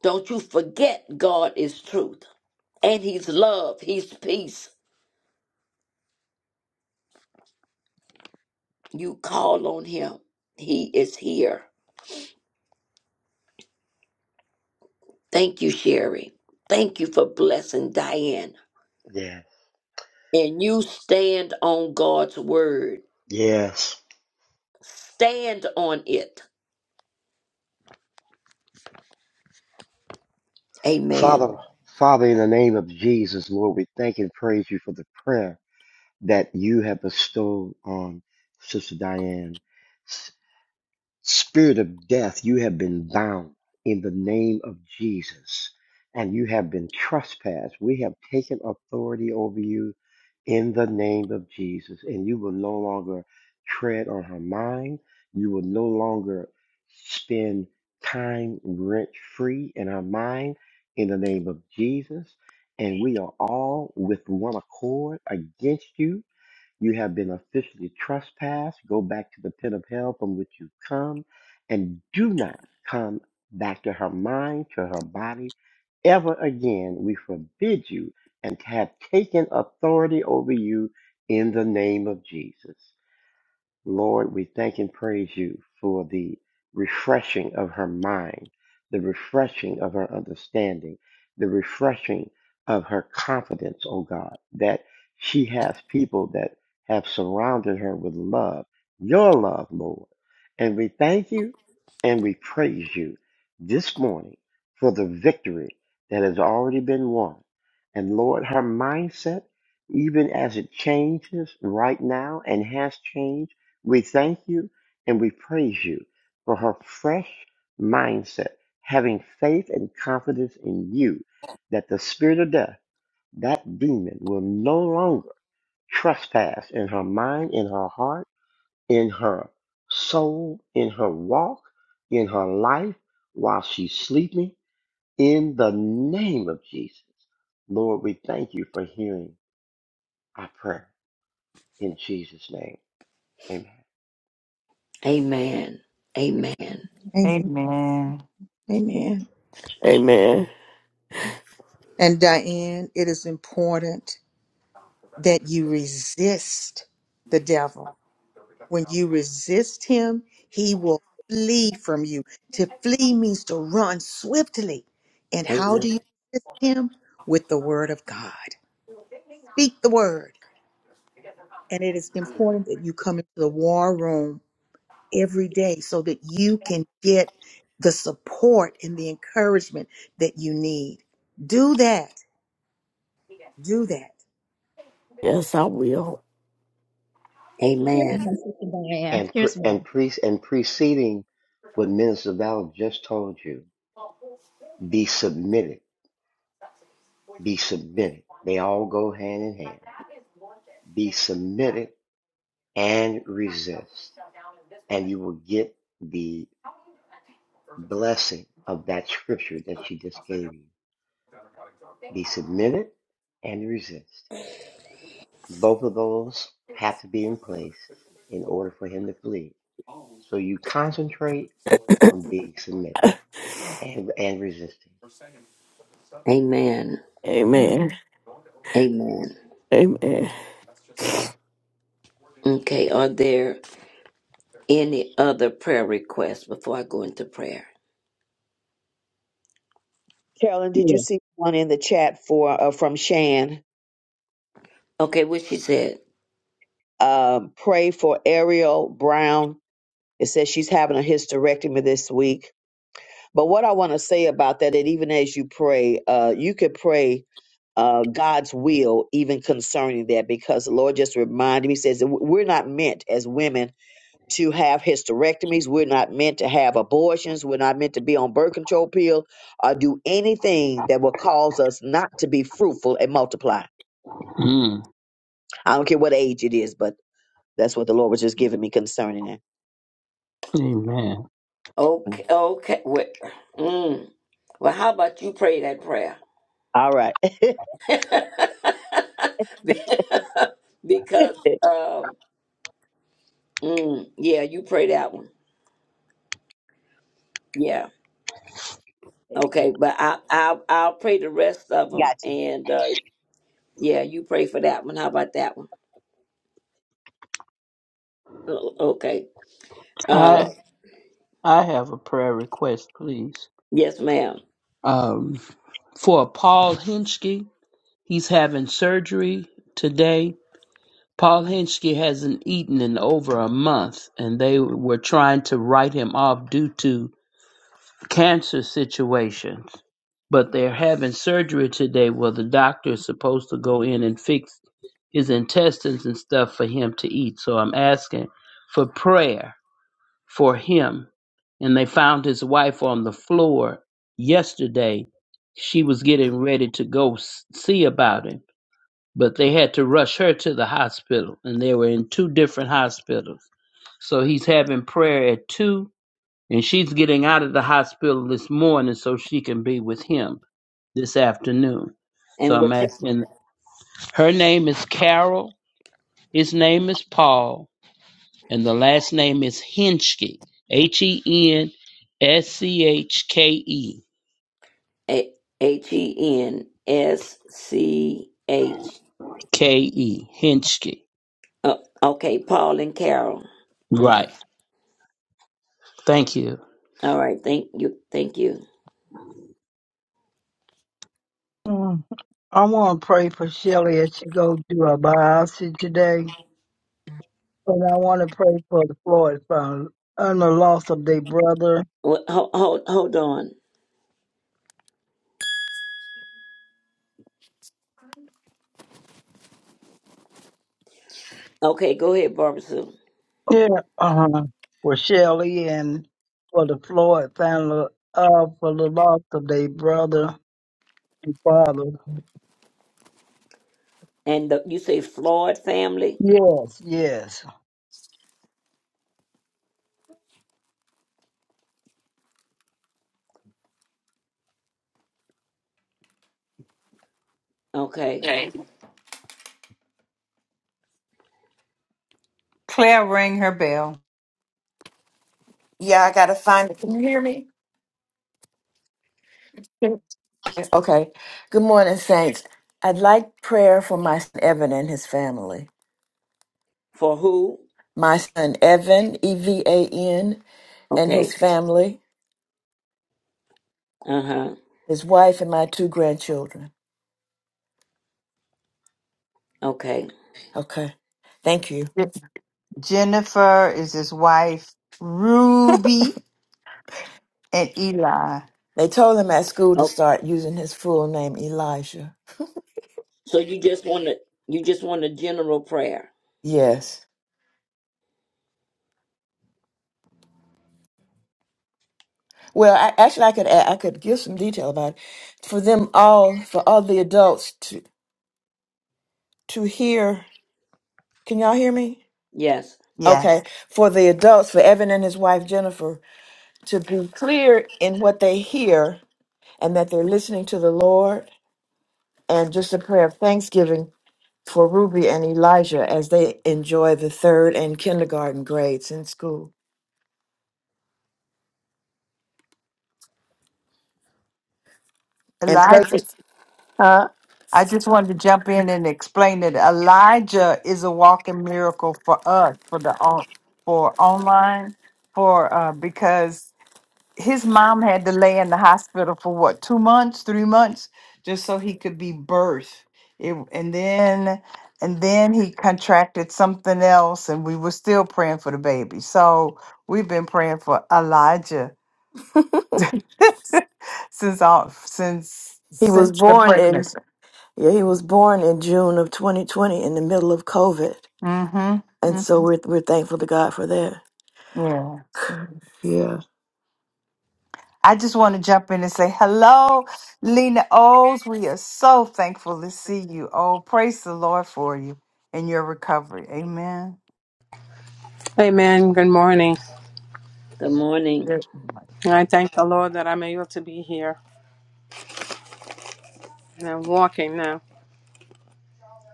S13: Don't you forget God is truth and He's love, He's peace. You call on Him, He is here. Thank you, Sherry. Thank you for blessing Diane.
S17: yes,
S13: And you stand on God's word,
S17: yes.
S13: stand on it. Amen.
S17: Father, Father, in the name of Jesus, Lord, we thank and praise you for the prayer that you have bestowed on Sister Diane. Spirit of death, you have been bound in the name of Jesus, and you have been trespassed. We have taken authority over you in the name of Jesus, and you will no longer tread on her mind. You will no longer spend time rent free in her mind in the name of Jesus. And we are all with one accord against you you have been officially trespassed. Go back to the pit of hell from which you come, and do not come back to her mind, to her body, ever again. We forbid you and have taken authority over you in the name of Jesus. Lord, we thank and praise you for the refreshing of her mind, the refreshing of her understanding, the refreshing of her confidence, oh God, that she has people that have surrounded her with love, your love, Lord. And we thank you and we praise you this morning for the victory that has already been won. And Lord, her mindset, even as it changes right now and has changed we thank you and we praise you for her fresh mindset, having faith and confidence in you that the spirit of death, that demon, will no longer trespass in her mind, in her heart, in her soul, in her walk, in her life while she's sleeping. In the name of Jesus, Lord, we thank you for hearing our prayer. In Jesus' name, amen.
S13: Amen. Amen.
S1: Amen.
S2: Amen.
S1: Amen.
S22: Amen.
S1: And Diane, it is important that you resist the devil When you resist him, he will flee from you. To flee means to run swiftly. And how do
S13: Amen.
S1: you resist him? With the word of God. Speak the word. And it is important that you come into the war room every day so that you can get the support and the encouragement that you need. Do that. Do that.
S22: Yes, I will.
S16: Here's my
S13: Amen.
S16: sister Diane.
S17: And pre-
S16: Here's
S17: and
S16: one.
S17: pre- and preceding what Minister Val just told you, be submitted. Be submitted. They all go hand in hand. Be submitted and resist, and you will get the blessing of that scripture that she just gave you. Be submitted and resist. Both of those have to be in place in order for him to flee. So you concentrate on being submitted and and resisting.
S13: Amen.
S1: Amen.
S22: Amen.
S13: Amen.
S22: Amen.
S13: Okay, are there any other prayer requests before I go into prayer?
S5: Carolyn, did you
S11: Yeah.
S5: see one in the chat for uh, from Shan?
S13: Okay, what she said.
S5: Um, pray for Ariel Brown It says she's having a hysterectomy this week. But what I want to say about that, that even as you pray, uh, you could pray uh, God's will even concerning that, because the Lord just reminded me, says that we're not meant as women to have hysterectomies. We're not meant to have abortions. We're not meant to be on birth control pill or do anything that will cause us not to be fruitful and multiply.
S11: Mm.
S5: I don't care what age it is, but that's what the Lord was just giving me concerning that.
S11: Amen.
S13: Okay, okay. Well, mm, well how about you pray that prayer?
S5: All right. Got
S13: because, um, mm, yeah, you pray that one. Yeah. Okay, but I, I, I'll pray the rest of them.
S5: you.
S13: And, uh, yeah, you pray for that one. How about that one? O- Okay.
S11: I
S13: Uh,
S11: I have a prayer request, please.
S13: yes, ma'am.
S11: Um, for Paul Hinchke, he's having surgery today Paul Hinchey hasn't eaten in over a month, and they were trying to write him off due to cancer situations. But they're having surgery today where the doctor is supposed to go in and fix his intestines and stuff for him to eat. So I'm asking for prayer for him. And they found his wife on the floor yesterday. She was getting ready to go s- see about him but they had to rush her to the hospital and they were in two different hospitals so he's having prayer at two and she's getting out of the hospital this morning so she can be with him this afternoon so
S13: And
S11: i'm
S13: what's
S11: asking her name is carol his name is paul and the last name is henschke h-e-n-s-c-h-k-e
S13: A- H-E-N-S-C-H?
S11: k-e henschke
S13: Uh, okay, Paul and Carol. Mm.
S11: right thank you
S13: All right, thank you, thank you.
S6: Mm. I want to pray for Shelley as she goes through her biopsy today, and I want to pray for the Floyd family and the loss of their brother.
S13: Well, hold, hold, hold on. Okay, go ahead, Barbara Sue.
S6: Yeah, uh-huh. for Shelley and for the Floyd family, uh, for the loss of their brother. Father.
S13: And the, you say Floyd family.
S6: Yes, yes.
S13: Okay,
S2: Claire rang her bell.
S12: Yeah, I gotta find it. Can you hear me? Okay. Good morning, Saints. I'd like prayer for my son Evan and his family.
S13: for who?
S12: My son Evan, E V A N, and his
S13: Okay,
S12: family,
S13: uh huh.
S12: his wife, and my two grandchildren.
S13: Okay.
S12: Okay. Thank you.
S2: Je- Jennifer is his wife, Ruby and Eli.
S12: They told him at school to
S13: Oh,
S12: start using his full name, Elijah.
S13: so you just want to you just want a general prayer?
S12: Yes. Well, I, actually, I could add, I could give some detail about it. for them all, for all the adults to to hear. Can y'all hear me?
S13: Yes.
S12: Okay,
S2: Yes.
S12: for the adults, for Evan and his wife Jennifer, to be clear in what they hear and that they're listening to the Lord, and just a prayer of thanksgiving for Ruby and Elijah as they enjoy the third and kindergarten grades in school. And pray for-
S2: Elijah, I just wanted to jump in and explain that Elijah is a walking miracle for us, for the on, for online, for uh, because his mom had to lay in the hospital for what two months, three months, just so he could be birthed. It, and then and then he contracted something else, and we were still praying for the baby. So we've been praying for Elijah since all since
S12: he was
S2: since the
S12: born in
S2: pregnancy.
S12: yeah, he was born in June of 2020 in the middle of COVID,
S2: Mm-hmm.
S12: and so
S2: mm-hmm.
S12: we're we're thankful to God for that.
S2: Yeah. see.
S12: Yeah.
S2: I just want to jump in and say hello, Lena O's. We are so thankful to see you. Oh, praise the Lord for you and your recovery. Amen.
S23: Amen. Good morning.
S13: Good morning.
S2: Yes,
S23: And I thank the Lord that I'm able to be here and I'm walking now.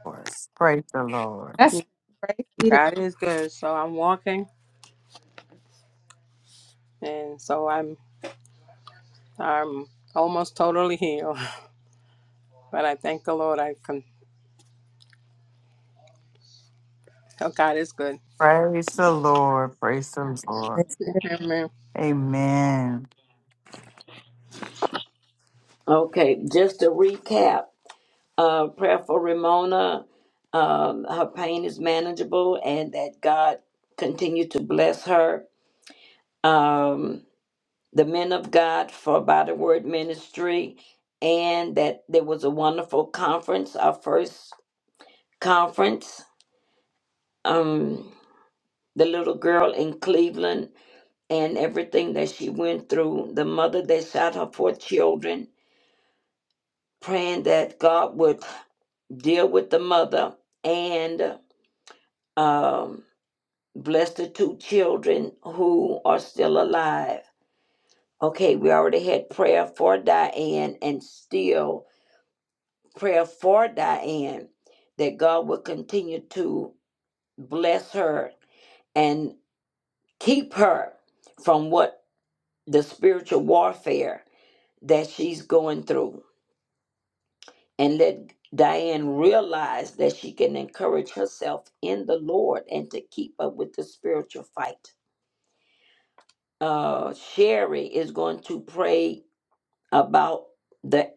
S2: Lord. Praise the Lord.
S1: That's praise be to
S23: God is good. So I'm walking and so I'm I'm almost totally healed. But I thank the Lord I can oh God is good.
S2: Praise the Lord. Praise the Lord.
S1: God.
S23: Amen.
S2: Amen.
S13: Okay, just to recap, uh, prayer for Ramona. Um, her pain is manageable, and that God continue to bless her. Um, the men of God for By the Word Ministry, and that there was a wonderful conference, our first conference. Um, the little girl in Cleveland and everything that she went through, the mother that shot her four children, praying that God would deal with the mother and um, bless the two children who are still alive. Okay, we already had prayer for Diane, and still prayer for Diane that God will continue to bless her and keep her from what the spiritual warfare that she's going through and let Diane realize that she can encourage herself in the Lord and to keep up with the spiritual fight. Uh, Sherry is going to pray about the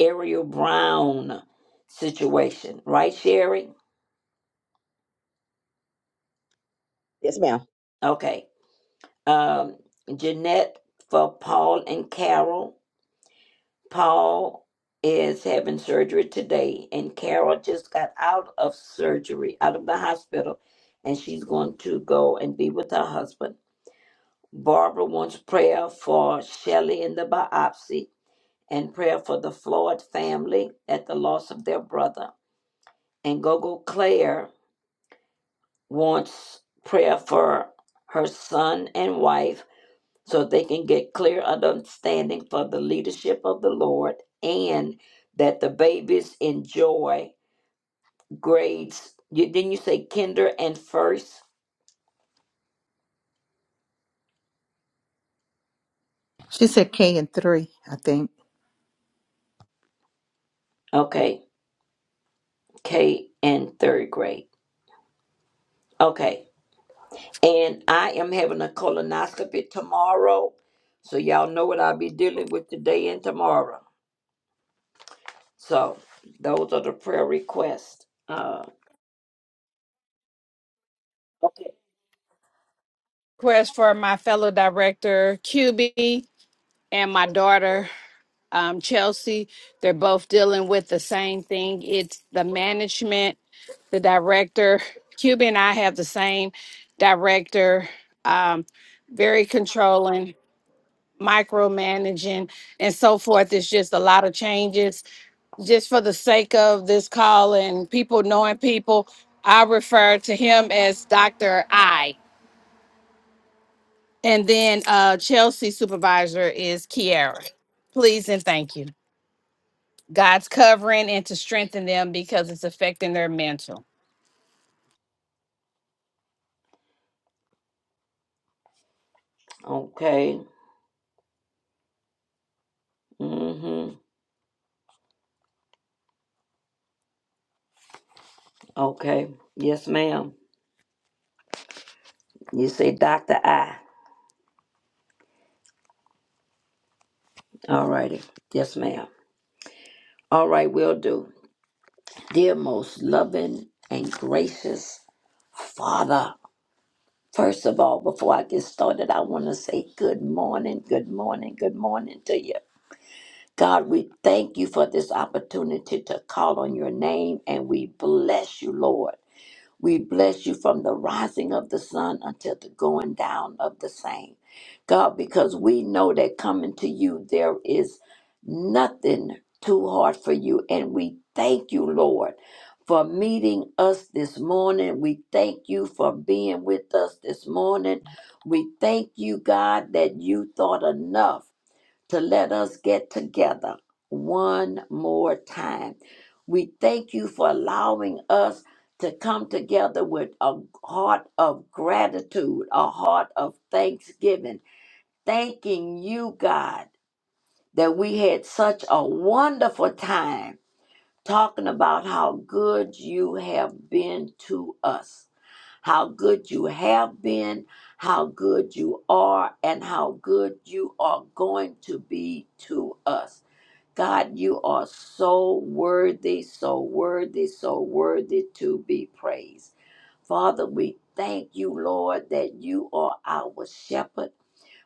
S13: Ariel Brown situation, right, Sherry?
S5: Yes, ma'am.
S13: Okay. um, Jeanette for Paul and Carol. Paul is having surgery today, and Carol just got out of surgery, out of the hospital, and she's going to go and be with her husband. Barbara wants prayer for Shelley in the biopsy and prayer for the Floyd family at the loss of their brother. And Gogo Claire wants prayer for her son and wife so they can get clear understanding for the leadership of the Lord and that the babies enjoy grades. You, didn't you say kinder and first?
S1: She said K and three, I think.
S13: Okay, K and third grade. Okay, and I am having a colonoscopy tomorrow, so y'all know what I'll be dealing with today and tomorrow. So those are the prayer requests. Uh, okay.
S24: request for my fellow director QB and my daughter um, Chelsea. They're both dealing with the same thing. It's the management, the director. QB and I have the same director, um, very controlling, micromanaging, and so forth. It's just a lot of changes. Just for the sake of this call and people knowing people, I refer to him as Dr. I. And then uh, Chelsea supervisor is Kiara. Please and thank you. God's covering and to strengthen them because it's affecting their mental.
S13: Okay. Mm-hmm. Okay. Yes, ma'am. You say Dr. I. All righty. Yes, ma'am. All right, will do. Dear most loving and gracious Father, first of all, before I get started, I want to say good morning, good morning, good morning to you. God, we thank you for this opportunity to call on your name and we bless you, Lord. We bless you from the rising of the sun until the going down of the same. God, because we know that coming to you, there is nothing too hard for you. And we thank you, Lord, for meeting us this morning. We thank you for being with us this morning. We thank you, God, that you thought enough to let us get together one more time. We thank you for allowing us to come together with a heart of gratitude, a heart of thanksgiving, thanking you, God, that we had such a wonderful time talking about how good you have been to us, how good you have been, how good you are, and how good you are going to be to us. God, you are so worthy, so worthy, so worthy to be praised. Father, we thank you, Lord, that you are our shepherd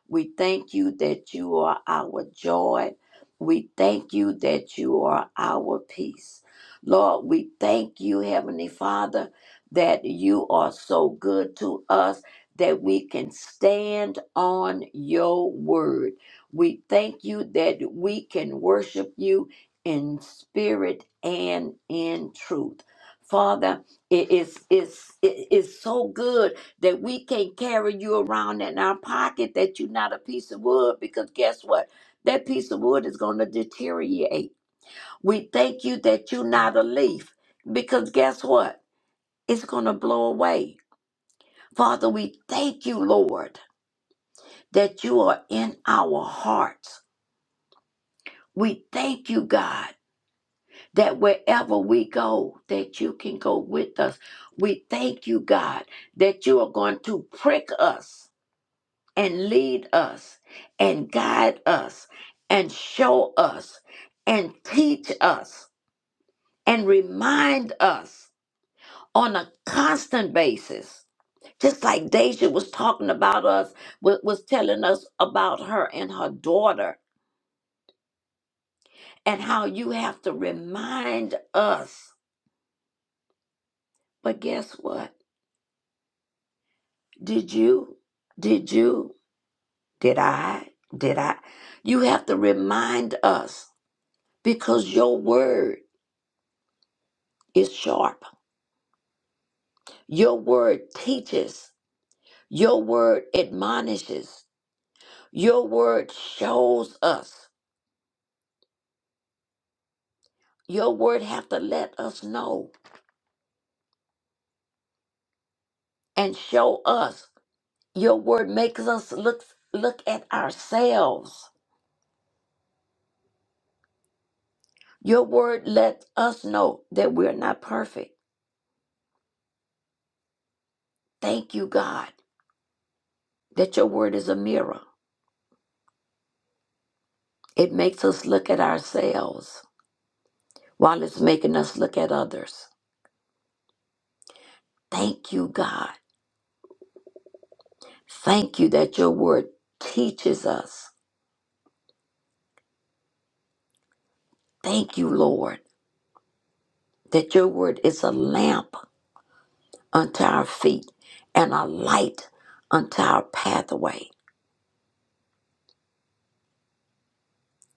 S13: we thank you that you are our joy. We thank you that you are our peace. Lord, we thank you, Heavenly Father, that you are so good to us that we can stand on your word. We thank you that we can worship you in spirit and in truth. Father, it is it's, it is so good that we can't carry you around in our pocket, that you're not a piece of wood, because guess what? That piece of wood is going to deteriorate. We thank you that you're not a leaf, because guess what? It's going to blow away. Father, we thank you, Lord, that you are in our hearts. We thank you, God, that wherever we go, that you can go with us. We thank you, God, that you are going to prick us and lead us and guide us and show us and teach us and remind us on a constant basis. Just like Deja was talking about us, wa- was telling us about her and her daughter and how you have to remind us. But guess what? Did you? Did you? Did I? Did I? You have to remind us because your word is sharp Your word teaches, your word admonishes, your word shows us. Your word have to let us know and show us. Your word makes us look look at ourselves. Your word lets us know that we're not perfect. Thank you, God, that your word is a mirror. It makes us look at ourselves while it's making us look at others. Thank you, God. Thank you that your word teaches us Thank you, Lord, that your word is a lamp unto our feet and a light unto our pathway.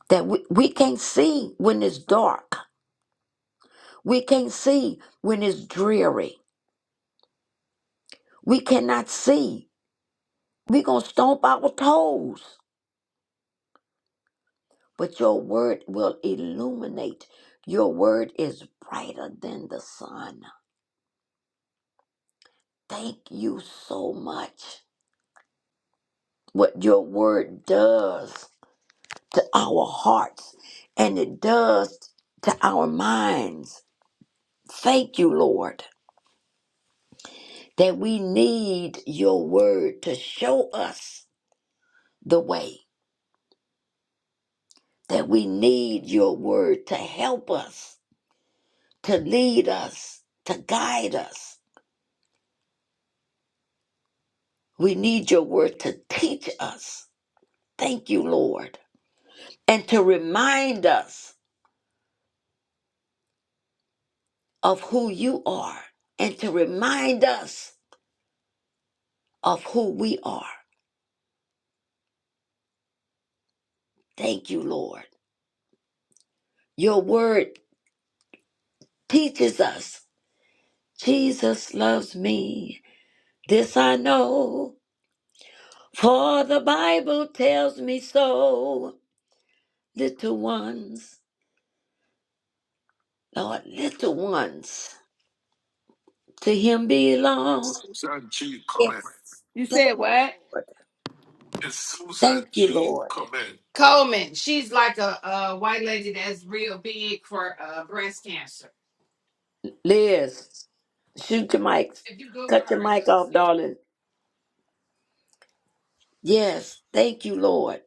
S13: That we, we can't see when it's dark. We can't see when it's dreary. We cannot see. We're going to stomp our toes. But your word will illuminate. Your word is brighter than the sun. Thank you so much. What your word does to our hearts and it does to our minds. Thank you, Lord, that we need your word to show us the way, that we need your word to help us, to lead us, to guide us. We need your word to teach us. Thank you, Lord, and to remind us of who you are and to remind us of who we are. Thank you, Lord. Your word teaches us Jesus loves me. This I know, for the Bible tells me so. Little ones, Lord, little ones, to Him belong. Yes,
S24: You
S13: thank
S24: said what?
S13: you, Lord. Thank you, Lord.
S24: Coleman, she's like a, a white lady that's real big for uh, breast cancer.
S13: Liz, shoot your mic.
S24: If you Google
S13: Cut your
S24: her, you
S13: mic
S24: can
S13: off,
S24: see.
S13: darling. Yes, thank you, Lord.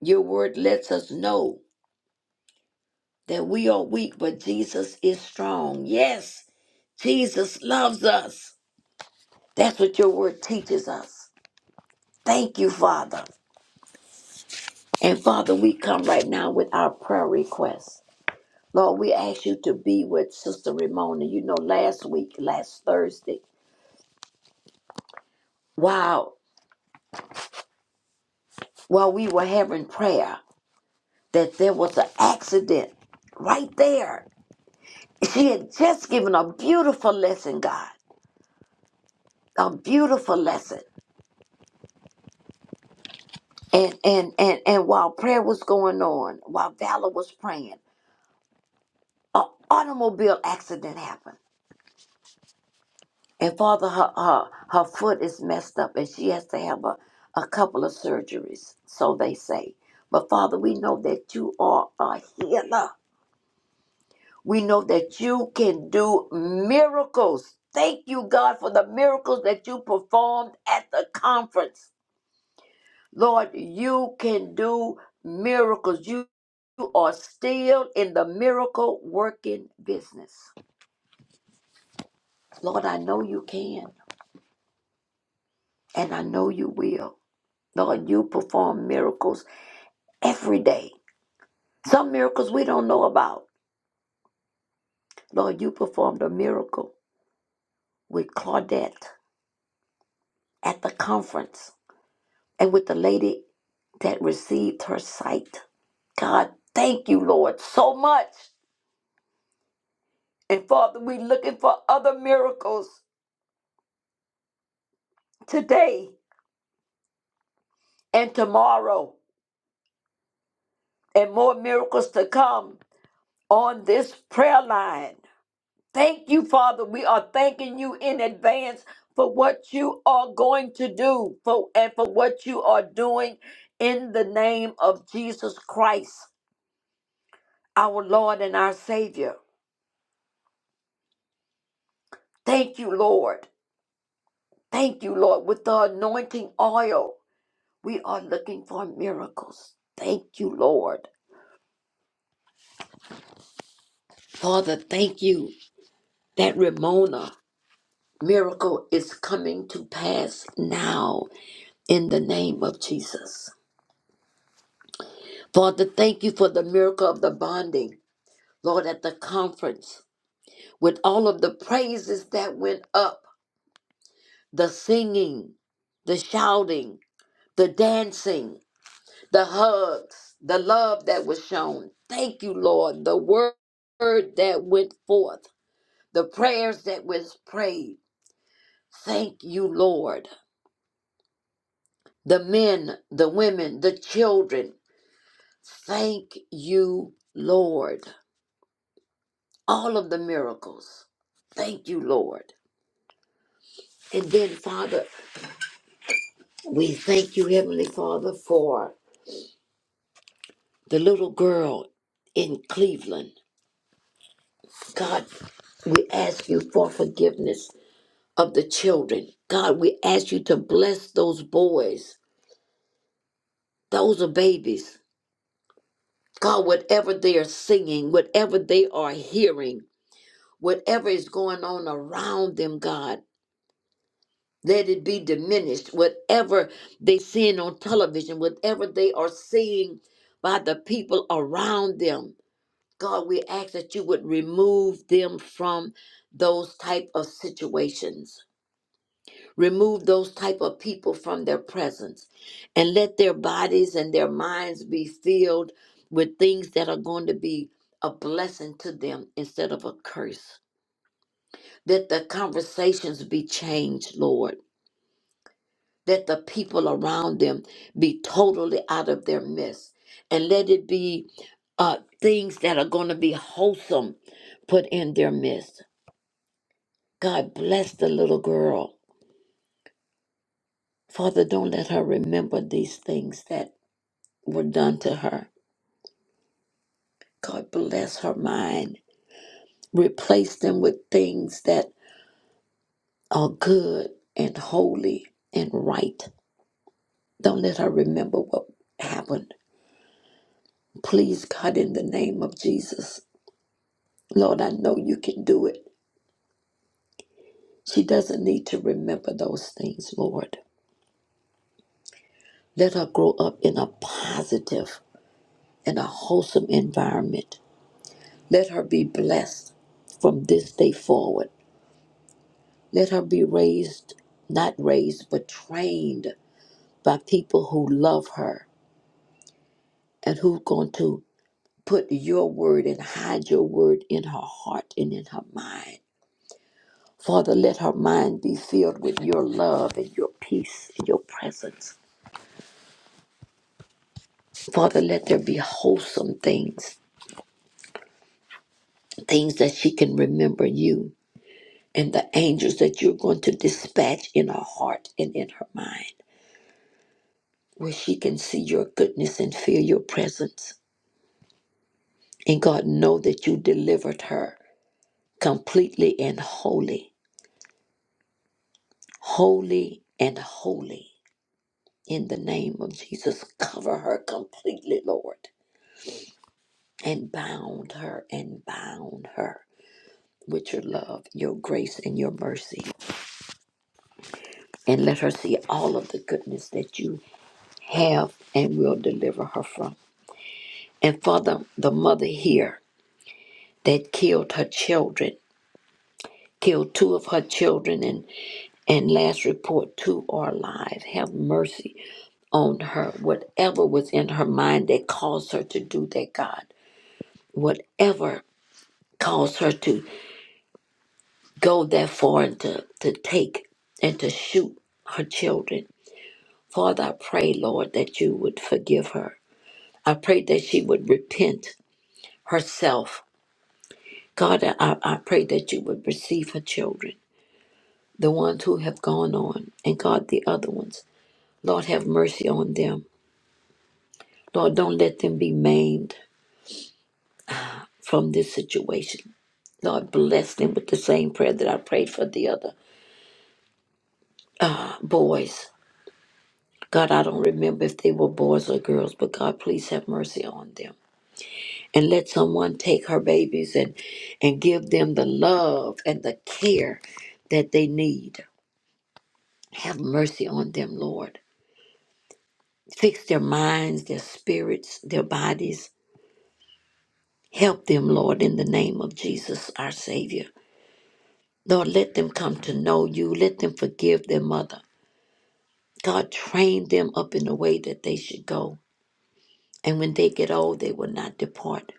S13: Your word lets us know that we are weak, but Jesus is strong. Yes, Jesus loves us. That's what your word teaches us. Thank you, Father. And Father, we come right now with our prayer requests. Lord, we ask you to be with Sister Ramona. You know, last week, last Thursday, while while we were having prayer, that there was an accident right there. She had just given a beautiful lesson, God. A beautiful lesson. And and and and while prayer was going on, while Valor was praying, an automobile accident happened And Father, her, her, her foot is messed up and she has to have a, a couple of surgeries, so they say. But Father, we know that you are a healer. We know that you can do miracles. Thank you, God, for the miracles that you performed at the conference. Lord, you can do miracles. You you are still in the miracle working business. Lord, I know you can and I know you will. Lord, you perform miracles every day. Some miracles we don't know about. Lord, you performed a miracle with Claudette at the conference and with the lady that received her sight. God, thank you, Lord, so much. And Father, we're looking for other miracles today and tomorrow and more miracles to come on this prayer line. Thank you, Father. We are thanking you in advance for what you are going to do for, and for what you are doing in the name of Jesus Christ, our Lord and our Savior. Thank you, Lord. Thank you, Lord. With the anointing oil, we are looking for miracles. Thank you, Lord. Father, thank you that Ramona miracle is coming to pass now in the name of Jesus. Father, thank you for the miracle of the bonding, Lord, at the conference, with all of the praises that went up the singing, the shouting, the dancing, the hugs, the love that was shown. Thank you, Lord, the word that went forth, the prayers that was prayed. Thank you, Lord. The men, the women, the children. Thank you, Lord. all of the miracles. Thank you, Lord. And then, Father, we thank you, Heavenly Father, for the little girl in Cleveland. God, we ask you for forgiveness of the children. God, we ask you to bless those boys. Those are babies. God, whatever they are singing, whatever they are hearing, whatever is going on around them, God. Let it be diminished. Whatever they seeing on television, whatever they are seeing by the people around them, God, we ask that you would remove them from those type of situations. Remove those type of people from their presence and let their bodies and their minds be filled with things that are going to be a blessing to them instead of a curse. Let the conversations be changed, Lord Let the people around them be totally out of their midst. And let it be uh, things that are going to be wholesome put in their midst. God bless the little girl. Father, don't let her remember these things that were done to her. God bless her mind. Replace them with things that are good and holy and right. Don't let her remember what happened. Please, God, in the name of Jesus. Lord, I know you can do it. She doesn't need to remember those things, Lord. Let her grow up in a positive and a wholesome environment. Let her be blessed from this day forward. Let her be raised, not raised, but trained by people who love her and who are going to put your word and hide your word in her heart and in her mind. Father, let her mind be filled with your love and your peace and your presence. Father, let there be wholesome things, things that she can remember you and the angels that you're going to dispatch in her heart and in her mind, where she can see your goodness and feel your presence. And God, know that you delivered her completely and wholly, holy and holy. In the name of Jesus, cover her completely, Lord, and bound her and bound her with your love, your grace, and your mercy. and let her see all of the goodness that you have and will deliver her from. And Father, the mother here that killed her children, killed two of her children, and, and last report, two are alive. Have mercy on her. Whatever was in her mind that caused her to do that, God, whatever caused her to go that far and to, to take and to shoot her children. Father, I pray, Lord, that you would forgive her I prayed that she would repent herself. God, I, I pray that you would receive her children, the ones who have gone on, and God, the other ones. Lord, have mercy on them. Lord, don't let them be maimed from this situation. Lord, bless them with the same prayer that I prayed for the other boys. God, I don't remember if they were boys or girls, but God, please have mercy on them. And let someone take her babies and, and give them the love and the care that they need. Have mercy on them, Lord. Fix their minds, their spirits, their bodies. Help them, Lord, in the name of Jesus, our Savior. Lord, let them come to know you. Let them forgive their mother. God, train them up in the way that they should go. And when they get old, they will not depart.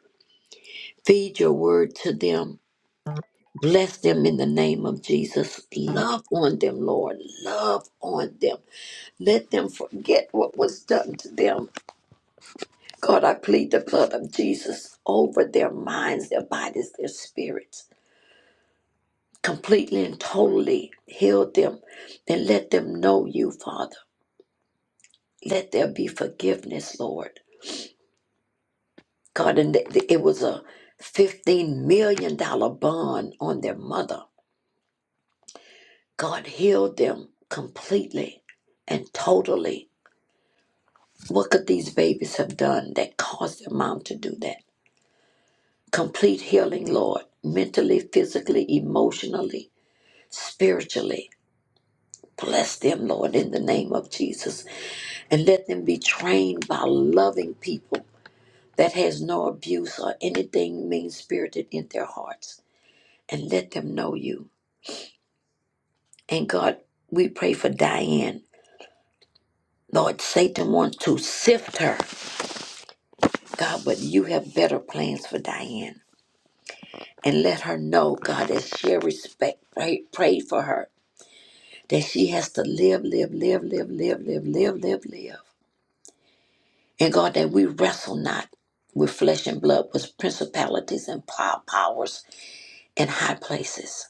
S13: Feed your word to them. Bless them in the name of Jesus. Love on them, Lord. Love on them. Let them forget what was done to them God, I plead the blood of Jesus over their minds, their bodies, their spirits. Completely and totally heal them and let them know you, Father. Let there be forgiveness, Lord. God, and th- th- it was a $15 million dollars bond on their mother. God healed them completely and totally. What could these babies have done that caused their mom to do that? Complete healing, Lord, mentally, physically, emotionally spiritually. Bless them, Lord, in the name of Jesus, and let them be trained by loving people that has no abuse or anything mean spirited in their hearts, and let them know you. And God, we pray for Diane. Lord, Satan wants to sift her, God, but you have better plans for Diane. And let her know, God, that she respect pray, pray for her, that she has to live, live, live, live, live, live, live, live, live And God, that we wrestle not with flesh and blood, but principalities and pow- powers in high places.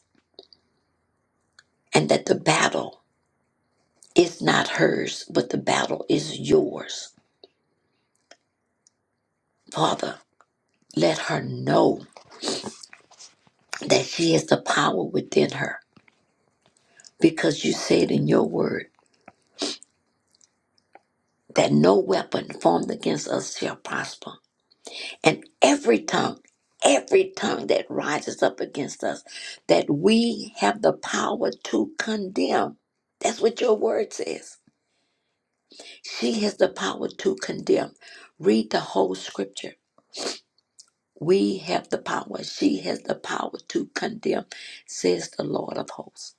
S13: And that the battle is not hers, but the battle is yours. Father, let her know that she has the power within her, because you said in your word that no weapon formed against us shall prosper. and every tongue, every tongue that rises up against us, that we have the power to condemn. That's what your word says. She has the power to condemn. Read the whole scripture. We have the power. She has the power to condemn, says the Lord of hosts.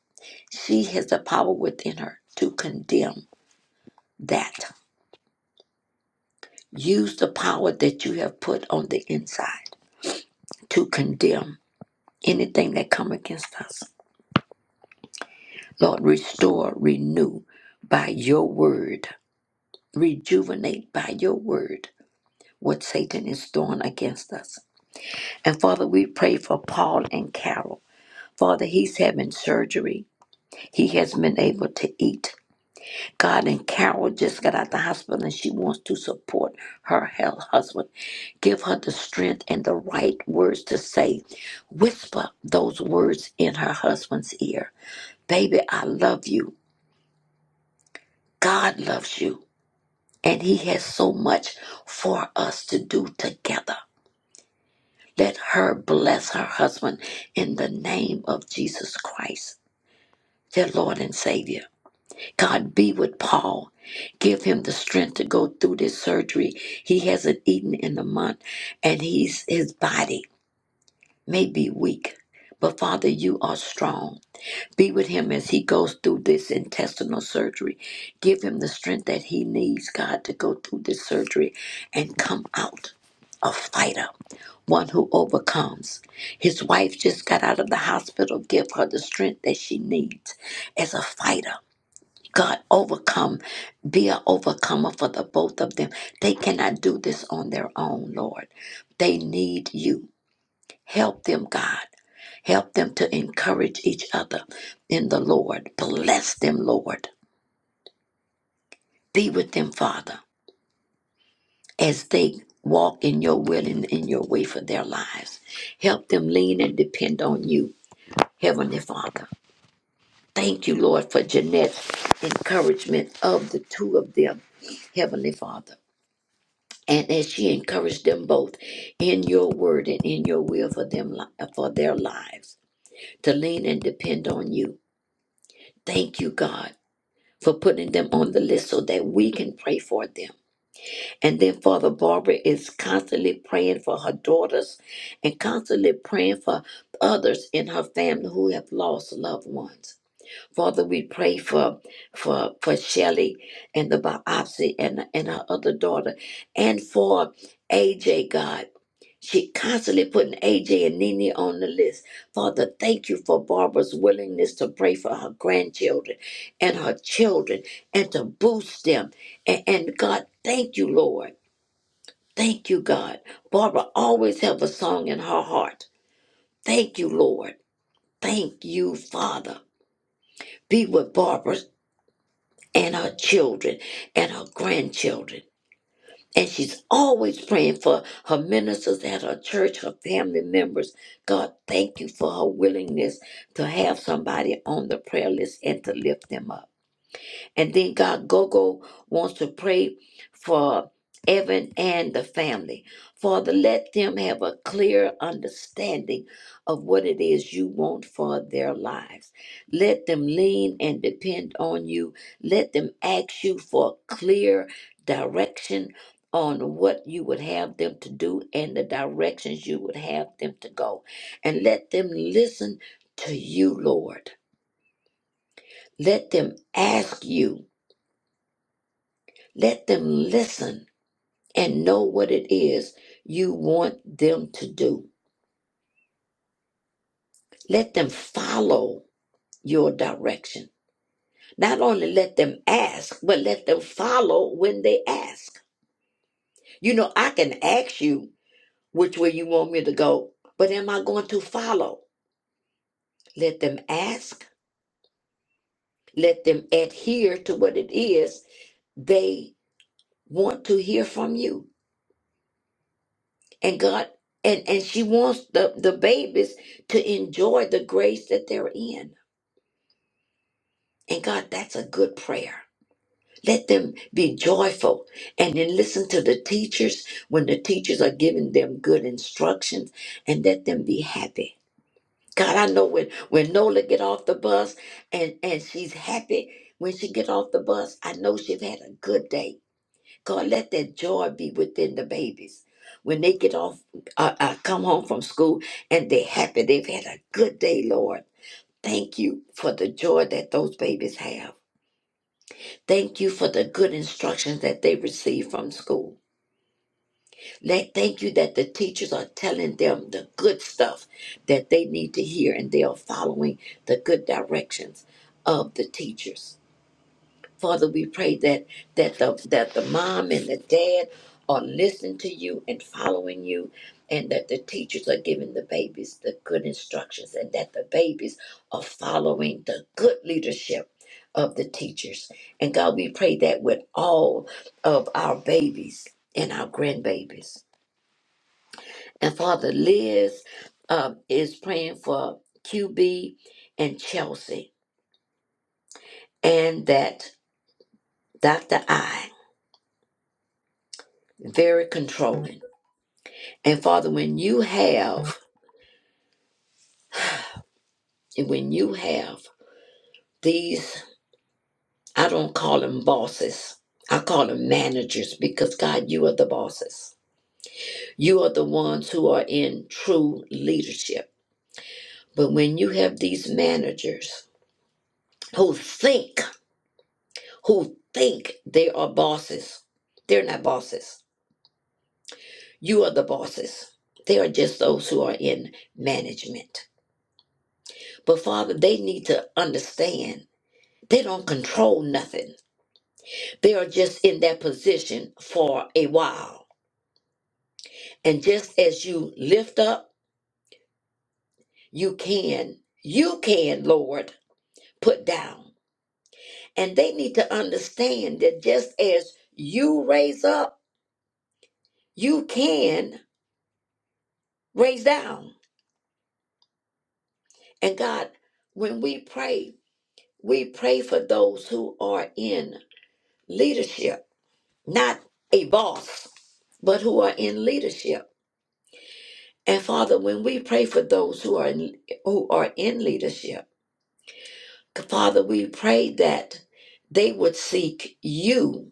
S13: She has the power within her to condemn that. Use the power that you have put on the inside to condemn anything that come against us Lord, restore, renew by your word, rejuvenate by your word what Satan is throwing against us. And Father, we pray for Paul and Carol. Father, he's having surgery. He has been able to eat. God and Carol just got out the hospital and she wants to support her health husband. Give her the strength and the right words to say. Whisper those words in her husband's ear. Baby, I love you. God loves you. and he has so much for us to do together. Let her bless her husband in the name of Jesus Christ, their Lord and Savior. God be with Paul. Give him the strength to go through this surgery. He hasn't eaten in a month, and he's his body may be weak. But Father, you are strong. Be with him as he goes through this intestinal surgery. Give him the strength that he needs, God, to go through this surgery and come out a fighter, one who overcomes. His wife just got out of the hospital. Give her the strength that she needs as a fighter. God, overcome, be an overcomer for the both of them. They cannot do this on their own, Lord. They need you. Help them, God. Help them to encourage each other in the Lord. Bless them, Lord. Be with them, Father, as they walk in your will and in your way for their lives. Help them lean and depend on you, Heavenly Father. Thank you, Lord, for Jeanette's encouragement of the two of them, Heavenly Father. And as she encouraged them both in your word and in your will for them for their lives, to lean and depend on you. Thank you, God for putting them on the list so that we can pray for them. And then Father Barbara is constantly praying for her daughters and constantly praying for others in her family who have lost loved ones. Father, we pray for for for Shelly and the biopsy and and her other daughter, and for AJ. God, she constantly putting AJ and Nene on the list. Father, thank you for Barbara's willingness to pray for her grandchildren and her children and to boost them. And, and God, thank you, Lord. Thank you, God. Barbara always have a song in her heart. Thank you, Lord. Thank you, Father. Be with Barbara and her children and her grandchildren. And she's always praying for her ministers at her church, her family members. God, thank you for her willingness to have somebody on the prayer list and to lift them up. And then God Gogo wants to pray for Evan and the family. Father, let them have a clear understanding of what it is you want for their lives. Let them lean and depend on you. Let them ask you for clear direction on what you would have them to do and the directions you would have them to go. And let them listen to you, Lord. Let them ask you Let them listen and know what it is you want them to do. Let them follow your direction. Not only let them ask, but let them follow when they ask. You know, I can ask you which way you want me to go, but am I going to follow? Let them ask. Let them adhere to what it is they want to hear from you. and God and and she wants the the babies to enjoy the grace that they're in. And God, that's a good prayer. Let them be joyful and then listen to the teachers when the teachers are giving them good instructions and let them be happy. God, I know when, when Nola get off the bus and, and she's happy when she get off the bus, I know she's had a good day God, let that joy be within the babies. When they get off, uh, uh, come home from school and they're happy, they've had a good day, Lord. Thank you for the joy that those babies have. Thank you for the good instructions that they receive from school. Let, thank you that the teachers are telling them the good stuff that they need to hear and they are following the good directions of the teachers. Father, we pray that that the that the mom and the dad are listening to you and following you, and that the teachers are giving the babies the good instructions, and that the babies are following the good leadership of the teachers. And God, we pray that with all of our babies and our grandbabies. And Father, Liz um, is praying for QB and Chelsea, and that Dr. I very controlling. And Father, when you have, and when you have these, I don't call them bosses, I call them managers because God, you are the bosses. You are the ones who are in true leadership. But when you have these managers who think, who think they are bosses, they're not bosses. You are the bosses. They are just those who are in management. But Father, they need to understand they don't control nothing They are just in that position for a while. And just as you lift up, you can, you can, Lord, put down. And they need to understand that just as you raise up, you can raise down. And God, when we pray, we pray for those who are in leadership, not a boss, but who are in leadership. And Father, when we pray for those who are in, who are in leadership, Father, we pray that they would seek you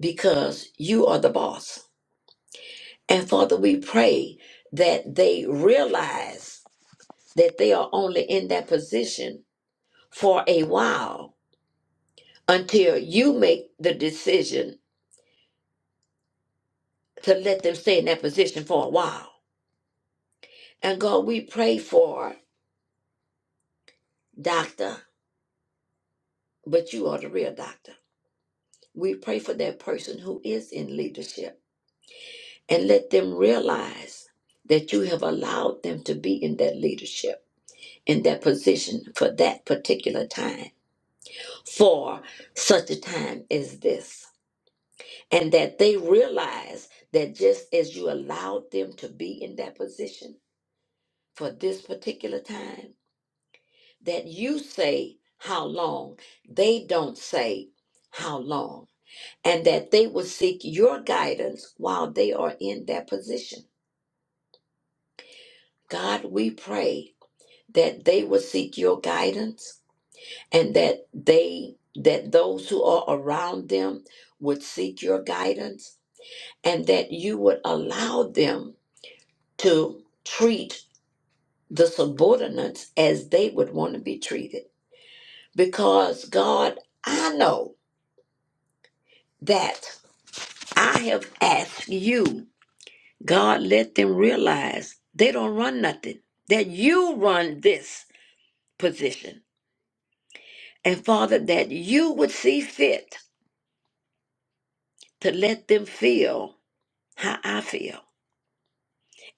S13: because you are the boss. And Father, we pray that they realize that they are only in that position for a while until you make the decision to let them stay in that position for a while. And God, we pray for doctor, but you are the real doctor. We pray for that person who is in leadership and let them realize that you have allowed them to be in that leadership, in that position for that particular time, for such a time as this. And that they realize that just as you allowed them to be in that position for this particular time, that you say how long, they don't say how long, and that they will seek your guidance while they are in that position. God, we pray that they would seek your guidance and that they that those who are around them would seek your guidance and that you would allow them to treat the subordinates as they would want to be treated because god i know that i have asked you god let them realize they don't run nothing that you run this position and father that you would see fit to let them feel how I feel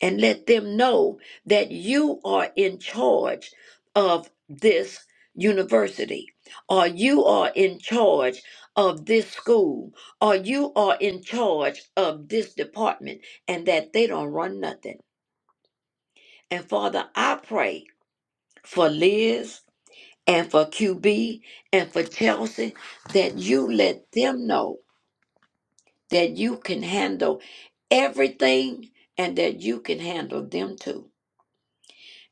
S13: and let them know that you are in charge of this university or you are in charge of this school or you are in charge of this department and that they don't run nothing. And Father, I pray for Liz and for QB and for Chelsea that you let them know that you can handle everything and that you can handle them too.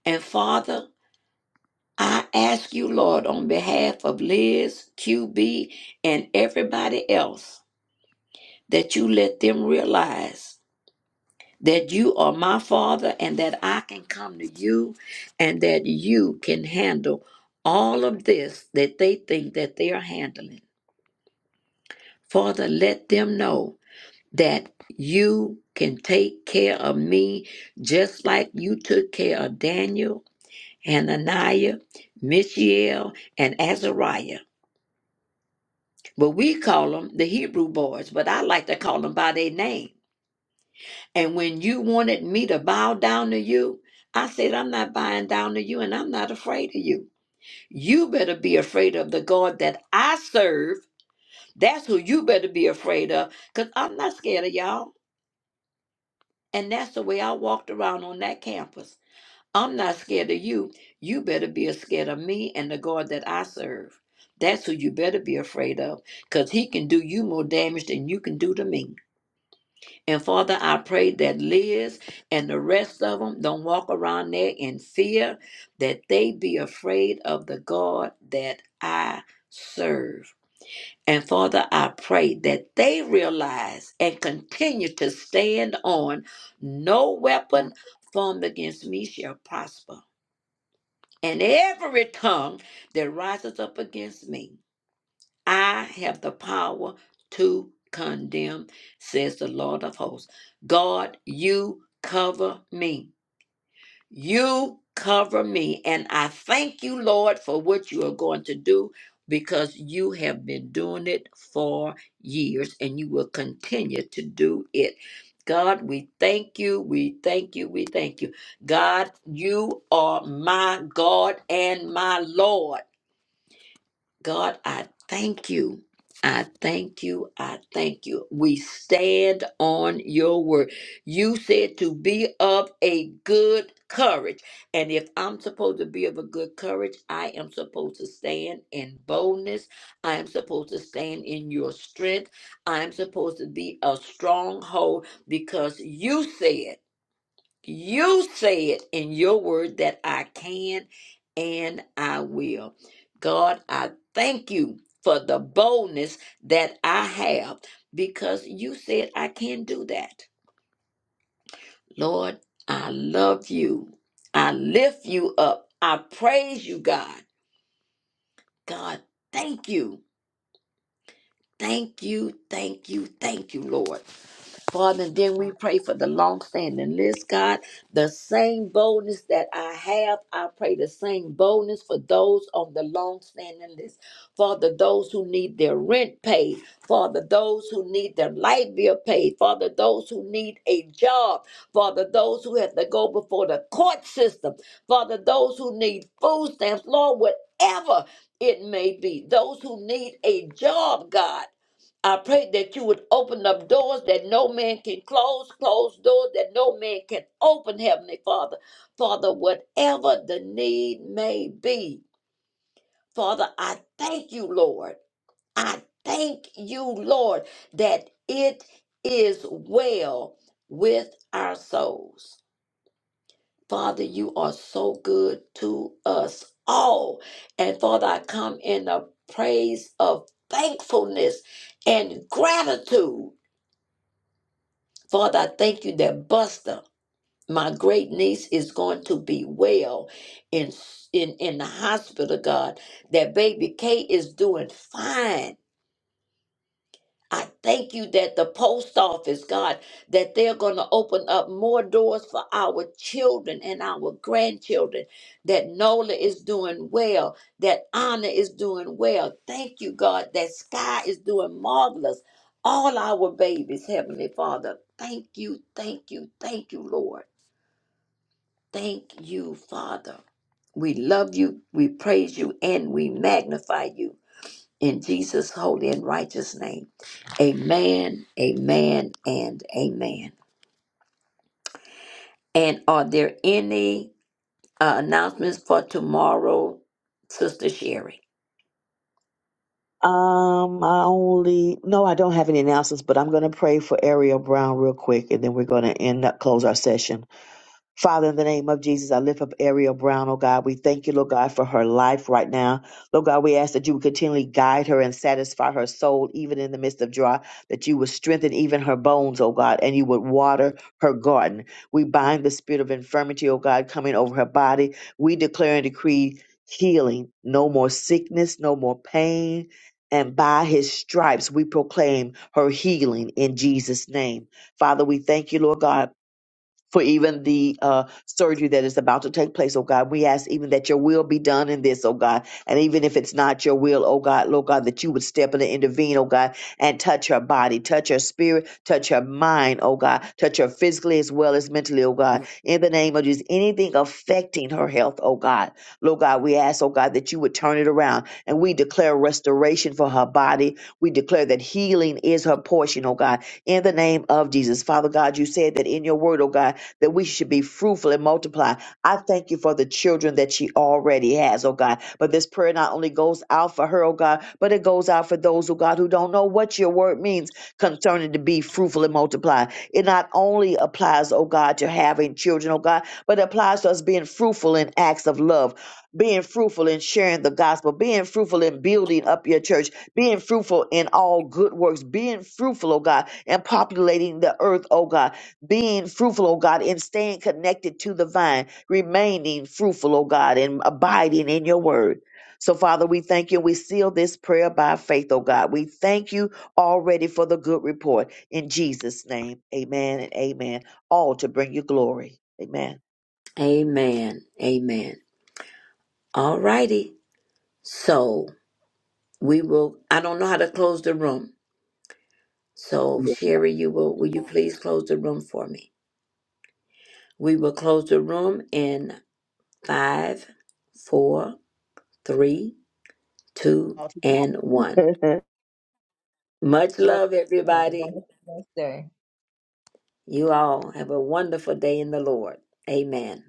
S13: And Father, I ask you, Lord, on behalf of Liz, QB, and everybody else, that you let them realize that you are my Father and that I can come to you and that you can handle all of this that they think that they are handling. Father, let them know that you can take care of me just like you took care of Daniel, Hananiah, Mishael, and Azariah. But we call them the Hebrew boys, but I like to call them by their name. And when you wanted me to bow down to you, I said, I'm not bowing down to you and I'm not afraid of you. You better be afraid of the God that I serve. That's who you better be afraid of because I'm not scared of y'all. And that's the way I walked around on that campus. I'm not scared of you. You better be scared of me and the God that I serve. That's who you better be afraid of, because he can do you more damage than you can do to me. And Father, I pray that Liz and the rest of them don't walk around there in fear, that they be afraid of the God that I serve. And Father, I pray that they realize and continue to stand on no weapon formed against me shall prosper and every tongue that rises up against me, I have the power to condemn, says the Lord of hosts. God, you cover me. You cover me. And I thank you, Lord, for what you are going to do because you have been doing it for years and you will continue to do it. God, we thank you. We thank you. We thank you. God, you are my God and my Lord. God, I thank you. I thank you. I thank you. We stand on your word. You said to be of a good courage. And if I'm supposed to be of a good courage, I am supposed to stand in boldness. I am supposed to stand in your strength. I am supposed to be a stronghold because you said. You said in your word that I can and I will. God, I thank you for the boldness that I have because you said I can do that. Lord, I love you. I lift you up. I praise you, God. God, thank you. Thank you, thank you, thank you, Lord. Father, and then we pray for the long standing list, God. The same boldness that I have, I pray the same boldness for those on the long standing list. Father, those who need their rent paid. Father, those who need their light bill paid. Father, those who need a job. Father, those who have to go before the court system. Father, those who need food stamps. Lord, whatever it may be, those who need a job, God. I pray that you would open up doors that no man can close, close doors that no man can open, Heavenly Father. Father, whatever the need may be, Father, I thank you, Lord. I thank you, Lord, that it is well with our souls. Father, you are so good to us all. And Father, I come in a praise of thankfulness and gratitude Father, I thank you that Buster, my great niece, is going to be well in in in the hospital, God. That baby Kate is doing fine I thank you that the post office, God, that they're going to open up more doors for our children and our grandchildren, that Nola is doing well, that Anna is doing well. Thank you, God, that Sky is doing marvelous. All our babies, Heavenly Father, thank you, thank you, thank you, Lord. Thank you, Father. We love you, we praise you, and we magnify you. In Jesus' holy and righteous name. Amen, amen, and amen. And are there any uh, announcements for tomorrow, Sister Sherry?
S5: Um, I only no, I don't have any announcements, but I'm going to pray for Ariel Brown real quick, and then we're going to end up close our session. Father, in the name of Jesus, I lift up Ariel Brown, oh God. We thank you, Lord God, for her life right now. Lord God, we ask that you would continually guide her and satisfy her soul, even in the midst of dry, that you would strengthen even her bones, oh God, and you would water her garden. We bind the spirit of infirmity, oh God, coming over her body. We declare and decree healing, no more sickness, no more pain. And by his stripes, we proclaim her healing in Jesus' name. Father, we thank you, Lord God for even the uh, surgery that is about to take place, oh God. We ask even that your will be done in this, oh God. And even if it's not your will, oh God, Lord God, that you would step in and intervene, oh God, and touch her body, touch her spirit, touch her mind, oh God, touch her physically as well as mentally, oh God. In the name of Jesus, anything affecting her health, oh God. Lord God, we ask, oh God, that you would turn it around and we declare restoration for her body. We declare that healing is her portion, oh God. In the name of Jesus. Father God, you said that in your word, oh God, that we should be fruitful and multiply. I thank you for the children that she already has, oh God. But this prayer not only goes out for her, oh God, but it goes out for those, oh God, who don't know what your word means concerning to be fruitful and multiply. It not only applies, oh God, to having children, oh God, but it applies to us being fruitful in acts of love, being fruitful in sharing the gospel, being fruitful in building up your church, being fruitful in all good works, being fruitful, oh God, and populating the earth, oh God being fruitful, oh God, and staying connected to the vine, remaining fruitful, oh God, and abiding in your word. So, Father, we thank you. We seal this prayer by faith, oh God. We thank you already for the good report. In Jesus' name, amen and amen. All to bring you glory. Amen.
S13: Amen, amen. All righty. So we will, I don't know how to close the room. So Sherry, you will, will you please close the room for me? We will close the room in five, four, three, two,
S5: All
S13: and one.
S5: to-
S13: Much
S16: Love
S13: love,
S16: you. Have a
S13: everybody.
S16: wonderful Wednesday.
S13: You all have a wonderful day in the Lord. Amen.